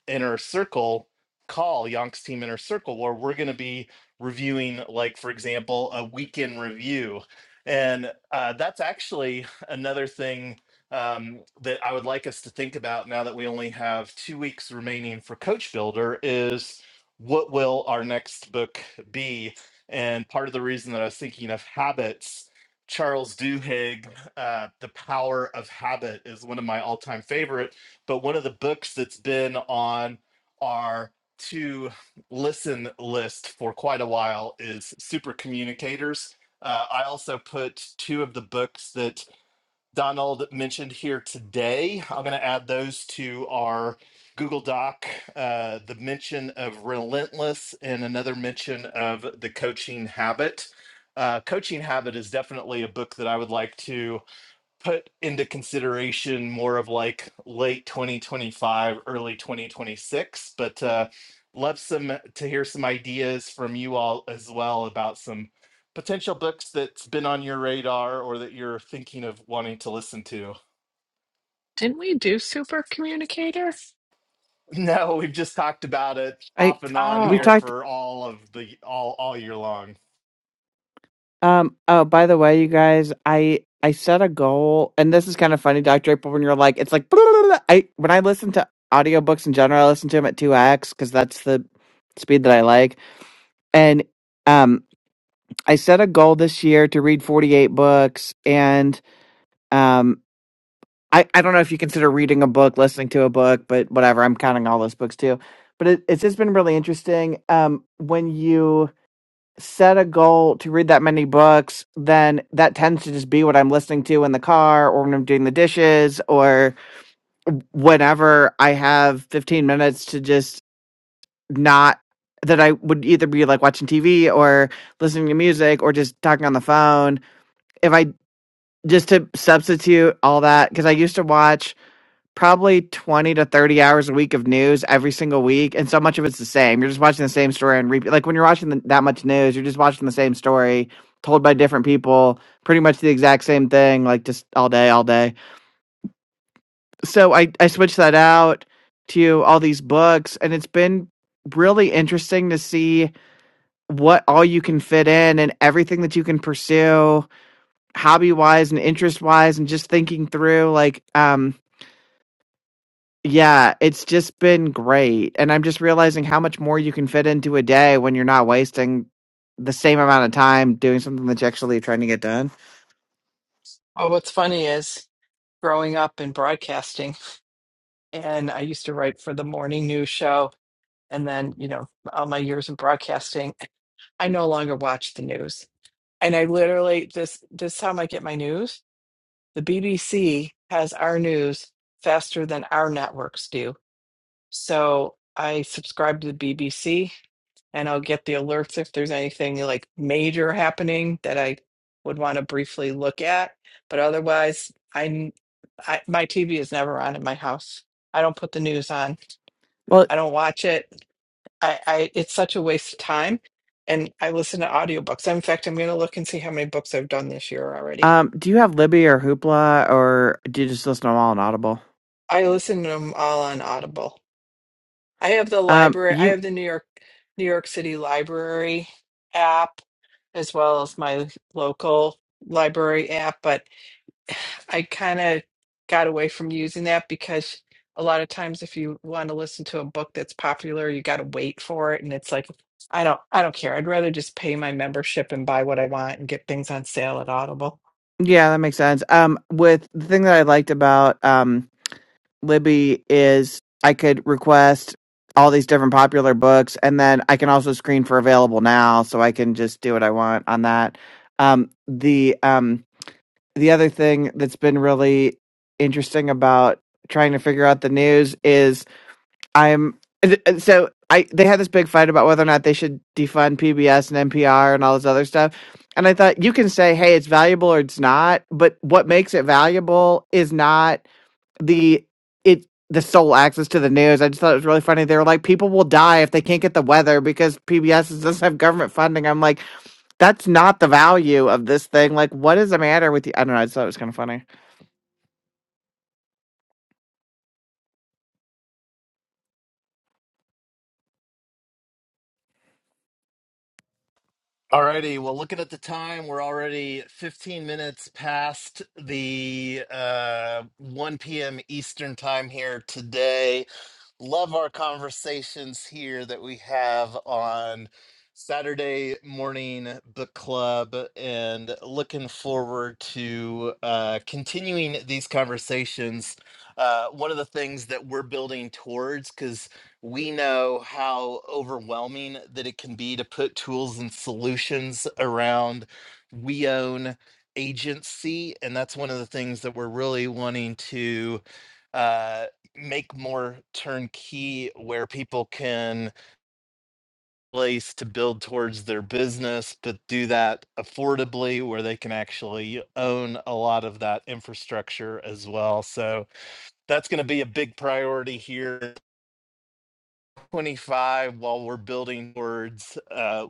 Speaker 1: inner circle call, Yonk's Team Inner Circle, where we're going to be reviewing, like, for example, a weekend review. And uh, that's actually another thing um, that I would like us to think about now that we only have two weeks remaining for Coach Builder is what will our next book be? And part of the reason that I was thinking of habits, Charles Duhigg, uh, The Power of Habit is one of my all time favorites but one of the books that's been on our to listen list for quite a while is Super Communicators. Uh, I also put two of the books that Donald mentioned here today. I'm going to add those to our Google Doc uh, the mention of Relentless and another mention of The Coaching Habit. Uh, Coaching Habit is definitely a book that I would like to put into consideration more of like late 2025 early 2026 but uh love some uh, to hear some ideas from you all as well about some potential books that's been on your radar or that you're thinking of wanting to listen to
Speaker 3: Didn't we communicate her?
Speaker 1: (laughs) no we've just talked about it
Speaker 2: I
Speaker 1: off and on
Speaker 2: we've
Speaker 3: Oh.
Speaker 1: here
Speaker 2: talked
Speaker 1: for all of the all all year long
Speaker 2: Um, oh, by the way, you guys, I I set a goal, and this is kind of funny, Dr. April, when you're like, it's like, (laughs) I when I listen to audiobooks in general, I listen to them at 2x because that's the speed that I like. And um, I set a goal this year to read 48 books, and um, I, I don't know if you consider reading a book, listening to a book, but whatever, I'm counting all those books too. But it, it's just been really interesting. Um, when you set a goal to read that many books, then that tends to just be what I'm listening to in the car or when I'm doing the dishes or whenever I have 15 minutes to just not that I would either be like watching TV or listening to music or just talking on the phone. If I just to substitute all that, because I used to watch probably 20 to 30 hours a week of news every single week and so much of it's the same you're just watching the same story and repeat like when you're watching the, that much news you're just watching the same story told by different people pretty much the exact same thing like just all day all day so i i switched that out to all these books and it's been really interesting to see what all you can fit in and everything that you can pursue hobby wise and interest wise and just thinking through like um Yeah, it's just been great, and I'm just realizing how much more you can fit into a day when you're not wasting the same amount of time doing something that you're actually trying to get done.
Speaker 3: Oh, what's funny is growing up in broadcasting, and I used to write for the morning news show. And then, you know, all my years in broadcasting, I no longer watch the news. And I literally, this, this is how I get my news, the BBC has our news faster than our networks do. So I subscribe to the BBC and I'll get the alerts if there's anything like major happening that I would want to briefly look at. But otherwise, I, n- I- my TV is never on in my house. I don't put the news on. I don't watch it. I, I it's such a waste of time. And I listen to audiobooks. In fact, I'm going to look and see how many books I've done this year already.
Speaker 2: Um, do you have Libby or Hoopla, or do you just listen to them all on Audible?
Speaker 3: I listen to them all on Audible. I have the
Speaker 2: Um,
Speaker 3: library. I
Speaker 2: you,
Speaker 3: have the New York New York City Library app as well as my local library app, but (sighs) I kind of got away from using that because a lot of times if you want to listen to a book that's popular, you got to wait for it and it's like I don't I don't care. I'd rather just pay my membership and buy what I want and get things on sale at Audible.
Speaker 2: yeah, that makes sense. Um, with the thing that I liked about um Libby is I could request all these different popular books, and then I can also screen for available now, so I can just do what I want on that. Um, the um, the other thing that's been really interesting about trying to figure out the news is I'm so I they had this big fight about whether or not they should defund PBS and NPR and all this other stuff. And I thought you can say, hey, it's valuable or it's not, but what makes it valuable is not the it the sole access to the news. I just thought it was really funny. They were like, people will die if they can't get the weather because PBS doesn't have government funding. I'm like, that's not the value of this thing. Like, what is the matter with you? I don't know. I just thought it was kind of funny.
Speaker 1: Alrighty, well, looking at the time, we're already 15 minutes past the uh, 1 p.m. Eastern time here today. Love our conversations here that we have on Saturday morning book club and looking forward to uh, continuing these conversations. Uh, one of the things that we're building towards, because we know how overwhelming that it can be to put tools and solutions around we own agency. And that's one of the things that we're really wanting to. uh, make more turnkey where people can place to build towards their business, but do that affordably where they can actually own a lot of that infrastructure as well. So that's going to be a big priority here. 25 while we're building towards uh,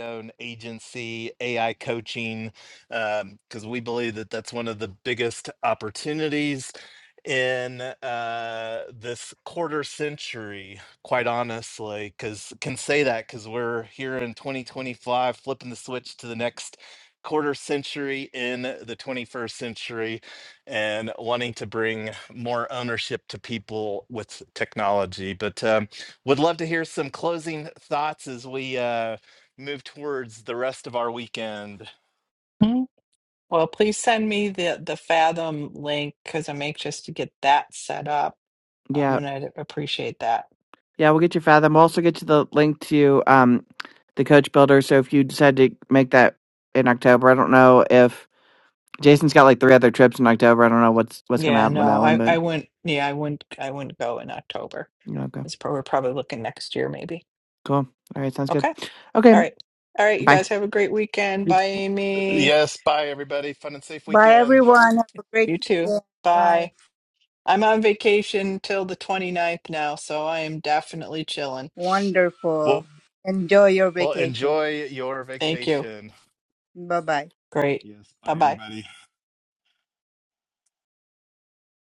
Speaker 1: own agency, AI coaching, because um, we believe that that's one of the biggest opportunities in uh, this quarter century, quite honestly, because can say that because we're here in 2025, flipping the switch to the next quarter century in the 21st century and wanting to bring more ownership to people with technology. But um, would love to hear some closing thoughts as we. Uh, move towards the rest of our weekend.
Speaker 3: Well, please send me the the Fathom link because I'm anxious to get that set up. Um,
Speaker 2: Yeah,
Speaker 3: and I'd appreciate that.
Speaker 2: yeah. We'll get you fathom. We'll also get you the link to um the coach builder. So if you decide to make that in October, I don't know if Jason's got like three other trips in October. I don't know what's what's gonna
Speaker 3: Yeah,
Speaker 2: happen with
Speaker 3: no,
Speaker 2: that one,
Speaker 3: I
Speaker 2: but
Speaker 3: I wouldn't. Yeah, I wouldn't. I wouldn't go in October.
Speaker 2: you know, okay,
Speaker 3: It's probably we're probably looking next year, maybe.
Speaker 2: cool. All right, sounds good.
Speaker 3: Okay.
Speaker 2: Okay,
Speaker 3: All right. All right. You
Speaker 2: bye.
Speaker 3: guys have a great weekend.
Speaker 2: You
Speaker 3: Bye, Amy.
Speaker 1: Yes, bye everybody. Fun and safe
Speaker 4: Bye,
Speaker 1: weekend.
Speaker 4: everyone. Have a great
Speaker 3: You too.
Speaker 4: weekend. Bye.
Speaker 3: Bye. I'm on vacation till the twenty ninth now, so I am definitely chilling.
Speaker 1: Well,
Speaker 4: Wonderful. Enjoy your
Speaker 1: well
Speaker 4: vacation.
Speaker 1: enjoy your
Speaker 3: Thank you.
Speaker 1: vacation.
Speaker 4: Bye bye.
Speaker 3: Great.
Speaker 1: Yes,
Speaker 3: Bye
Speaker 1: bye
Speaker 3: bye.
Speaker 1: everybody.